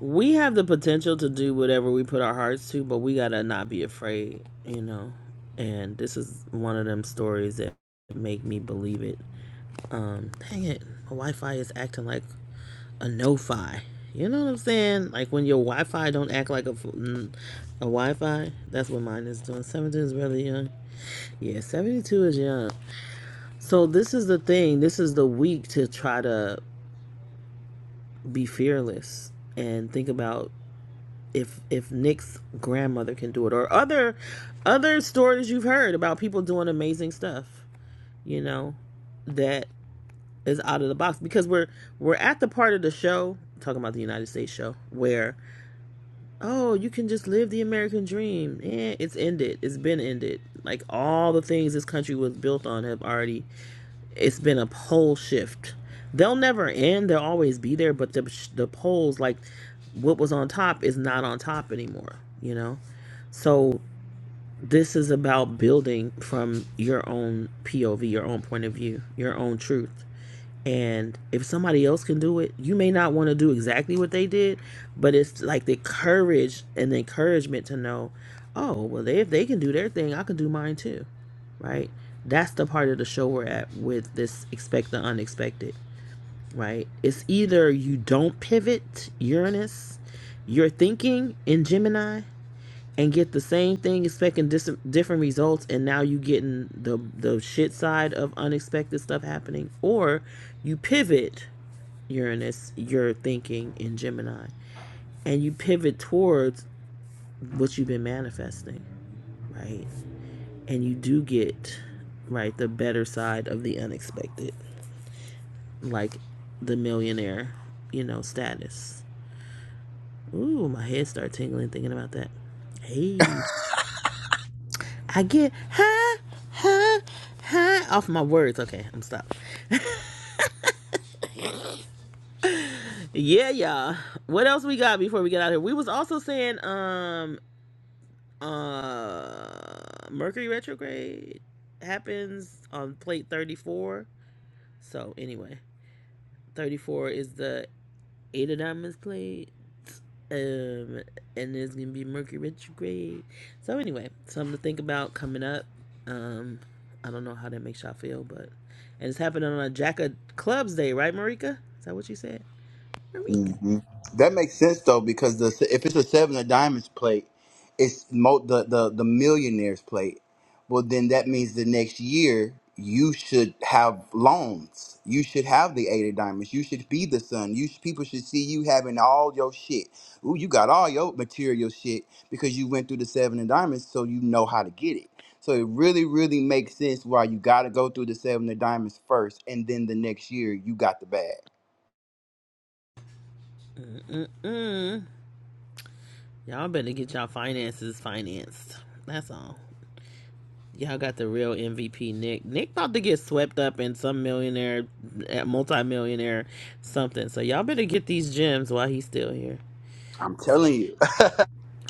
we have the potential to do whatever we put our hearts to, but we gotta not be afraid, you know. And this is one of them stories that make me believe it. Um, dang it, my Wi-Fi is acting like a no-fi. You know what I'm saying? Like when your Wi-Fi don't act like a mm, a Wi-Fi. That's what mine is doing. 72 is really young. Yeah, 72 is young. So this is the thing. This is the week to try to be fearless and think about if if Nick's grandmother can do it or other other stories you've heard about people doing amazing stuff. You know that is out of the box because we're we're at the part of the show talking about the United States show where oh, you can just live the American dream. Eh, it's ended. It's been ended. Like all the things this country was built on have already. It's been a pole shift. They'll never end. They'll always be there. But the the poles, like what was on top, is not on top anymore. You know, so this is about building from your own POV, your own point of view, your own truth. And if somebody else can do it, you may not want to do exactly what they did, but it's like the courage and the encouragement to know, oh, well, they, if they can do their thing, I can do mine too, right? That's the part of the show we're at with this expect the unexpected, right? It's either you don't pivot, Uranus, you're thinking in Gemini, and get the same thing expecting dis- different results and now you getting the the shit side of unexpected stuff happening or you pivot uranus your thinking in gemini and you pivot towards what you've been manifesting right and you do get right the better side of the unexpected like the millionaire you know status ooh my head start tingling thinking about that hey I get high, high, high off my words. Okay, I'm stopped. Yeah, y'all. What else we got before we get out of here? We was also saying um uh Mercury retrograde happens on plate 34. So anyway, 34 is the eight of diamonds played. Um, and there's gonna be Mercury retrograde. So anyway, something to think about coming up. Um, I don't know how that makes y'all feel, but and it's happening on a Jack of Clubs Day, right, Marika? Is that what you said, Marika?
hmm That makes sense though, because the if it's a seven of diamonds plate, it's mo- the the the millionaires plate. Well, then that means the next year you should have loans. You should have the eight of diamonds. You should be the son. You sh- people should see you having all your shit. Ooh, you got all your material shit because you went through the seven of diamonds, so you know how to get it. So it really, really makes sense why you got to go through the seven of diamonds first, and then the next year you got the bag.
Mm. Y'all better get y'all finances financed. That's all. Y'all got the real MVP, Nick. Nick about to get swept up in some millionaire, multi-millionaire, something. So y'all better get these gems while he's still here.
I'm telling you.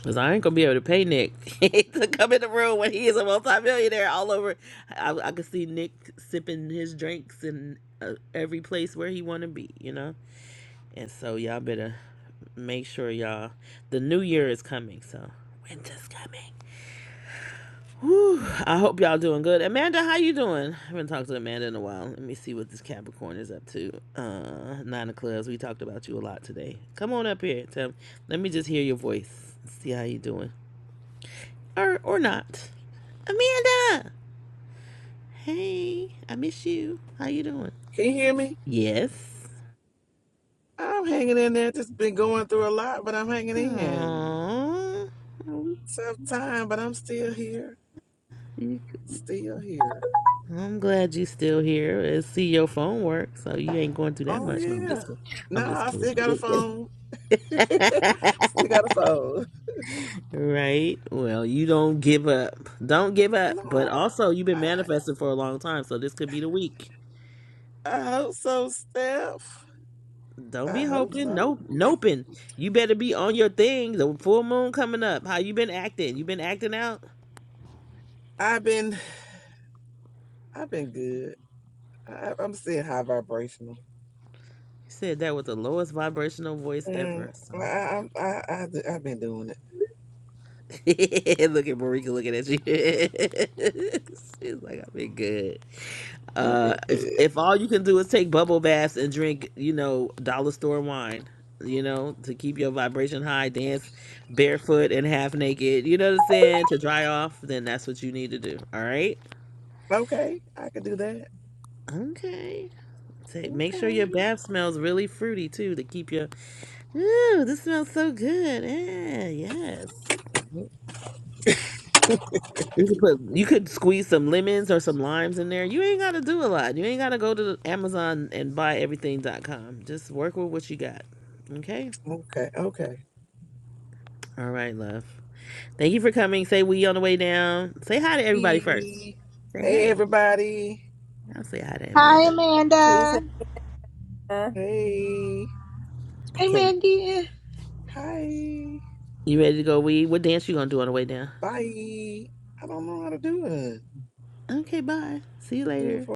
Cause I ain't gonna be able to pay Nick [LAUGHS] to come in the room when he is a multimillionaire all over. I, I could see Nick sipping his drinks in uh, every place where he want to be, you know. And so y'all better make sure y'all. The new year is coming, so winter's coming. Whew, I hope y'all doing good. Amanda, how you doing? I haven't talked to Amanda in a while. Let me see what this Capricorn is up to. Uh, nine of clubs. We talked about you a lot today. Come on up here, Tim. Let me just hear your voice. See how you doing or or not. Amanda, hey, I miss you. How you doing?
Can you hear me?
Yes.
I'm hanging in there. Just been going through a lot, but I'm hanging in.
Aww.
Tough time, but I'm still here. Still here.
I'm glad you still here. I see your phone work, so you ain't going through that
Oh
much. No, I'm just
yeah.
kidding. I'm
No,
just
I
kidding.
still
I'm
got a
just
phone.
kidding.
Still got a phone.
[LAUGHS] right. Well, you don't give up. Don't give up. But
No,
also, you've been
I
manifesting for a long time, so this could be the week.
I hope so, Steph.
Don't
I
be
hope
hoping.
so.
Nope. Noping. You better be on your thing. The full moon coming up. How you been acting? You been acting out?
I've been I've been good. I, I'm still high vibrational.
You said that with the lowest vibrational voice
Mm,
ever. So
I, I, I, I, I've been doing it.
[LAUGHS] look at Marika looking at you. [LAUGHS] She's like, I've been good.
I've
Uh,
been
if
good.
if all you can do is take bubble baths and drink, you know, dollar store wine, you know, to keep your vibration high, dance barefoot and half naked, you know what I'm saying, to dry off, then that's what you need to do. All right.
Okay, I can do that.
Okay. Take, make sure your
Okay,
bath smells really fruity too to keep your. Ooh, this smells so good. Yeah. Yes. You could put you could squeeze some lemons or some limes in there. You ain't gotta do a lot. You ain't gotta go to Amazon and buy everything. Dot com. Just work with what you got. Okay?
okay, okay.
All right, love. Thank you for coming. Say we on the way down. Say hi to everybody first.
Hey,
Say
hey
hey.
everybody.
I'll say hi to
Hi,
Amanda.
Amanda.
Hey.
Hey,
Okay.
Mandy.
Hi.
You ready to go We. What dance you gonna do on the way down?
Bye. I don't know how to do it.
Okay, bye. See you
Do it
later.
for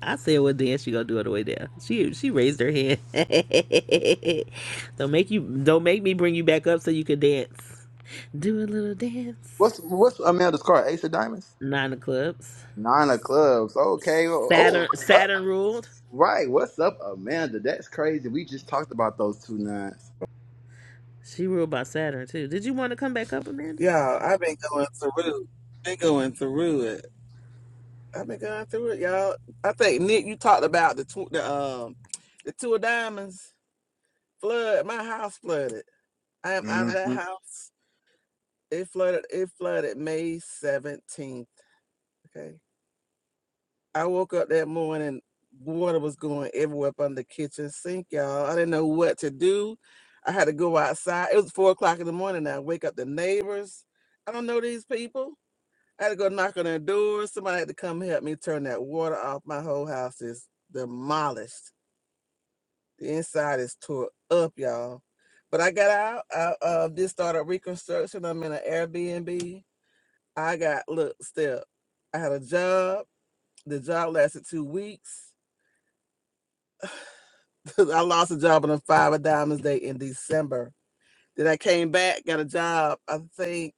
I said what dance she gonna do on the way down. She she raised her hand. [LAUGHS] don't make you don't make me bring you back up so you can dance. Do a little dance.
What's what's Amanda's card? Ace of Diamonds,
Nine of clubs.
Nine of Clubs. Okay. Oh, oh,
Saturn
what's up?
Saturn ruled.
Right. What's up, Amanda? That's crazy. We just talked about those two nines.
She ruled by Saturn too. Did you want to come back up, Amanda?
y'all. I've been going through. Been going through it. I've been going through it, y'all. I think Nick, you talked about the tw- the um the two of diamonds flood. My house flooded. I am out of that
Mhm.
house. It flooded. It flooded May seventeenth. Okay. I woke up that morning, water was going everywhere up under the kitchen sink, y'all. I didn't know what to do. I had to go outside. It was four o'clock in the morning. I wake up the neighbors. I don't know these people. I had to go knock on their doors. Somebody had to come help me turn that water off. My whole house is demolished. The inside is tore up, y'all. But I got out. I uh, just started reconstruction. I'm in an Airbnb. I got look, step. I had a job. The job lasted two weeks. because I lost a job on a five of diamonds day in December. Then I came back, got a job. I think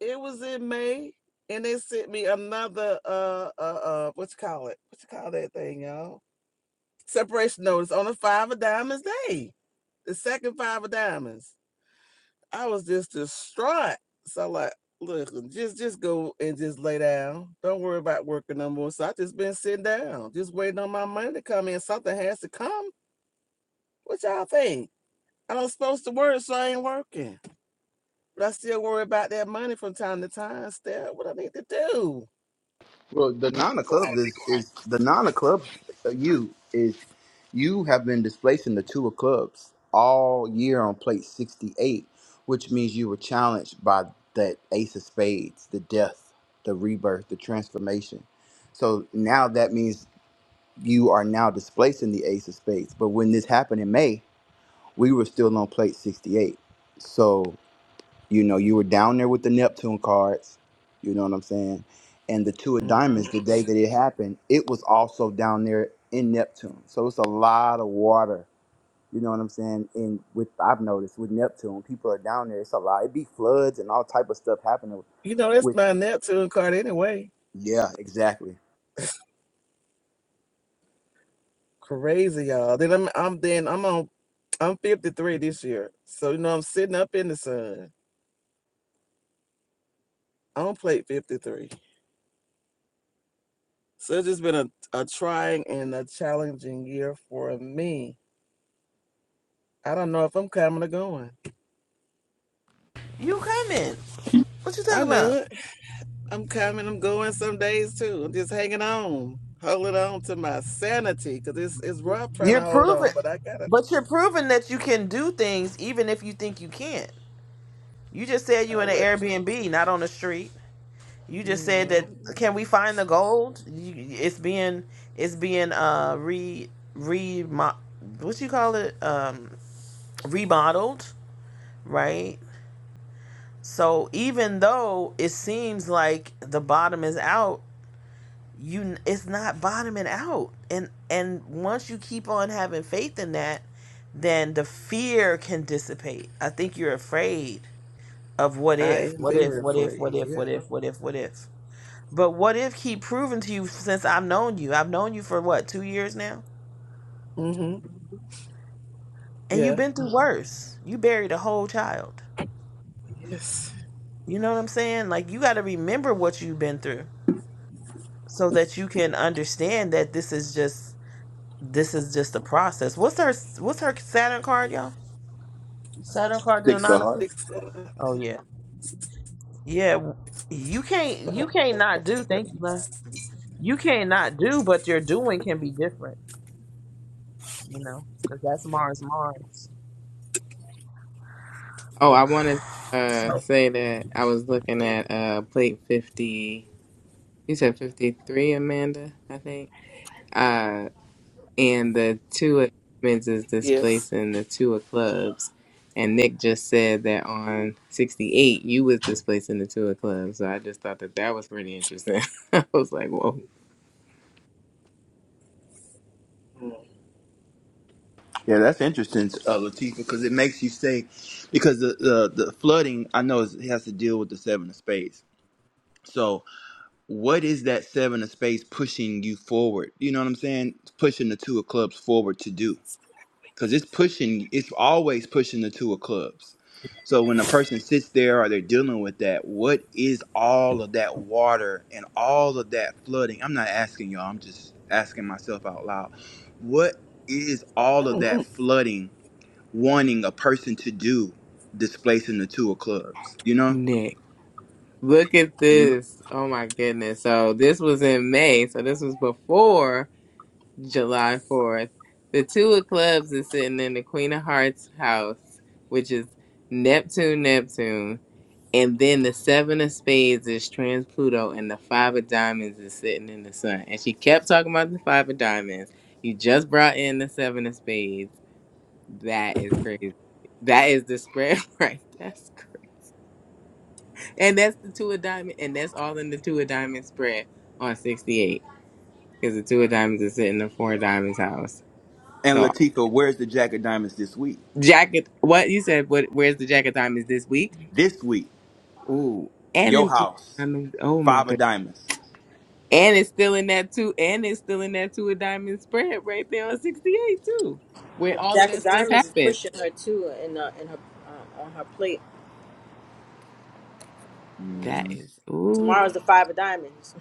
it was in May, and they sent me another uh uh uh what you call it? What you call that thing, y'all? Separation notice on a five of diamonds day, the second five of diamonds. I was just distraught. So like, look, just just go and just lay down. Don't worry about working no more. So I just been sitting down, just waiting on my money to come in. Something has to come. What y'all think? I don't supposed to work, so I ain't working. But I still worry about that money from time to time. Still, what I need to do?
Well, the
I'm gonna
Nine of
be
Clubs is, is the Nine of Clubs. uh, You is you have been displacing the Two of Clubs all year on plate sixty-eight, which means you were challenged by that Ace of Spades, the death, the rebirth, the transformation. So now that means you are now displacing the ace of spades. But when this happened in May, we were still on plate 68. So, you know, you were down there with the Neptune cards, you know what I'm saying? And the two of
quiet. hmm
diamonds, the day that it happened, it was also down there in Neptune. So it's a lot of water. You know what I'm saying? And with I've noticed with Neptune, people are down there. It's a lot. It be floods and all type of stuff happening.
You know, that's
With
my Neptune card anyway.
yeah, exactly.
Crazy, y'all. Then I'm, I'm then I'm on. I'm 53 this year, so you know I'm sitting up in the sun. I'm on plate 53. So it's just been a, a trying and a challenging year for me. I don't know if I'm coming or going.
You coming? What you
I
talking
knew it.
about?
I'm coming, I'm going some days too. I'm just hanging on, holding on to my sanity because it's, it's rough trying
You're
to hold
proving,
on, but I gotta,
but you're proving that you can do things even if you think you can't. You just said you
I
in an
what,
Airbnb, not on the street. You just said
no,
that. Can we find the gold? You, it's being it's being uh re re what you call it um remodeled, right? So even though it seems like the bottom is out, you it's not bottoming out. And and once you keep on having faith in that, then the fear can dissipate. I think you're afraid of what
I
if,
am
what if,
very
what if, what
afraid.
if, what
Yeah.
if, what if, what if. But what if keep proving to you since I've known you. I've known you for what, two years now?
Mm hmm.
And you've
Yeah.
been through worse. You buried a whole child.
Yes.
You know what I'm saying? Like you gotta remember what you've been through so that you can understand that this is just this is just a process. What's her what's her Saturn card, y'all? Saturn card to the
Six of
nine of
hearts.
Cups?
Six, uh,
Oh yeah, yeah. You can't you can't not do. Thank you, man. You can't not do, but your doing can be different. You know, because that's Mars, Mars.
Oh, I wanted to uh,
So
say that I was looking
yeah.
at uh plate fifty. You said fifty three, Amanda. I think. and the two of diamonds is
Yes.
displacing the two of clubs. And Nick just said that on 68, you was displacing the two of clubs. So I just thought that that was pretty interesting. [LAUGHS] I was like, whoa,
Yeah, that's interesting, uh, Latifah, because it makes you say, because the, the the flooding, I know is- it has to deal with the seven of spades. So, what is that seven of spades pushing you forward? You know what I'm saying? It's pushing the two of clubs forward to do, because it's pushing. It's always pushing the two of clubs. So when a person sits there or they're dealing with that, what is all of that water and all of that flooding? I'm not asking y'all. I'm just asking myself out loud. What is all of that
Mhm.
flooding? wanting a person to do displacing the two of clubs, you know?
Nick, look at
Hmm?
this. Oh my goodness. So this was in May. So this was before July 4th. The two of clubs is sitting in the Queen of Hearts house, which is Neptune, Neptune. And then the seven of spades is trans Pluto, and the five of diamonds is sitting in the sun. And she kept talking about the five of diamonds. You just brought in the seven of spades. That is crazy. That is the spread, [LAUGHS] right? That's crazy. And that's the two of diamonds, and that's all in the two of diamonds spread on 68. Because the two of diamonds is sitting in the four of diamonds house.
And
So,
Latifa, where's the Jack of Diamonds this week?
jacket, what you said, what, where's the jack of diamonds this week?
This week,
Ooh. And
your
in
house,
diamonds, oh my
five
goodness.
of diamonds.
And it's still in that two, and it's still in that two of diamond spread right there on 68 too, where
The
all of
Jack
that
of
stuff
Diamonds is
happened.
pushing her too in uh, in her uh, on her plate.
That
hmm
is ooh
Tomorrow's the Five of Diamonds.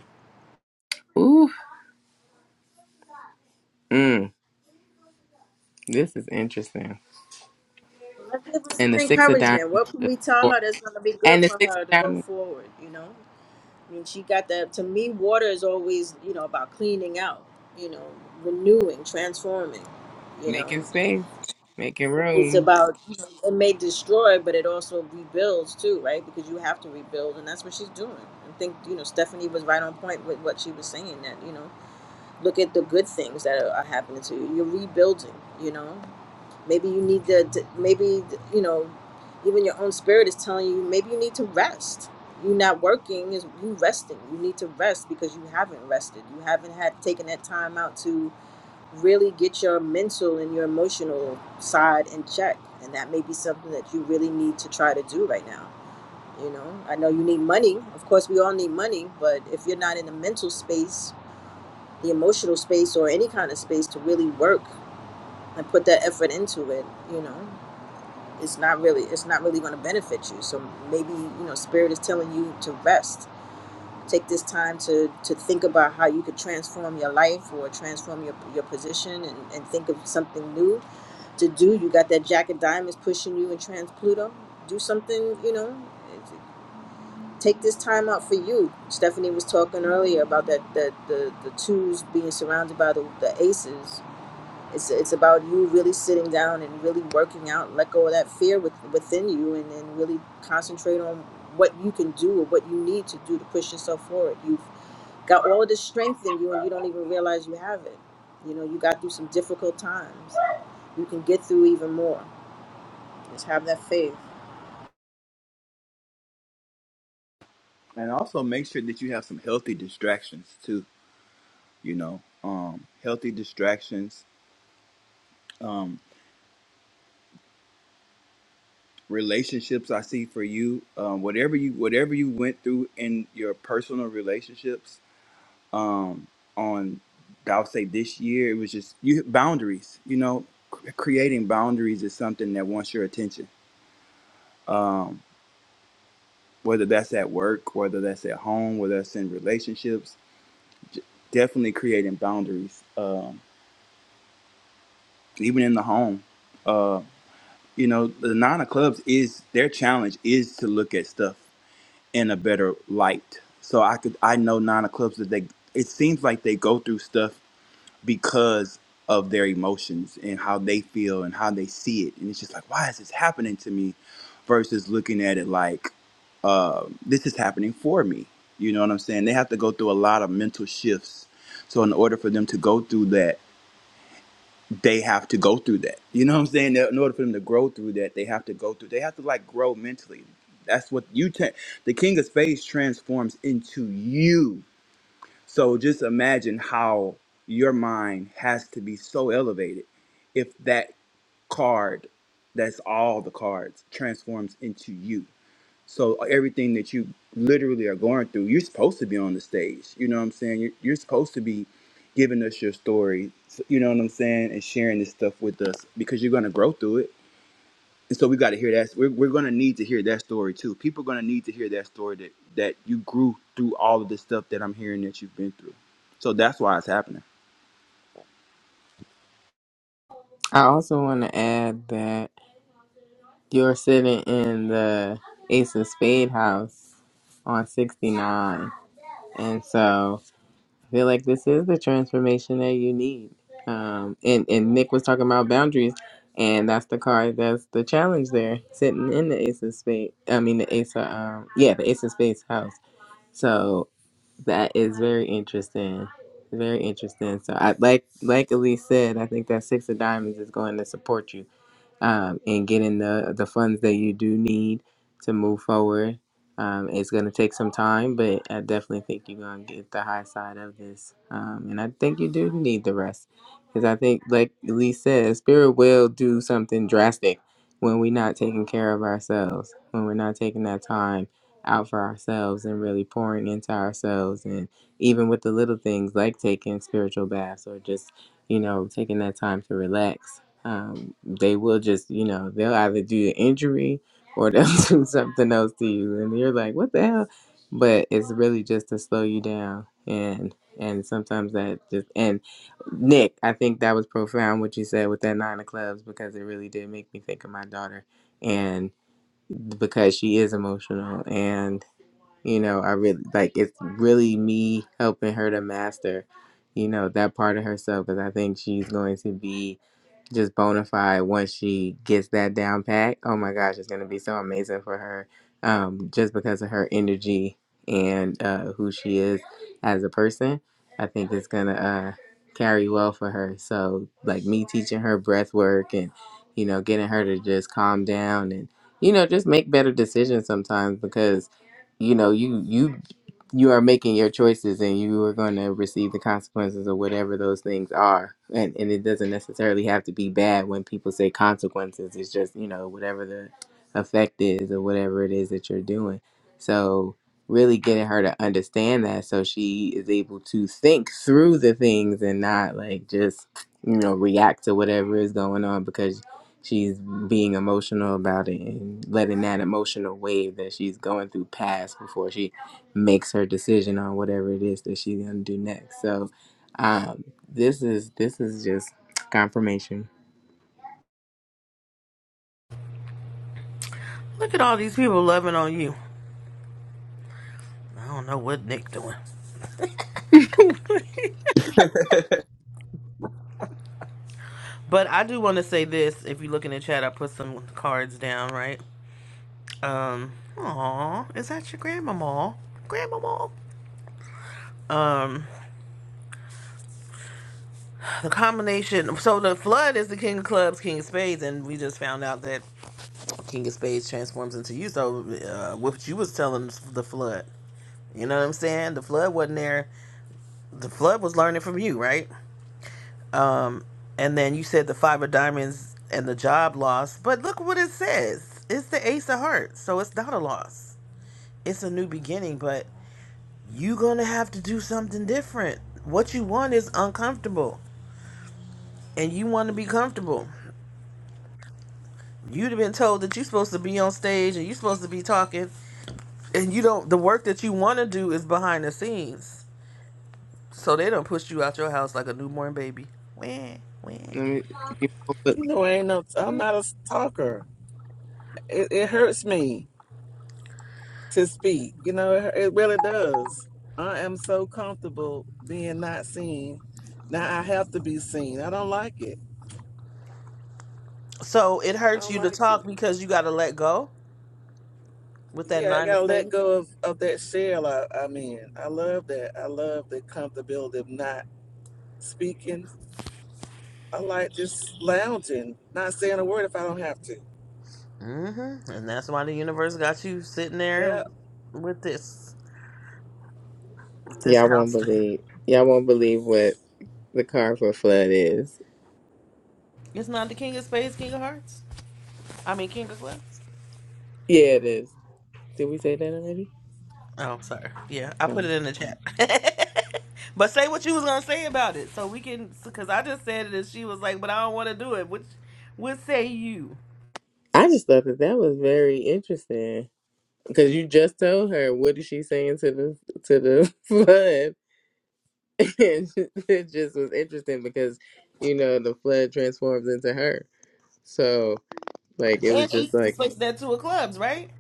ooh. Mm, this is interesting.
So Let's give her
And
some
the six of diamonds,
encouragement.
is
What can
just
we tell
four-
her that's going to be
and
good
the
for
six
her to
of
go
diamonds
forward? You know, I mean, she got that. To me, water is always you know about cleaning out, you know, renewing, transforming. You
making
know.
space, making
it's
room.
about you know, it may destroy but it also rebuilds too right because you have to rebuild and that's what she's doing i think you know stephanie was right on point with what she was saying that you know look at the good things that are, are happening to you you're rebuilding you know maybe you need to to- maybe you know even your own spirit is telling you maybe you need to rest you not working is you resting you need to rest because you haven't rested you haven't had taken that time out to really get your mental and your emotional side in check. And that may be something that you really need to try to do right now. You know, I know you need money. Of course, we all need money. But if you're not in the mental space, the emotional space, or any kind of space to really work and put that effort into it, you know, it's not really it's not really going to benefit you. So maybe you know, spirit is telling you to rest. Take this time to to think about how you could transform your life or transform your your position and, and think of something new to do. You got that Jack of Diamonds pushing you in Trans Pluto. Do something, you know. Take this time out for you. Stephanie was talking earlier about that that the the twos being surrounded by the, the aces. It's it's about you really sitting down and really working out. Let go of that fear with, within you, and then really concentrate on what you can do or what you need to do to push yourself forward. You've got all of this strength in you, and you don't even realize you have it. You know, you got through some difficult times. You can get through even more just have that faith.
And also make sure that you have some healthy distractions too, you know? Um, healthy distractions, um, relationships I see for you, um, whatever you whatever you went through in your personal relationships, um, on I would say this year it was just you boundaries. You know, C- creating boundaries is something that wants your attention. Um, whether that's at work, whether that's at home, whether that's in relationships, j- definitely creating boundaries. Um, even in the home, uh, you know, the nine of clubs is their challenge is to look at stuff in a better light. So I could I know nine of clubs that they it seems like they go through stuff because of their emotions and how they feel and how they see it. And it's just like, why is this happening to me? Versus looking at it like, uh, this is happening for me. You know what I'm saying? They have to go through a lot of mental shifts. So in order for them to go through that, they have to go through that. You know what I'm saying? In order for them to grow through that, they have to go through. They have to like grow mentally. That's what you. Tra- the King of Spades transforms into you so just imagine how your mind has to be so elevated if that card, that's all the cards, transforms into you. So everything that you literally are going through, you're supposed to be on the stage. You know what I'm saying? You're, you're supposed to be giving us your story. You know what I'm saying? And sharing this stuff with us because you're going to grow through it and so we got to hear that. We're, we're going to need to hear that story too. People are going to need to hear that story that, that you grew through all of the stuff that I'm hearing that you've been through. So that's why it's happening.
I also want to add that you're sitting in the Ace of Spade house on 69, and so. feel like this is the transformation that you need. Um, and, and Nick was talking about boundaries, and that's the card that's the challenge there, sitting in the Ace of Spades. I mean, the Ace of, um, yeah, the Ace of Spades house. So that is very interesting. Very interesting. So I like like Elise said, I think that six of diamonds is going to support you um, and getting the the funds that you do need to move forward. Um, it's going to take some time, but I definitely think you're going to get the high side of this. Um, and I think you do need the rest. Because I think, like Lee says, spirit will do something drastic when we're not taking care of ourselves, when we're not taking that time out for ourselves and really pouring into ourselves. And even with the little things like taking spiritual baths or just, you know, taking that time to relax Um, they will just, you know, they'll either do an injury or they'll [LAUGHS] do something else to you, and you're like, what the hell? But it's really just to slow you down, and and sometimes that just and Nick, I think that was profound what you said with that nine of clubs because it really did make me think of my daughter, and because she is emotional, and you know, I really like it's really me helping her to master, you know, that part of herself because I think she's going to be just bona fide once she gets that down pat. Oh my gosh, it's gonna be so amazing for her, um, just because of her energy and uh, who she is as a person. I think it's gonna uh, carry well for her. So like me teaching her breath work and you know getting her to just calm down and you know just make better decisions sometimes because you know you you you are making your choices and you are going to receive the consequences of whatever those things are and and it doesn't necessarily have to be bad when people say consequences it's just you know whatever the effect is or whatever it is that you're doing so really getting her to understand that so she is able to think through the things and not like just you know react to whatever is going on because she's being emotional about it and letting that emotional wave that she's going through pass before she makes her decision on whatever it is that she's gonna do next. So um, this is this is just confirmation.
look at all these people loving on you. I don't know what Nick doing, but I do want to say this. If you look in the chat, I put some cards down, right? Um, aw, is that your grandmama? Grandmama. Um, the combination. So the flood is the king of clubs, king of spades, and we just found out that king of spades transforms into you. So uh, what you was telling us, the flood. You know what I'm saying? The flood wasn't there. The flood was learning from you, right? Um, and then you said the five of diamonds and the job loss. But look what it says. It's the ace of hearts, so it's not a loss. It's a new beginning, but you gonna have to do something different. What you want is uncomfortable, and you want to be comfortable You'd have been told that you're supposed to be on stage and you're supposed to be talking, and you don't. The work that you want to do is behind the scenes, so they don't push you out your house like a newborn baby. When, when.
Let me. you won't
You
be-
know, I ain't no, I'm not a talker. It, it hurts me to speak. You know, it, it really does. I am so comfortable being not seen. Now I have to be seen. I don't like it.
So it
I
hurts
don't
you to
like it.
talk because you got to let go with that
yeah, I
nine to
gotta let
five.
go of, of that shell I, I'm in. I love that. I love the comfortability of not speaking. I like just lounging, not saying a word if I don't have to.
Mm-hmm. And that's why the universe got you sitting there
Yeah,
with this, with this
Y'all won't
house thing.
believe. Y'all won't believe what the car for flood is.
It's not the king of spades, king of hearts. I mean, king of clubs.
Yeah, it is. Did we say that already?
Oh, sorry. Yeah, I put
Oh.
it in the chat. [LAUGHS] but say what you was gonna say about it, so we can. Because I just said it, and she was like, "But I don't want to do it." Which, what say you?
I just thought that that was very interesting because you just told her what is she saying to the to the [LAUGHS] flood, [LAUGHS] and it just was interesting because you know the flood transforms into her. So. Like it was
And she's
just like
placed that two of clubs, right?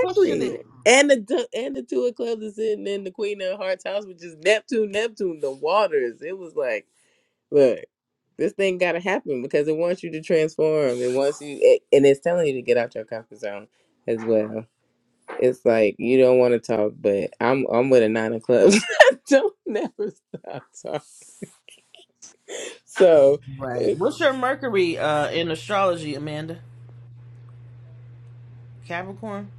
Pushing it.
And the du- and the two of clubs is sitting in the Queen of Hearts house, which is Neptune, Neptune, the waters. It was like, look, this thing got to happen because it wants you to transform. It wants you, it, and it's telling you to get out your comfort zone as well. It's like you don't want to talk, but I'm I'm with a nine of clubs. [LAUGHS] don't never stop talking. So.
Right. What's your Mercury uh in astrology, Amanda? Capricorn.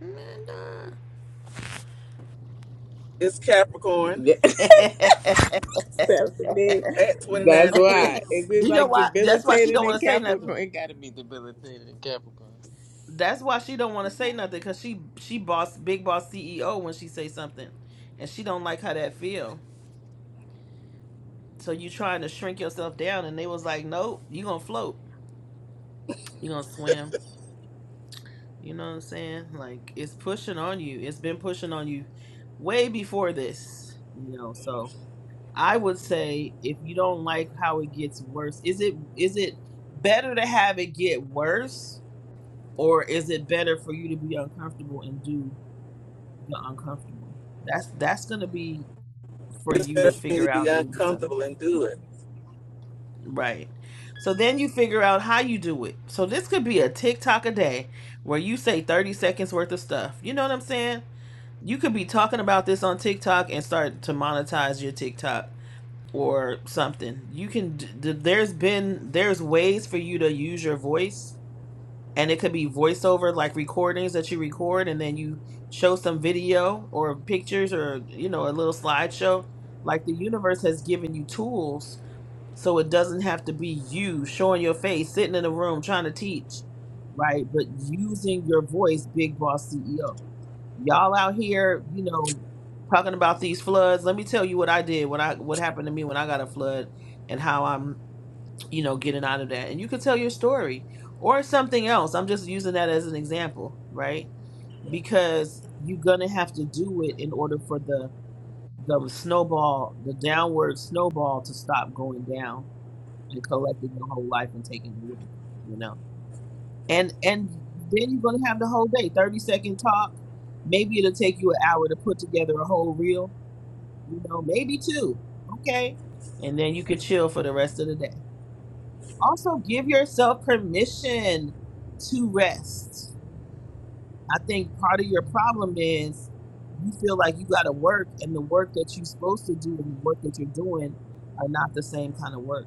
Amanda.
it's Capricorn
Yeah,
[LAUGHS]
[LAUGHS] Stephanie.
at
That's
29
why. Is
degrees.
it
you know
like
why? That's why she
debilitating
don't want
in
to say nothing.
Capricorn? It gotta be debilitating in Capricorn.
That's why she don't want to say nothing because she she boss big boss CEO when she say something, and she don't like how that feel. So you trying to shrink yourself down, and they was like, nope, you gonna float, you gonna swim. You know what I'm saying? Like it's pushing on you. It's been pushing on you way before this. You know, so I would say if you don't like how it gets worse, is it is it better to have it get worse, or is it better for you to be uncomfortable and do the uncomfortable? That's that's gonna be for
It's
you
better
to
for me
figure
to be
out in yourself.
uncomfortable and do it.
Right. So then you figure out how you do it. So this could be a TikTok a day where you say 30 seconds worth of stuff. You know what I'm saying? You could be talking about this on TikTok and start to monetize your TikTok or something. You can d- d- there's been there's ways for you to use your voice and it could be voiceover like recordings that you record and then you show some video or pictures or you know a little slideshow. Like the universe has given you tools so it doesn't have to be you showing your face, sitting in a room trying to teach, right? But using your voice, big boss CEO. Y'all out here, you know, talking about these floods. Let me tell you what I did, what I what happened to me when I got a flood and how I'm, you know, getting out of that. And you can tell your story or something else. I'm just using that as an example, right? Because you're gonna have to do it in order for the the snowball, the downward snowball to stop going down and collecting your whole life and taking it with you, you know. And and then you're gonna have the whole day, thirty second talk. Maybe it'll take you an hour to put together a whole reel, you know, maybe two. Okay. And then you could chill for the rest of the day. Also give yourself permission to rest. I think part of your problem is you feel like you gotta work and the work that you're supposed to do and the work that you're doing are not the same kind of work.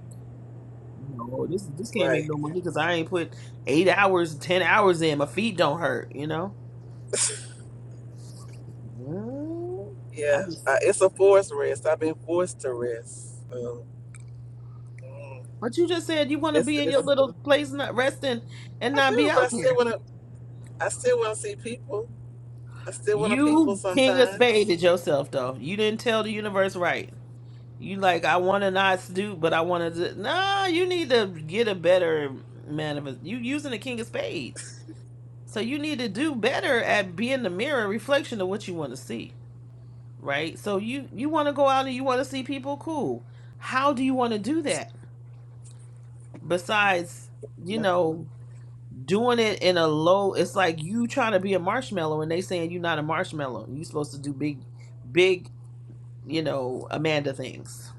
No, this this can't make
Right.
no money because I ain't put eight hours, ten hours in. My feet don't hurt, you know. Mm, I
Yeah,
just,
I, it's a forced rest. I've been forced to rest. So, mm,
but you just said you want to
this,
be in your
this,
little place, not resting and
I
not be
do, but I
out
still
there.
wanna. I still wanna see people. I still wanna people
You king of spades
sometimes.
at yourself though. You didn't tell the universe right. You like I want to not do, but I want to. Nah, you need to get a better manifest. You using the king of spades, so you need to do better at being the mirror reflection of what you want to see. right? So you you want to go out and you want to see people, cool. How do you want to do that? Besides, you know, doing it in a low, it's like you trying to be a marshmallow and they saying you're not a marshmallow. you are supposed to do big, big, you know, Amanda things,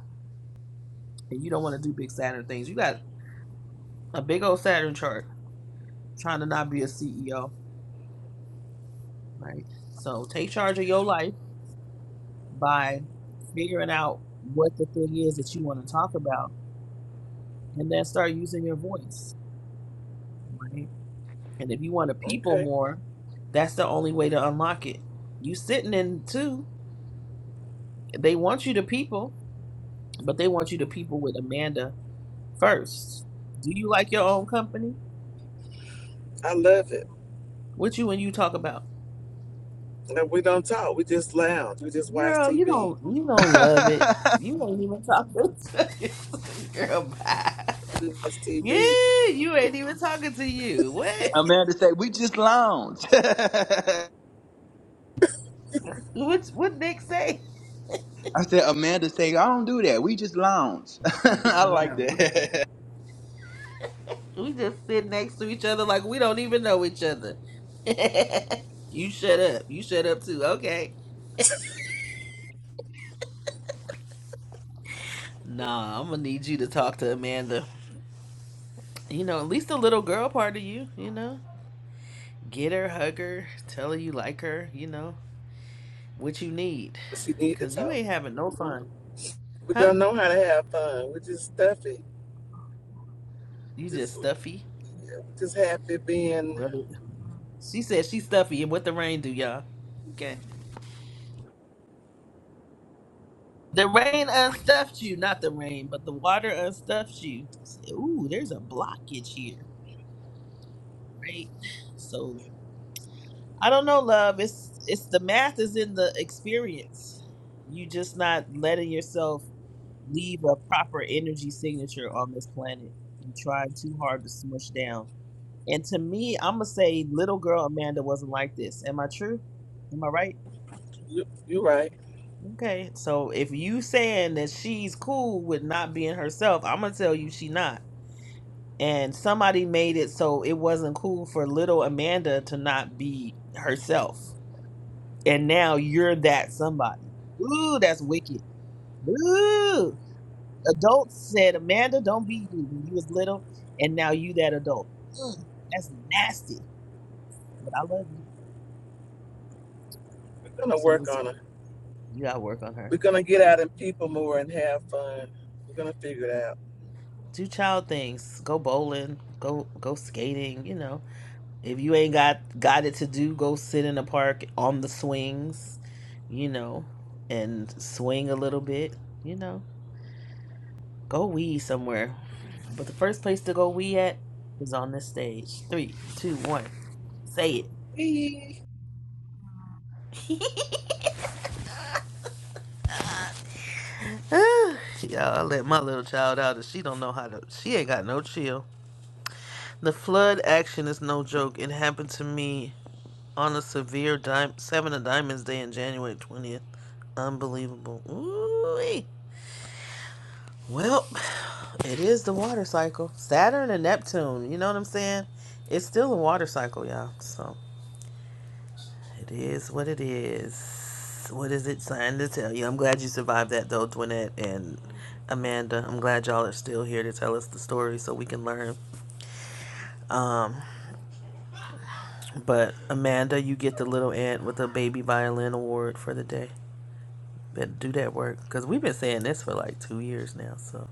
and you don't want to do big Saturn things. You got a big old Saturn chart trying to not be a CEO, right? So take charge of your life by figuring out what the thing is that you want to talk about, and then start using your voice, right? And if you want to people
Okay,
more, that's the only way to unlock it. You sitting in too. They want you to people, but they want you to people with Amanda first. Do you like your own company?
I love it.
What you and you talk about?
No, we don't talk. We just lounge. We just watch
Girl, you
TV.
don't you don't love it. You ain't even talking to [LAUGHS] it. girl bye.
We watch TV.
Yeah, you ain't even talking to you.
[LAUGHS]
What?
Amanda say, we just lounge. [LAUGHS]
What what Nick say?
I said, Amanda say, I don't do that. We just lounge. [LAUGHS]
You just
I like
lounge.
that. [LAUGHS]
We just sit next to each other like we don't even know each other. [LAUGHS] you shut up. You shut up too. Okay. Nah, I'm gonna need you to talk to Amanda. You know, at least the little girl part of you, you know? Get her, hug her, tell her you like her, you know, what you need.
She need to
Cause you
talk.
ain't having no fun.
We
Huh?
don't know how to have fun. We are just stuffy.
You just
Just,
stuffy.
just happy being.
Well, she said she's stuffy and what the rain do, y'all. Okay. The rain unstuffed you, not the rain, but the water unstuffed you. Say, Ooh, there's a blockage here. right? So I don't know, love. It's it's the math is in the experience. You just not letting yourself leave a proper energy signature on this planet. You trying too hard to smush down. And to me, I'ma say little girl Amanda wasn't like this. Am I true? Am I right?
You, you right.
Okay. So if you saying that she's cool with not being herself, I'm gonna tell you she not. And somebody made it so it wasn't cool for little Amanda to not be herself and now you're that somebody. Ooh, that's wicked. Ooh, adults said, Amanda, don't be you when you was little, and now you that adult. Mm, that's nasty, but I love you.
We're gonna
So
work
it's,
on it.
you gotta work on her.
We're gonna get out in people more and have fun. We're gonna figure it out.
Do child things. Go bowling. Go go skating. You know, if you ain't got got it to do, go sit in the park on the swings. You know, and swing a little bit. You know, go weed somewhere But the first place to go we at is on this stage. Three, two, one. Say
[LAUGHS]
it. [LAUGHS] Y'all, I let my little child out and she don't know how to she ain't got no chill. The flood action is no joke. It happened to me on a severe dime seven of diamonds day in January twentieth. Unbelievable. Ooh. Well, it is the water cycle. Saturn and Neptune, you know what I'm saying? It's still a water cycle, y'all. So It is what it is. What is it trying to tell you? I'm glad you survived that though, Dwinette and Amanda. I'm glad y'all are still here to tell us the story so we can learn. Um, but Amanda, you get the little ant with a baby violin award for the day. Better do that work because we've been saying this for like two years now. So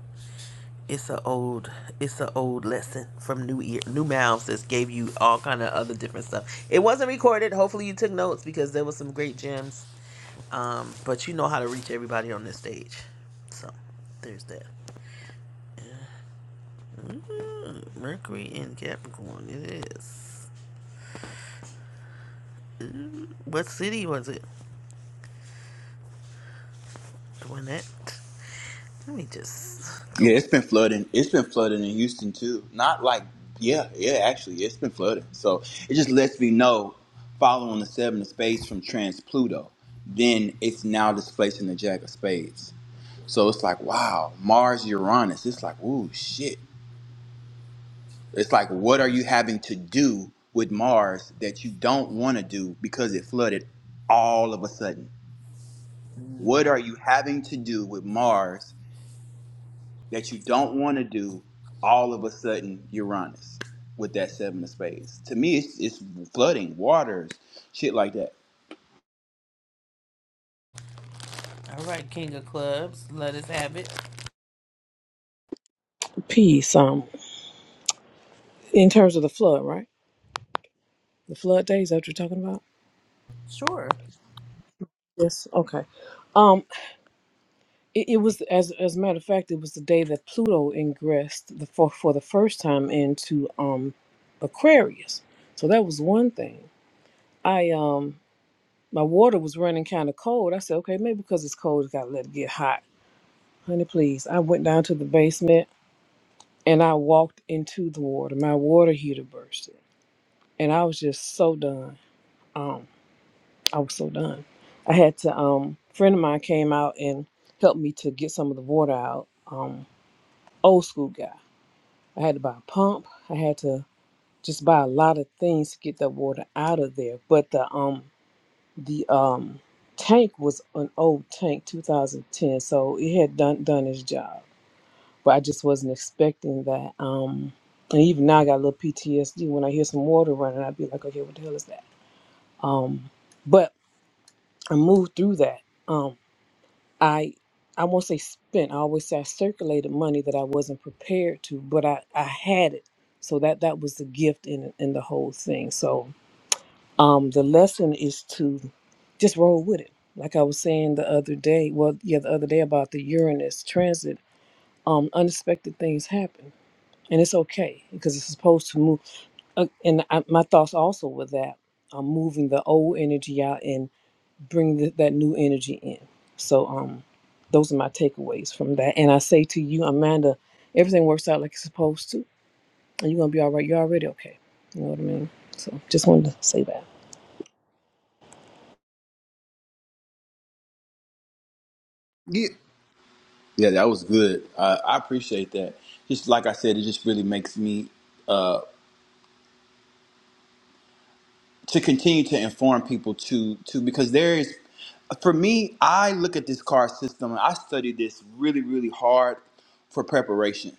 it's a old, it's a old lesson from new ear, new mouths that gave you all kind of other different stuff. It wasn't recorded. Hopefully you took notes because there was some great gems Um, but you know how to reach everybody on this stage. So there's that. Hmm, Mercury in Capricorn, it is. What city was it? Doing that? Let me just go.
Yeah, it's been flooding. It's been flooding in Houston too. Not like yeah, yeah, actually it's been flooding. So it just lets me know following the seven of spades from trans Pluto, then it's now displacing the Jack of Spades. So it's like, wow, Mars Uranus. It's like, ooh shit. It's like what are you having to do with Mars that you don't want to do because it flooded all of a sudden? What are you having to do with Mars that you don't want to do all of a sudden Uranus with that seven of spades. To me, it's, it's flooding, waters, shit like that.
All right, King of Clubs, let us have it.
peace um in terms of the flood right the flood days that what you're talking about
Sure.
yes okay um it, it was as as a matter of fact it was the day that pluto ingressed the for, for the first time into um aquarius so that was one thing i um my water was running kind of cold i said okay maybe because it's cold it's got to let it get hot honey please i went down to the basement and i walked into the water my water heater bursted and i was just so done Um, I was so done. I had to um friend of mine came out and helped me to get some of the water out. Um old school guy. I had to buy a pump. I had to just buy a lot of things to get that water out of there. But the um the um tank was an old tank, 2010, so it had done done its job. But I just wasn't expecting that. Um and even now I got a little PTSD when I hear some water running, I'd be like, okay, what the hell is that? Um but I moved through that. Um, I I won't say spent. I always say I circulated money that I wasn't prepared to, but I, I had it. So that that was the gift in in the whole thing. So um the lesson is to just roll with it. Like I was saying the other day, well yeah, the other day about the Uranus transit, um unexpected things happen. And it's okay because it's supposed to move uh, and I, my thoughts also with that. I'm moving the old energy out bring th- that new energy in. So um, those are my takeaways from that. And I say to you, Amanda, everything works out like it's supposed to, and you're gonna be all right. You're already okay. You know what I mean? So just wanted to say that.
Yeah. Yeah, that was good. Uh, I appreciate that. Just like I said, it just really makes me. uh, to continue to inform people to to because there is for me i look at this car system and i studied this really really hard for preparation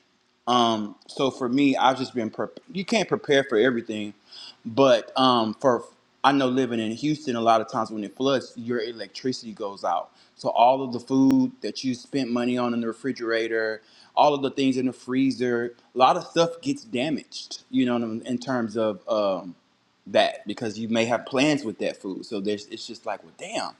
um so for me i've just been prep you can't prepare for everything but um for i know living in houston a lot of times when it floods your electricity goes out so all of the food that you spent money on in the refrigerator all of the things in the freezer a lot of stuff gets damaged you know in in terms of um that because you may have plans with that food. So there's it's just like, well, damn.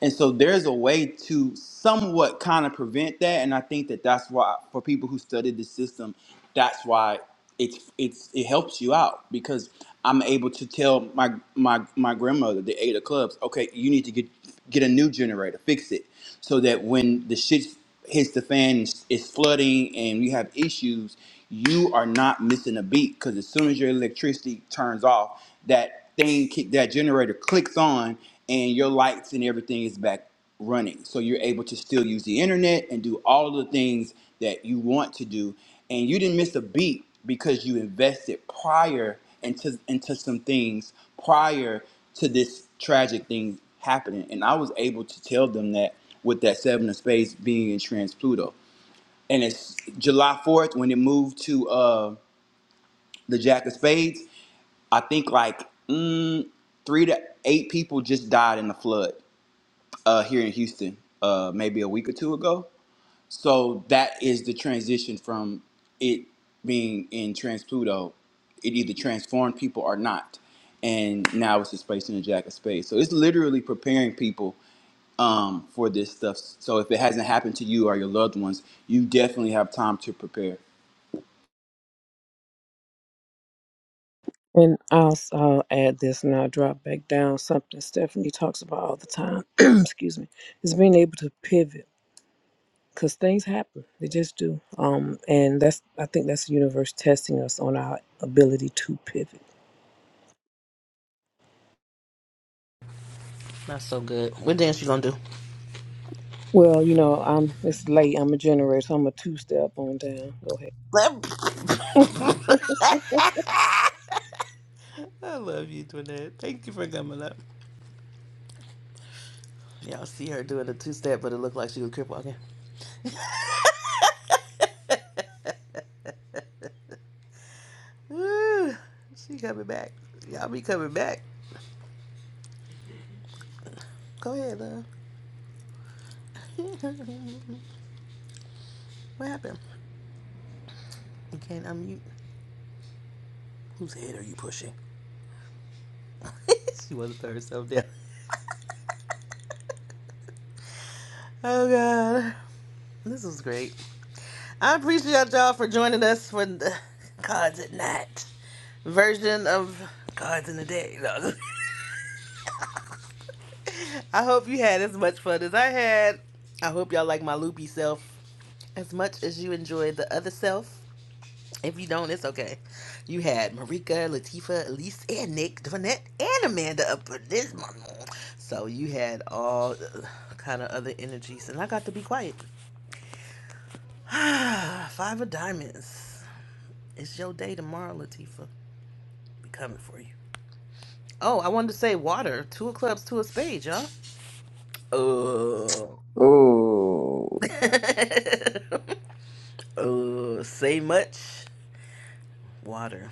And so there's a way to somewhat kind of prevent that. And I think that that's why for people who study the system, that's why it's it's it helps you out because I'm able to tell my my my grandmother the eight of clubs, okay, you need to get get a new generator, fix it, so that when the shit hits the fan, it's flooding, and you have issues, you are not missing a beat because as soon as your electricity turns off, that thing, ki- that generator clicks on, and your lights and everything is back running. So you're able to still use the internet and do all of the things that you want to do, and you didn't miss a beat because you invested prior into into some things prior to this tragic thing happening. And I was able to tell them that with that seven of spades being in trans Pluto. And it's July 4th when it moved to uh, the Jack of Spades. I think like mm, three to eight people just died in the flood uh, here in Houston, uh, maybe a week or two ago. So that is the transition from it being in Trans Pluto. It either transformed people or not. And now it's a space in the jack of space. So it's literally preparing people um, for this stuff. So if it hasn't happened to you or your loved ones, you definitely have time to prepare.
And I'll, s- I'll add this and I'll drop back down something Stephanie talks about all the time. [CLEARS THROAT] excuse me, is being able to pivot because things happen. They just do. Um, and that's I think that's the universe testing us on our ability to pivot.
Not so good. What dance you gonna do?
Well, you know, I'm it's late. I'm a generator, so I'm a two step on down. Go ahead.
I love you, Twinette. Thank you for coming up. Y'all see her doing a two step, but it looked like she was crip walking. Ooh, she coming back. Y'all be coming back. Go ahead, love. [LAUGHS] What happened? You can't unmute. Whose head are you pushing? [LAUGHS] she wasn't put herself down. Oh God, this was great. I appreciate y'all for joining us for the cards at Night version of cards in the Day. No. [LAUGHS] I hope you had as much fun as I had. I hope y'all like my loopy self as much as you enjoyed the other self. If you don't, it's okay. You had Marika, Latifa, Elise, and Nick, Donette, and Amanda up for this month. So you had all uh, kind of other energies, and I got to be quiet. [SIGHS] Five of diamonds. It's your day tomorrow, Latifa. Be coming for you. Oh, I wanted to say water. Two of clubs, two of spades, y'all. Oh.
Ooh.
[LAUGHS] oh, say much. Water.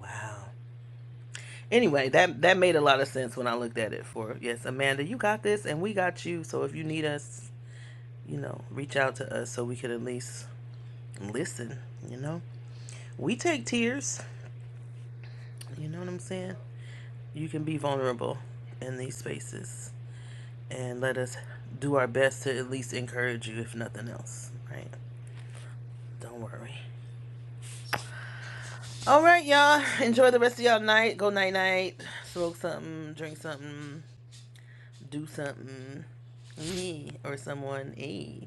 Wow. Anyway, that that made a lot of sense when I looked at it. For yes, Amanda, you got this, and we got you. So if you need us, you know, reach out to us so we could at least listen. You know, we take tears. You know what I'm saying? You can be vulnerable in these spaces, and let us do our best to at least encourage you, if nothing else. Right? Don't worry. All right, y'all. Enjoy the rest of y'all night. Go night night. Smoke something, drink something, do something. Me or someone. Hey.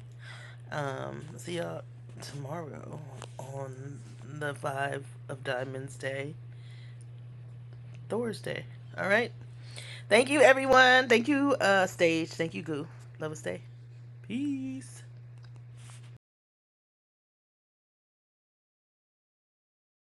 Um, see y'all tomorrow on the Five of Diamonds Day, Thursday. All right. Thank you, everyone. Thank you, uh, Stage. Thank you, Goo. Love us, Day. Peace.